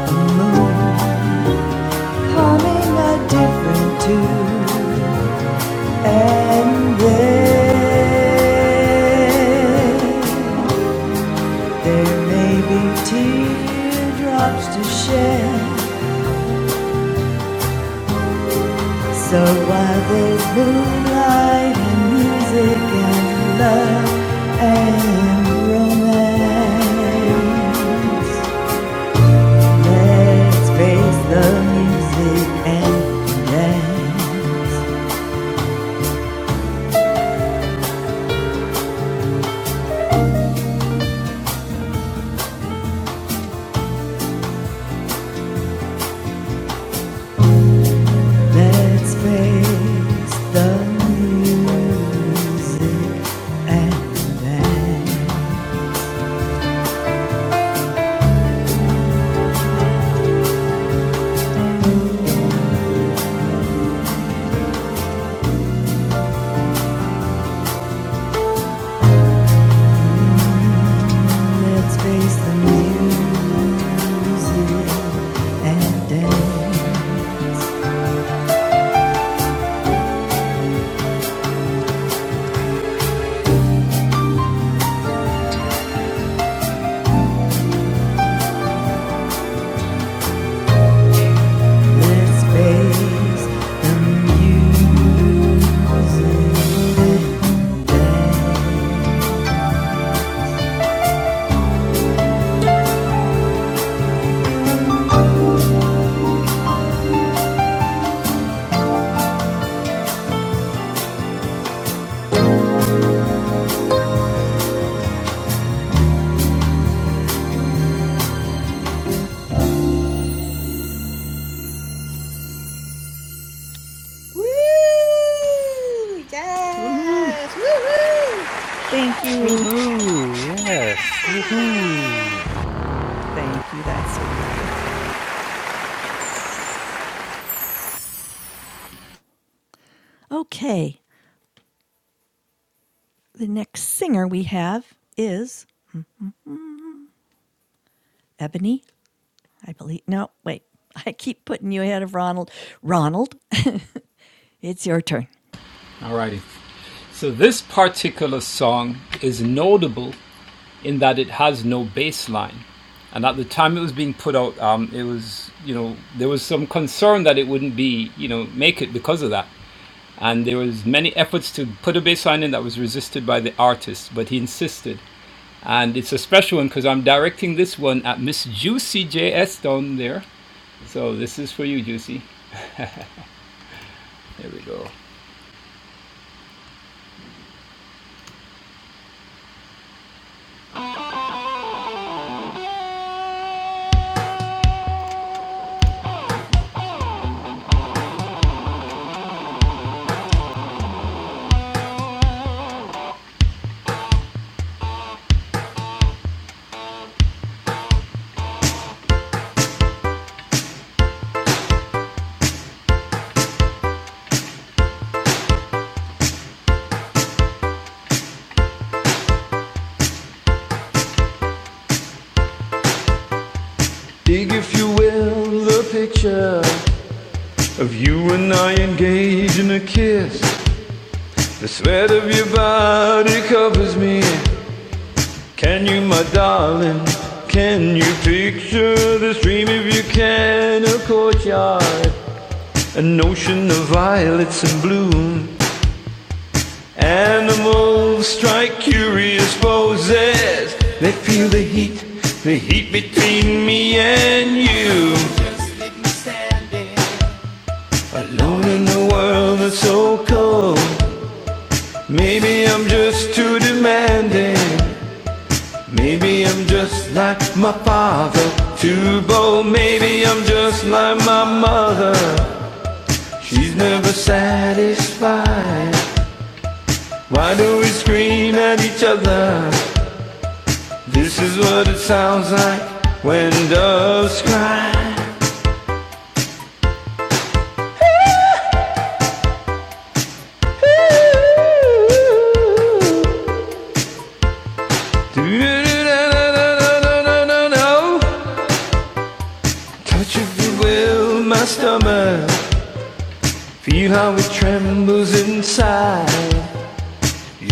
S1: a different tune. And there, there may be teardrops to shed. So while there's moonlight and music and love and romance, let's face the music and dance, please.
S9: Woo! Yes! Woo woo!
S1: Thank you.
S6: Woohoo! Yes. Woohoo!
S1: Thank you. That's sweet of you. Okay. The next singer we have is Ebony I believe. No, wait. I keep putting you ahead of Ronald. Ronald, it's your turn.
S7: Dig if you will the picture Of you and I engage in a kiss. The sweat of your body covers me. Can you, my darling? Can you picture this dream if you can? A courtyard, an ocean of violets in bloom. Animals strike curious poses. They feel the heat, the heat between me and you. Alone in a world that's so cold. Maybe I'm just too demanding. Maybe I'm just like my father, too bold. Maybe I'm just like my mother. She's never satisfied. Why do we scream at each other? This is what it sounds like when doves cry. Touch if you will my stomach. Feel how it trembles inside.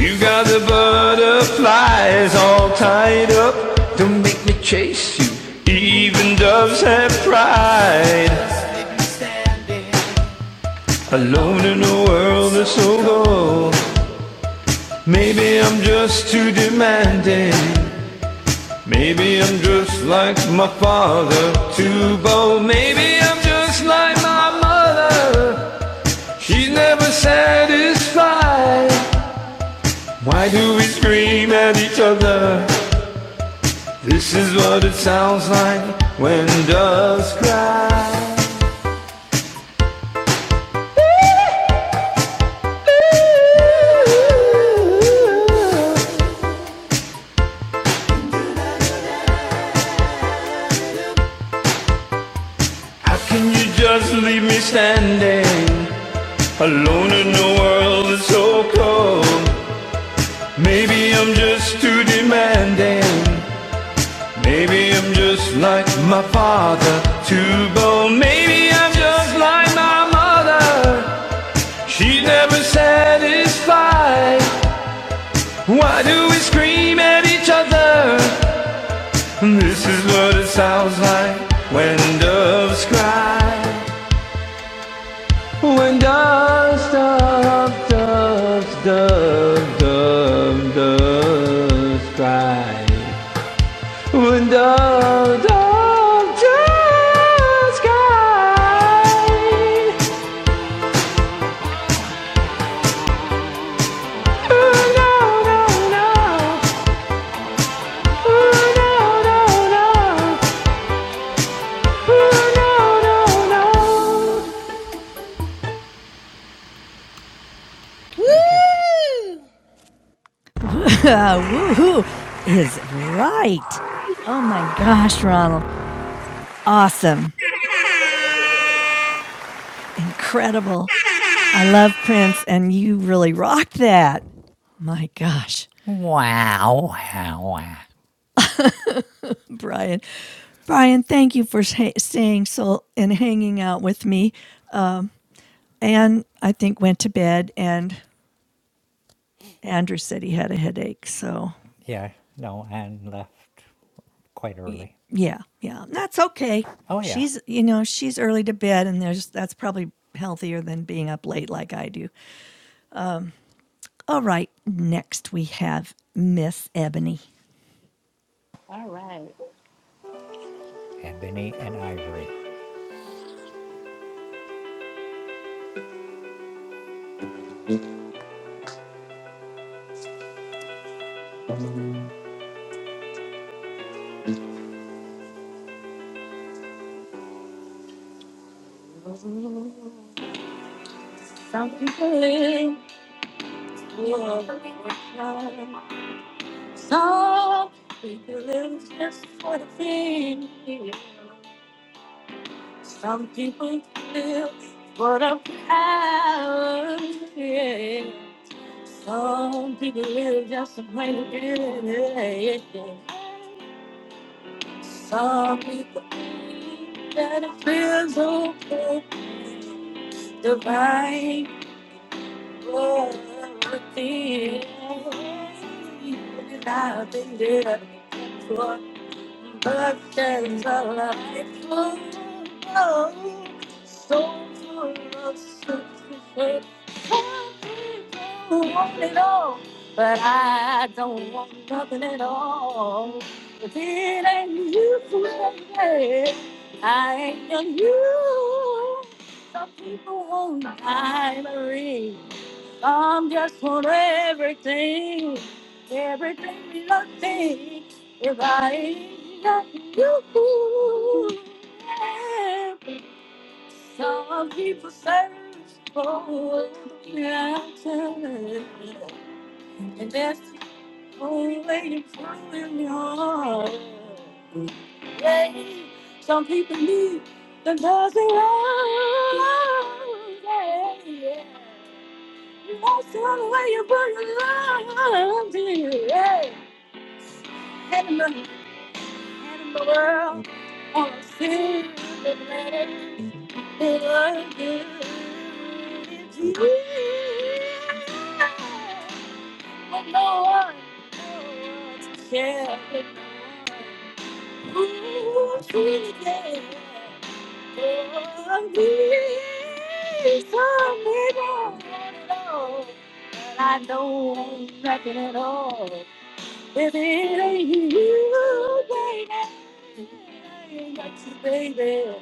S7: You got the butterflies all tied up. Don't make me chase you. Even doves have pride. Alone in a world that's so cold. Maybe I'm just too demanding. Maybe I'm just like my father, too bold. Maybe I'm just like my mother. She's never satisfied. Why do we scream at each other? This is what it sounds like when doves cry. How can you just leave me standing alone in a world that's so cold? Maybe I'm just too demanding. Maybe I'm just like my father, too bold. Maybe I'm just like my mother. She's never satisfied. Why do we scream at each other? This is what it sounds like when doves cry. When doves, doves, doves, doves, doves, doves cry. When doves, doves, doves cry. Oh no, no, no. Oh no, no, no. Oh no, no, no.
S9: Woo!
S1: Woohoo is right. Oh my gosh, Ronald. Awesome. Incredible. I love Prince, and you really rocked that. My gosh,
S6: Wow! Wow! wow.
S1: Brian. Brian, thank you for staying so and hanging out with me. And I think went to bed, and Andrew said he had a headache. So
S6: Yeah. No, Anne left quite early.
S1: Yeah, yeah. That's okay.
S6: Oh yeah,
S1: She's, you know, she's early to bed and there's that's probably healthier than being up late like I do. All right, next we have Miss Ebony.
S8: All right.
S6: Ebony and Ivory.
S8: Some people live for the fun. Some people live just for the fame. Some people live for the power. Yeah. Some people live just to play the game. Yeah, yeah. Some people live that it feels okay. The Bible. it. I've been there for. But there's a life below, so full of sacrifice. Some want it all, but I don't want nothing at all. If it ain't you, baby, I ain't your you. Some people want diamonds. I'm just for everything, everything you think. If I ain't got you, yeah. some people search for the answer, and that's the only way you find your heart. Yeah. Some people need the dozen love. Yeah, yeah. Most of the way you put your love in, yeah. Head in the, head in the world. On a silver plate, it was good. It's you. But no one, no one to share with no one. Ooh, sweet day. I know nothing at all. If it ain't you, baby, I ain't got you, baby.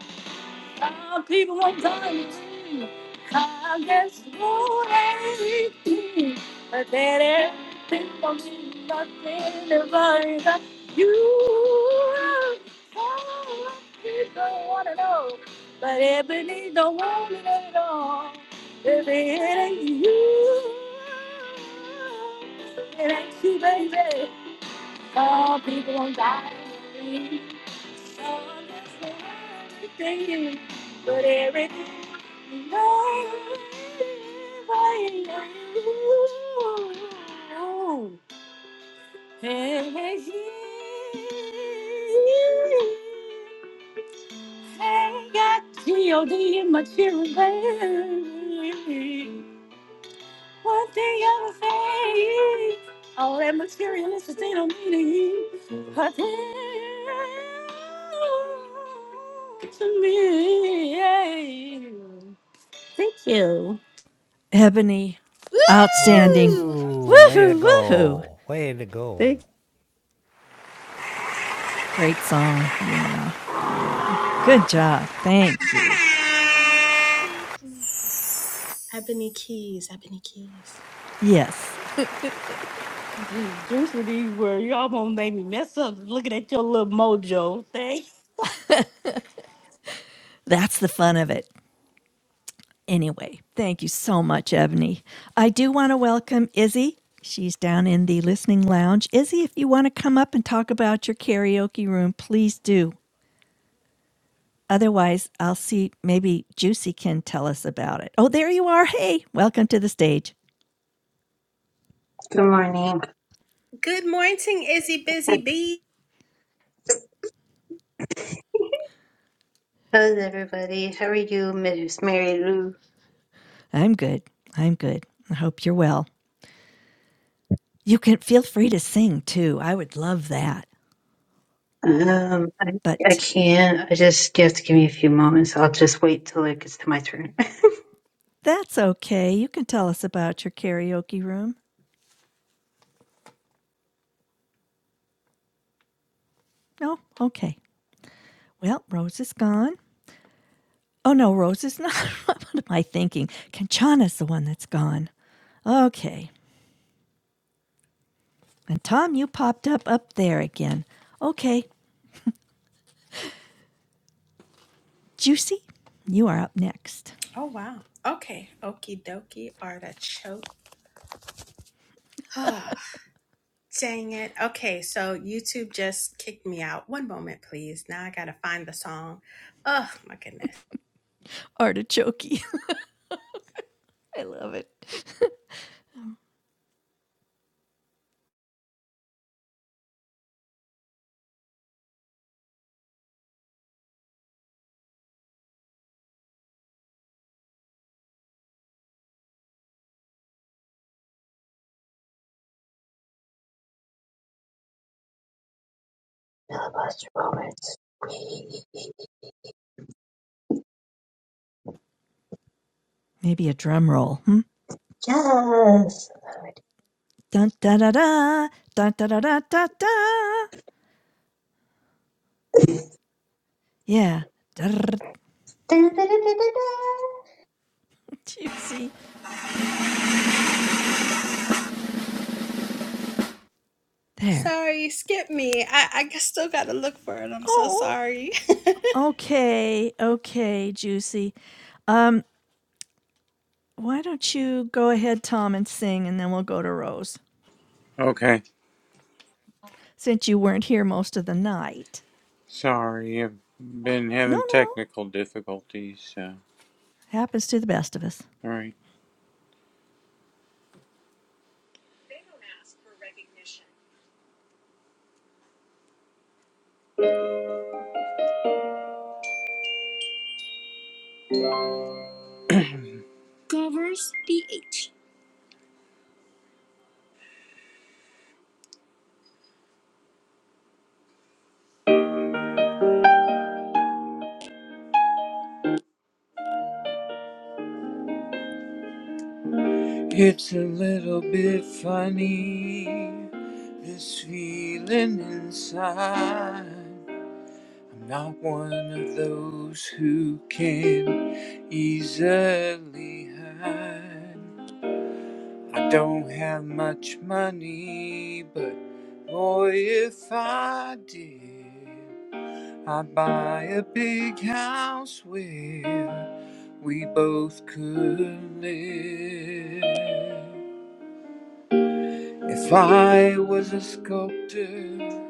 S8: Our people won't die. I guess anything, but that everything for me, nothing if I got you. All people don't wanna know, but Ebony don't want it at all. Baby, it ain't you, it ain't you, baby. All people won't die. Everything, but everything you know, I know. And I got G.O.D. in my children. One thing I'm afraid. All that materialistic they don't mean to you. But they to me. Thank you.
S1: Ebony, outstanding.
S9: Woo!
S6: Ooh! Way to
S1: Woohoo, woohoo.
S6: go! Way to go!
S8: Thank
S1: Great song. Yeah. Yeah. Good job. Thank you.
S9: Ebony Keys, Ebony Keys.
S1: Yes.
S8: you. Juice for these words. Y'all gonna make me mess up looking at your little mojo. Thank
S1: That's the fun of it. Anyway, thank you so much, Ebony. I do want to welcome Izzy. She's down in the listening lounge. Izzy, if you want to come up and talk about your karaoke room, please do. Otherwise, I'll see maybe Juicy can tell us about it. Oh, there you are. Hey, welcome to the stage.
S14: Good morning.
S9: Good morning, Izzy Busy Bee.
S14: How's everybody? How are you, Miss Mary Lou?
S1: I'm good. I'm good. I hope you're well. You can feel free to sing too. I would love that.
S14: Um, I, I
S1: But
S14: can't. I just you have to give me a few moments. I'll just wait till it gets to my turn.
S1: that's okay. You can tell us about your karaoke room. No? Okay. Well, Rose is gone. Oh no, Rose is not. what am I thinking? Kanchana's the one that's gone. Okay. And Tom, you popped up up there again. Okay. Juicy, you are up next.
S9: Oh wow. Okay. Okie dokie artichoke. Dang it. Okay, so YouTube just kicked me out. One moment, please. Now I gotta find the song. Oh my goodness.
S1: Artichoke. I love it.
S14: Lost your moments.
S1: Maybe a drum roll. Hmm?
S14: Yes.
S1: Dun da da da. Dun da da da da da. Yeah. Drrr.
S14: Da-da-da-da-da-da.
S1: Juicy. There.
S9: Sorry, skip me. I, I g- still gotta look for it. I'm so
S1: Oh.
S9: sorry.
S1: Okay. Okay, Juicy. Why don't you go ahead, Tom, and sing, and then we'll go to Rose.
S11: Okay.
S1: since you weren't here most of the night.
S11: Sorry, I've been
S1: No,
S11: having
S1: no.
S11: technical difficulties, so.
S1: Happens to the best of us.
S11: Alright. Covers BH. It's a little bit funny, this feeling inside. I'm not one of those who can easily hide. I don't have much money, but boy, if I did, I'd buy a big house where we both could live. If I was a sculptor,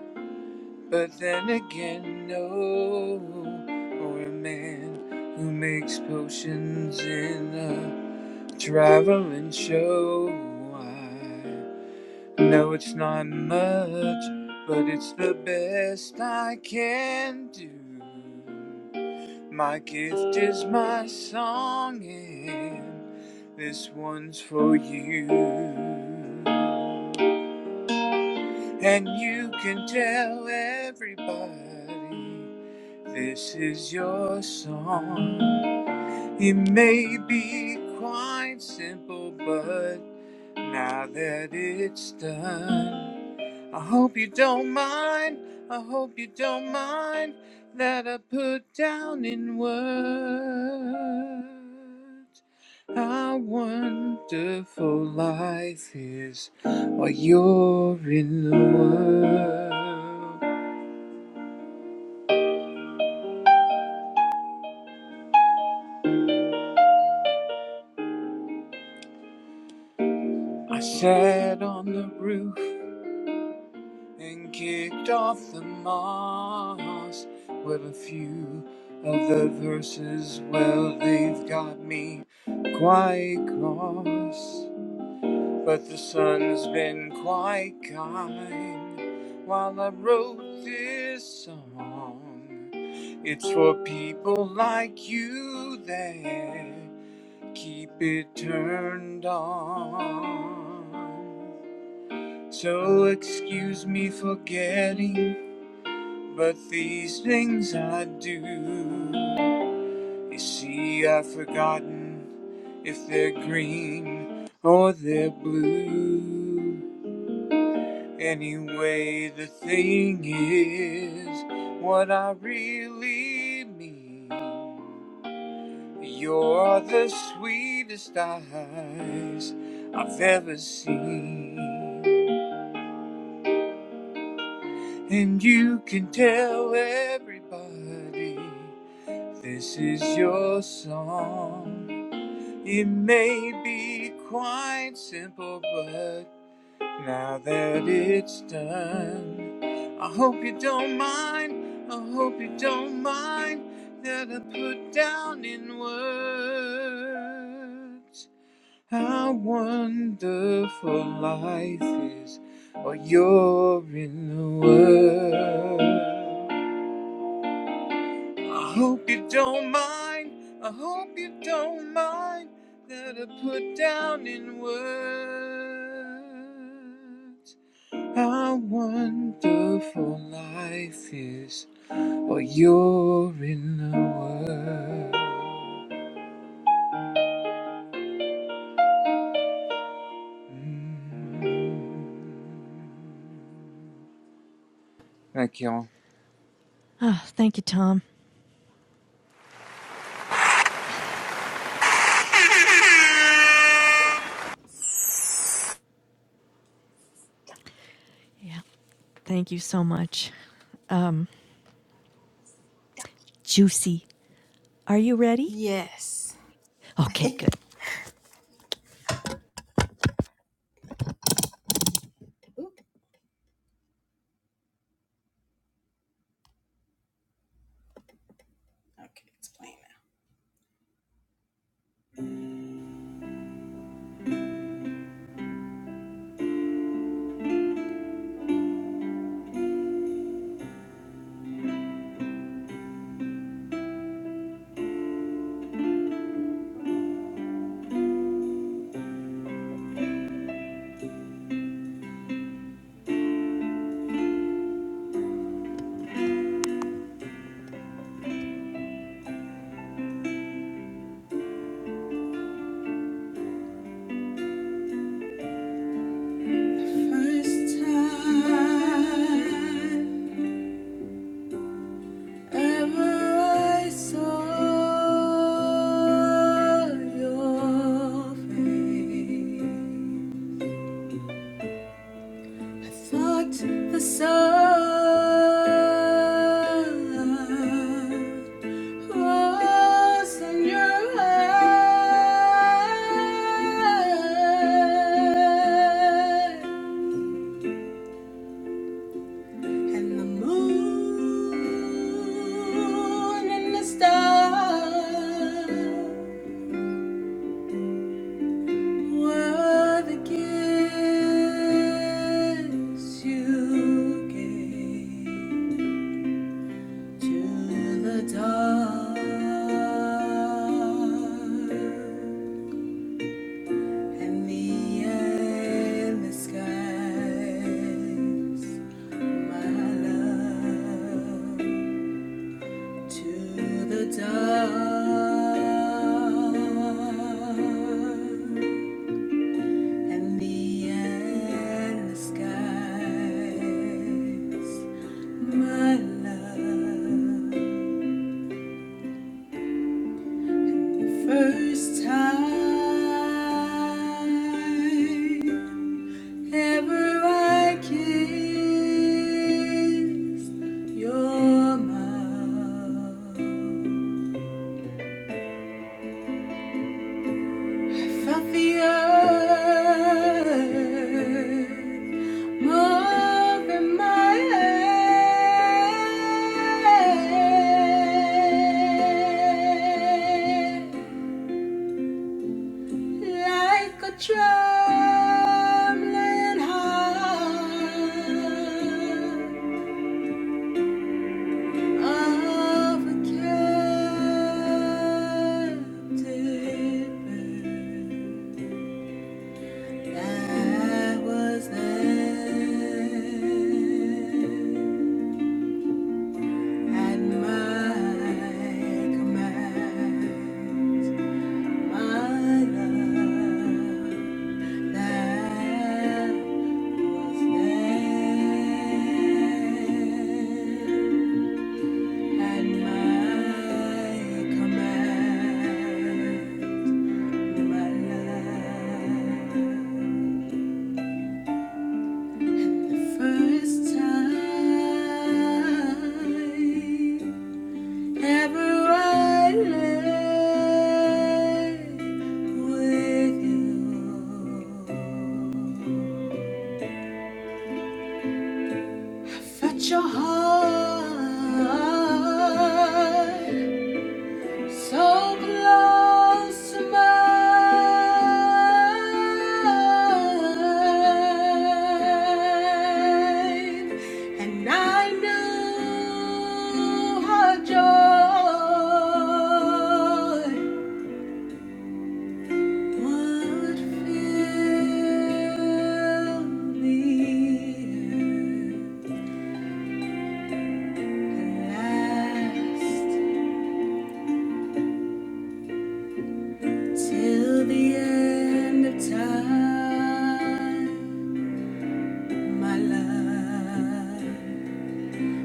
S11: but then again, no, or a man who makes potions in a traveling show. I. No, it's not much, but it's the best I can do. My gift is my song, and this one's for you. And you can tell everybody this is your song. It may be quite simple, but now that it's done. I hope you don't mind. I hope you don't mind that I put down in words how wonderful life is while you're in the world. I sat on the roof and kicked off the moss with a few of the verses. Well, they've got me quite cross. But the sun's been quite kind while I wrote this song. It's for people like you that keep it turned on. So excuse me for getting, but these things I do. You see, I've forgotten if they're green or they're blue. Anyway, the thing is what I really mean. You're the sweetest eyes I've ever seen. And you can tell everybody this is your song. It may be quite simple, but Now that it's done, I hope you don't mind. I hope you don't mind that I put down in words how wonderful life is, while you're in the world. I hope you don't mind. I hope you don't mind that I put down in words how wonderful life is, oh, you're in the world. Thank y'all.
S1: Ah, thank you, Tom. Yeah. Thank you so much. Juicy. Are you ready?
S9: yes.
S1: Okay, good.
S9: Okay, it's playing now. First time ever I saw your face. Sought the sun was in your eye, and the moon and the stars were the gifts you gave. To the dark and the endless skies, my love. To the dark and the endless skies, my love. First time ever I kissed your mouth. Felt the earth move in my head. Like a trembling heart of a captive bird, that was there at my command, my love that was there. At my command, my life. First time ever I lay with you. Fetch your heart So close to mine, and I knew her joy would fill the earth and last till the end of time. My love,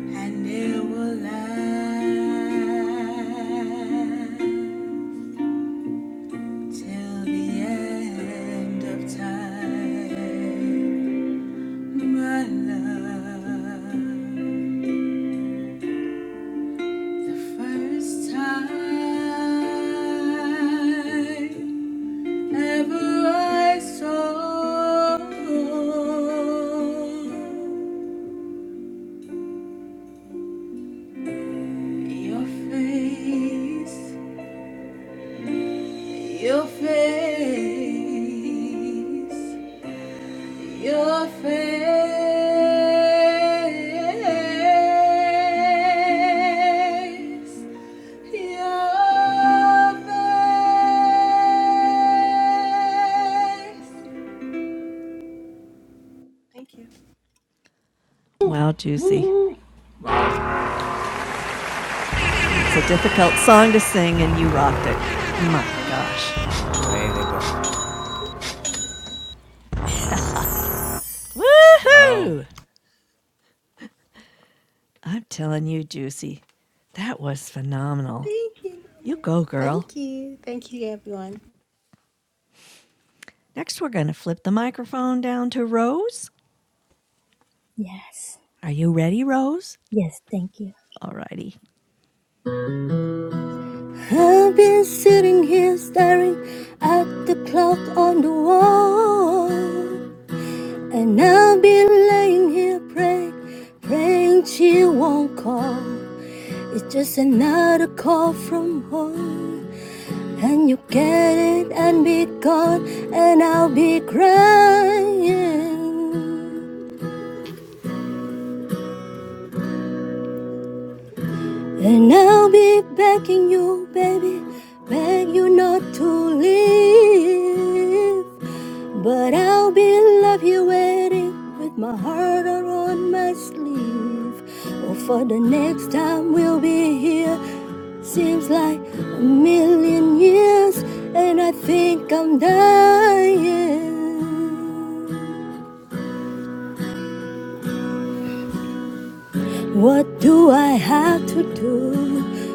S9: and it will last till the end of time. My love, the first time ever I saw your face Your face, your face, your face. Thank you,
S1: Wow, Juicy. That's a difficult song to sing, and you rocked it. My
S9: thank you,
S1: gosh.
S6: Way to go!
S1: Woohoo! I'm telling you, Juicy, that was phenomenal.
S9: thank you,
S1: You go, girl.
S9: thank you, thank you, everyone.
S1: Next, we're going to flip the microphone down to Rose.
S12: Yes.
S1: Are you ready, Rose?
S12: Yes, thank you.
S1: All righty.
S12: I've been sitting here staring at the clock on the wall. And I've been laying here praying, praying she won't call. It's just another call from home. And you get it and be gone, and I'll be crying. And I'll be begging you, baby, beg you not to leave. But I'll be love you waiting with my heart out on my sleeve. Oh, for the next time we'll be here seems like a million years, and I think I'm dying. What do I have to do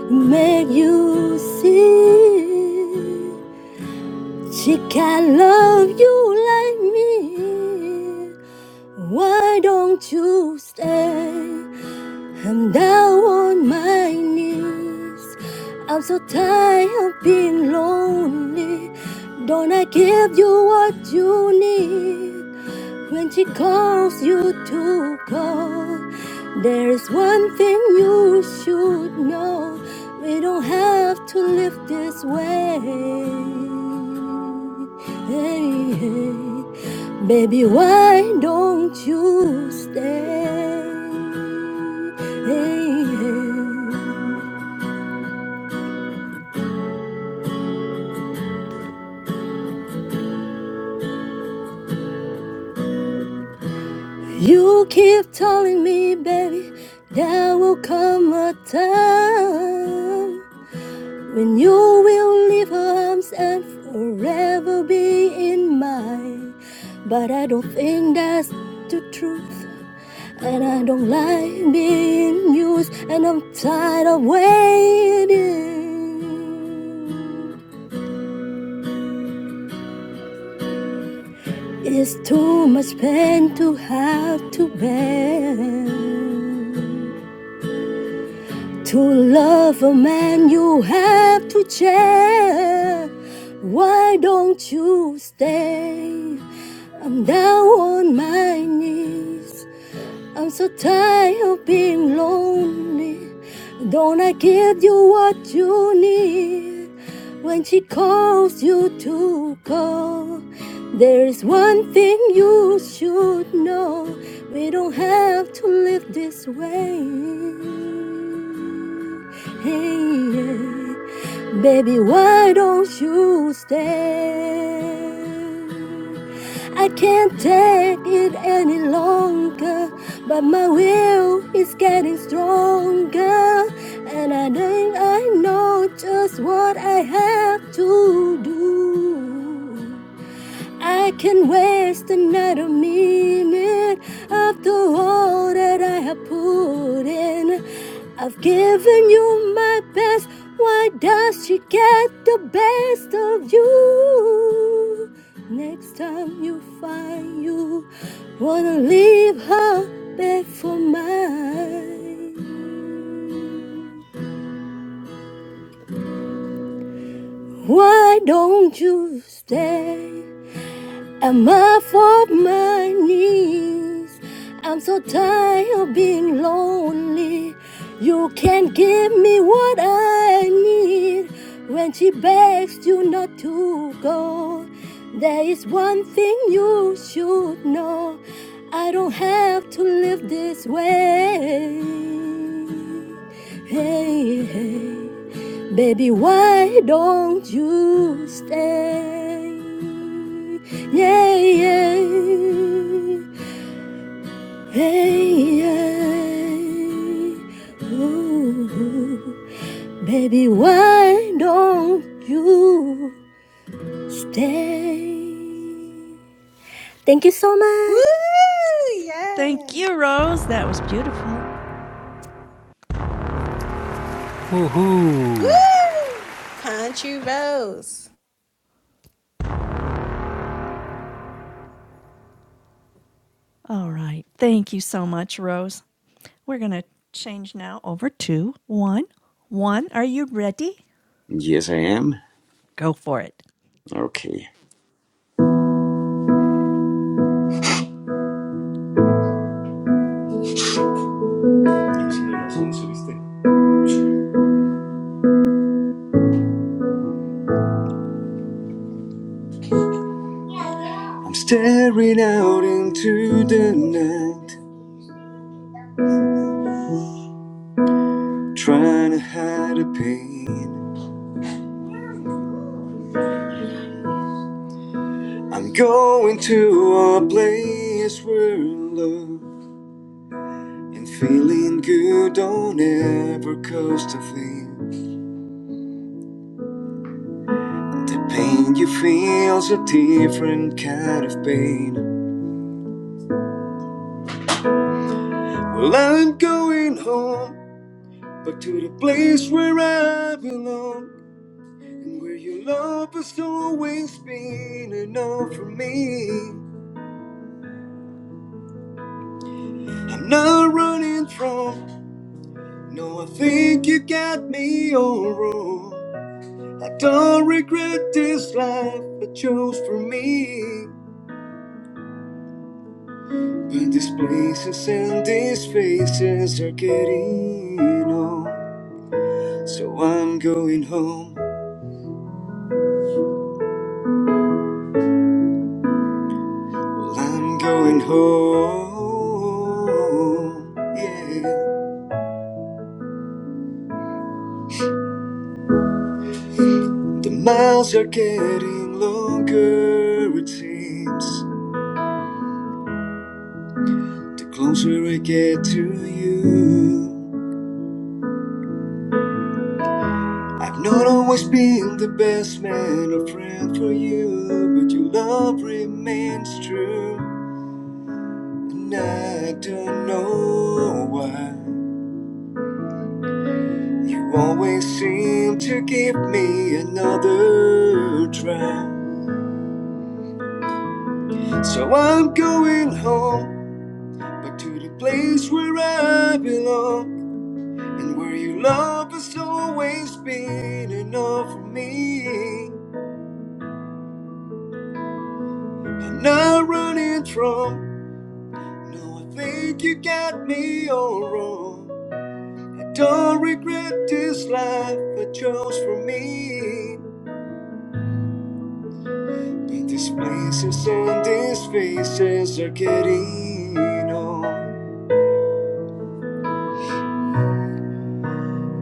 S12: to make you see? She can love you like me. Why don't you stay? I'm down on my knees. I'm so tired of being lonely. Don't I give you what you need? When she calls you to go, there's one thing you should know. We don't have to live this way. Hey, hey. Baby, why don't you stay? Hey, hey. You keep telling me, baby, there will come a time. When you will leave her arms and forever be in mine. But I don't think that's the truth. And I don't like being used, and I'm tired of waiting. It's too much pain to have to bear. To love a man, you have to change. Why don't you stay? I'm down on my knees. I'm so tired of being lonely. Don't I give you what you need? When she calls you to call, there is one thing you should know. We don't have to live this way. Hey, yeah. Baby, why don't you stay? I can't take it any longer, but my will is getting stronger, and I think I know just what I have to do. I can waste another minute of the all that I have put in. I've given you my best. Why does she get the best of you? Next time you find you wanna leave her back for mine. Why don't you stay? I'm off of my knees. I'm so tired of being lonely. You can't give me what I need. When she begs you not to go, there is one thing you should know. I don't have to live this way. Hey, hey. Baby, why don't you stay? yeah, yeah, hey, yeah. Ooh, baby, why don't you stay? Thank you so
S9: Woo,
S12: much.
S9: yeah,
S1: Thank you, Rose. That was beautiful.
S6: Woohoo!
S9: woo, country rose.
S1: All right. Thank you so much, Rose. We're going to change now over to one. One, are you ready?
S13: Yes, I am.
S1: Go for it.
S13: Okay. I'm staring out into the night, trying to hide the pain. I'm going to a place where love and feeling good don't ever cost a thing. The pain you feel's a different kind of pain. Well, I'm going home, back to the place where I belong. And where your love has always been enough for me. I'm not running from, no, I think you got me all wrong. I don't regret this life I chose for me. But these places and these faces are getting old. So I'm going home. Well, I'm going home. Yeah. The miles are getting longer, it seems. The closer I get to you, I've not always been the best man or friend for you, but your love remains true. And I don't know why you always seem to give me another try. So I'm going home, back to the place where I belong. And where your love has always been enough for me. I'm not running from, no, I think you got me all wrong. I don't regret this life I chose for me. But these places and these faces are getting old.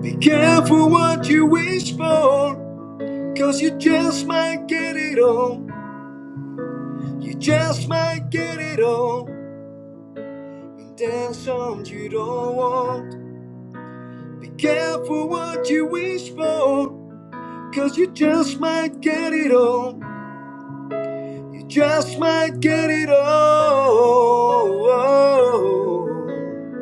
S13: Be careful what you wish for, cause you just might get it all. You just might get it all. And there's some you don't want. Be careful what you wish for, cause you just might get it all. You just might get it all. Well,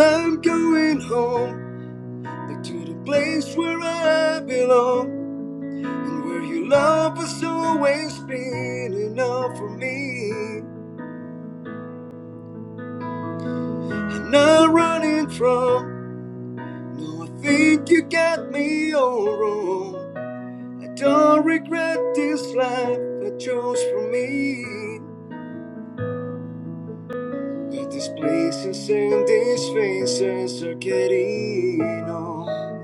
S13: I'm going home, back to the place where I belong, and where your love has always been enough for me. I'm not running from, no, I think you got me all wrong. I don't regret this life I chose for me. But these places and these faces are getting old.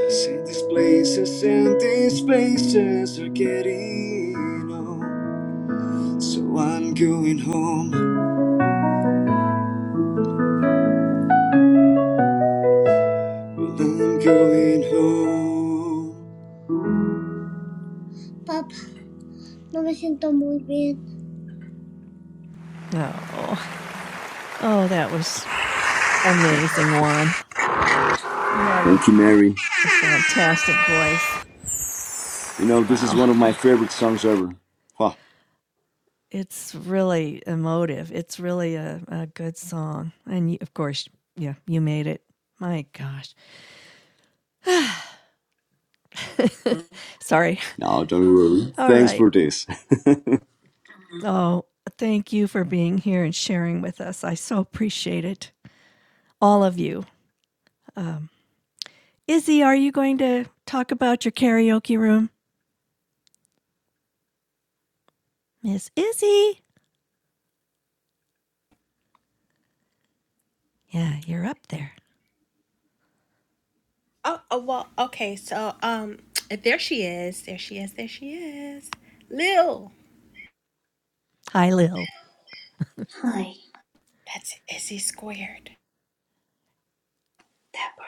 S13: I see these places and these faces are getting old. So I'm going home. Well, I'm going home. Papa, no me siento muy bien.
S1: Oh, oh, that was amazing, Juan. You have a,
S13: Thank you, Mary.
S1: a fantastic voice.
S13: You know, this is
S1: Wow.
S13: one of my favorite songs ever. Huh.
S1: It's really emotive. It's really a, a good song. And you, of course, yeah, you made it. My gosh. Sorry.
S13: No, don't worry.
S1: All
S13: Thanks
S1: right.
S13: for this.
S1: Oh, thank you for being here and sharing with us. I so appreciate it. All of you. Izzy, are you going to talk about your karaoke room? Miss Izzy? Yeah, you're up there.
S9: Oh, oh well, okay. So, um, there she is. There she is. There she is. Lil.
S1: Hi, Lil.
S15: Hi,
S9: That's Izzy squared.
S15: Pepper.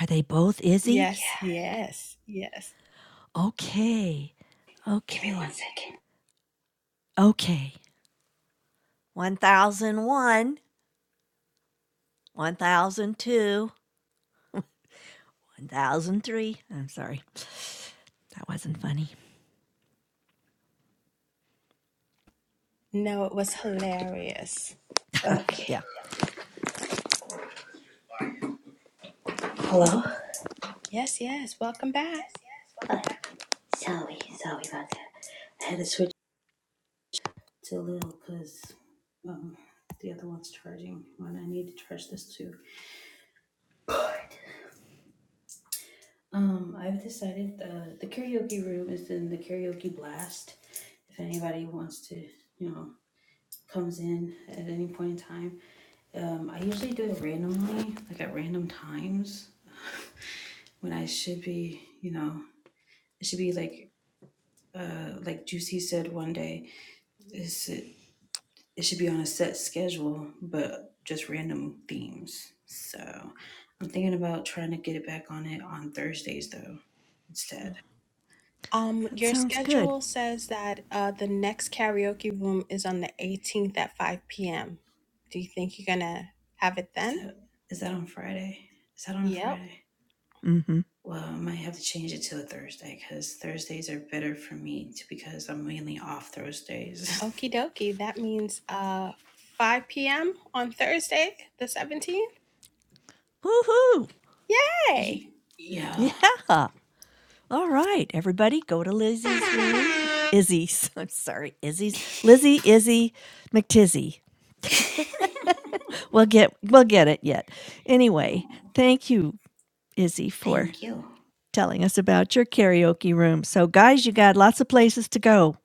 S1: Are they both Izzy?
S9: Yes, yes, yes.
S1: Okay.
S15: Give me one
S1: Okay.
S15: second.
S1: Okay. 1001, 1002, 1003. I'm sorry. That wasn't funny.
S9: No, it was hilarious.
S15: Okay.
S1: Yeah,
S15: Hello?
S9: Yes, yes. Welcome back.
S15: Uh, sorry, sorry about that. I had to switch To Lil, because um, the other one's charging when I need to charge this too. But um, I've decided uh, the karaoke room is in the karaoke blast. If anybody wants to, you know, comes in at any point in time, um, I usually do it randomly, like at random times. when I should be, you know, it should be like uh, like Juicy said one day, it's, it, it should be on a set schedule, but just random themes. So I'm thinking about trying to get it back on it on Thursdays though, instead.
S9: Um,
S1: that
S9: your
S1: sounds good.
S9: schedule says that uh the next karaoke room is on the 18th at 5 p.m. Do you think you're gonna have it
S15: Is
S9: then?
S15: that is that on Friday? Is that on a
S9: Yep.
S15: Friday? Well, I might have to change it to a Thursday because Thursdays are better for me t- because I'm mainly off Thursdays.
S9: Okie dokie. That means uh 5 p.m. on Thursday, the 17th.
S1: Woohoo!
S9: Yay!
S15: Ye- yeah.
S1: Yeah. All right, everybody, go to Lizzie's room. Izzy's. I'm sorry, Izzy's. Lizzie, Izzy, McTizzy. We'll get we'll get it yet. Anyway,
S15: no.
S1: thank you, Izzy, for
S15: Thank you.
S1: telling us about your karaoke room. So guys, you got lots of places to go.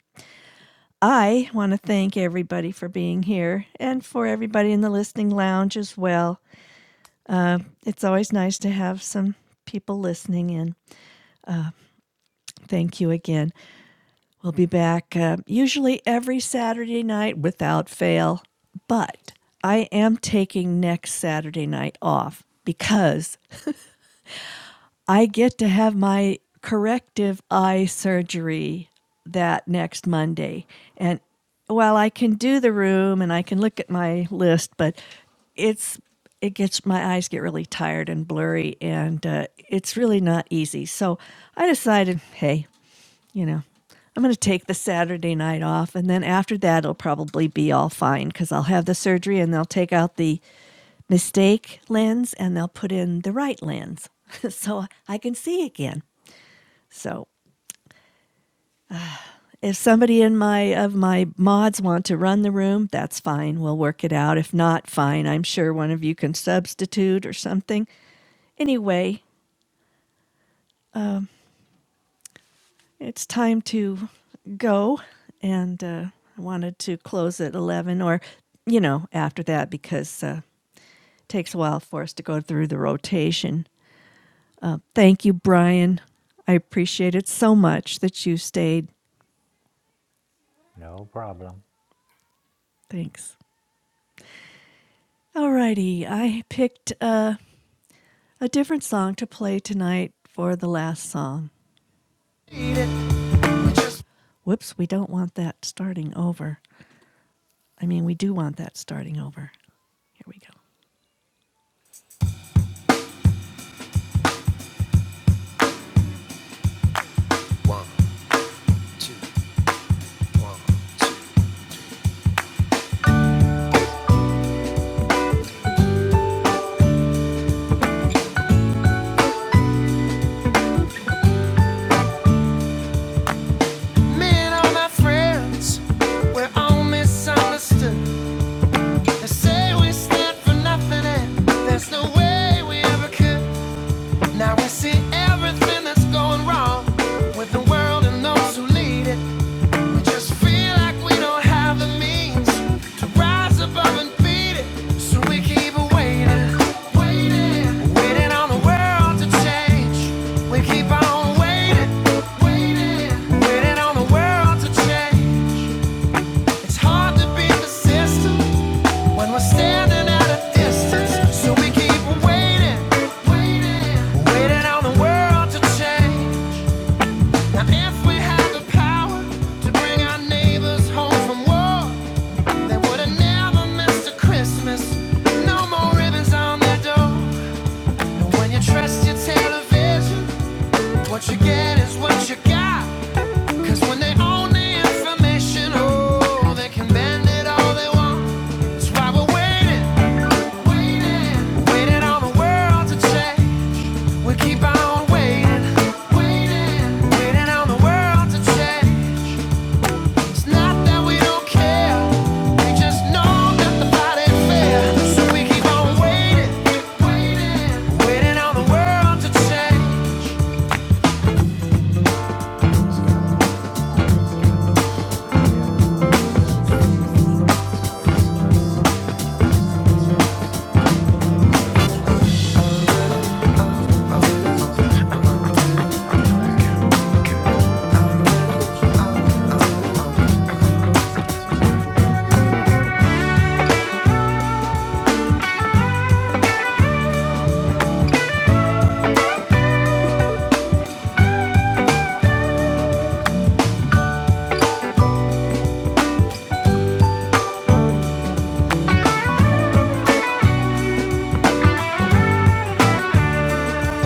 S1: I want to thank everybody for being here and for everybody in the listening lounge as well. It's always nice to have some people listening in. Thank you again. We'll be back uh, usually every Saturday night without fail, but I am taking next Saturday night off because I get to have my corrective eye surgery that next Monday. And while I can do the room and I can look at my list, but it's it gets my eyes get really tired and blurry, and uh, it's really not easy. So I decided, hey, you know, I'm going to take the Saturday night off, and then after that, it'll probably be all fine because I'll have the surgery and they'll take out the mistake lens and they'll put in the right lens so I can see again. So if somebody in my of my mods want to run the room, that's fine. We'll work it out. If not, fine. I'm sure one of you can substitute or something. Anyway, it's time to go and uh, I wanted to close at 11 or you know, after that because uh, it takes a while for us to go through the rotation. Thank you, Brian. I appreciate it so much that you stayed
S6: No problem.
S1: Thanks. Alrighty, I picked uh, a different song to play tonight for the last song. Whoops, we don't want that starting over. I mean, we do want that starting over. Here we go. Me and all my friends, we're all misunderstood. They say we stand for nothing, and there's no way we ever could. Now we see everything that's going wrong with the world and those who lead it. Just feel like we don't have the means to rise above and beat it. So we keep waiting, waiting, waiting on the world to change. We keep on waiting, waiting, waiting on the world to change. It's hard to beat the when we're standing at a distance. So we keep waiting, waiting, waiting on the world to change. Now if we had the power to bring our neighbors home from war. They would have never missed a Christmas. No more ribbons on their door. And when you trust your television, what you get is what you got. 'Cause when they own the information, oh, they can bend it all they want. That's why we're waiting, waiting, waiting on the world to change. We keep on waiting, waiting, waiting on the world to change. It's not that we don't care, we just know that the fight ain't fair. So we keep on waiting, waiting, on the world to change.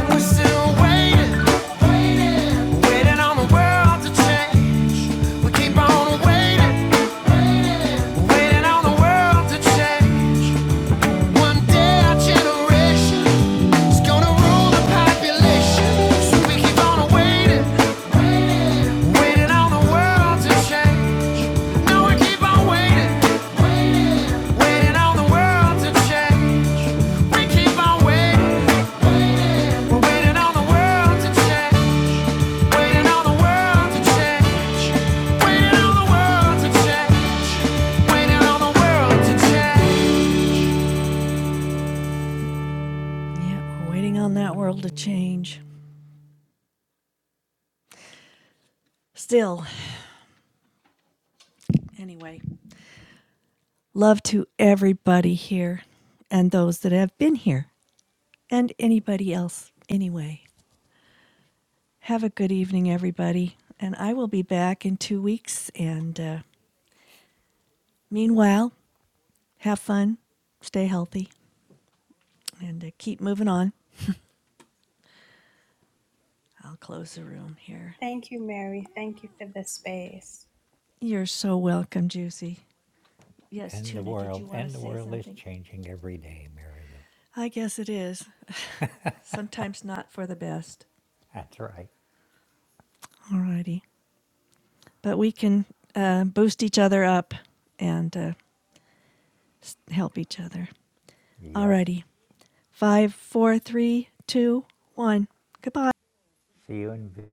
S1: We're still waiting, waiting, on the world to change. Waiting on the world to change. So we keep on waiting, waiting on the world to change. No, we keep on waiting, waiting on the world to change. We keep on waiting, we're waiting on the world to change. Yeah, we're waiting on that world to change. Still, anyway, love to everybody here and those that have been here and anybody else. Anyway, have a good evening, everybody. And I will be back in two weeks. And uh, meanwhile, have fun, stay healthy, and uh, keep moving on. I'll close the room here.
S9: Thank you, Mary. Thank you for this space.
S1: You're so welcome, Juicy. Yes,
S6: And the
S1: Tuna, did you
S6: world,
S1: want to
S6: and the
S1: say
S6: world is
S1: something?
S6: changing every day, Mary Lou.
S1: I guess it is. Sometimes not for the best.
S6: That's right.
S1: All righty. but we can uh, boost each other up and uh, help each other.
S6: Yes.
S1: Alrighty. Five, four, three, two, one. Goodbye.
S6: See you in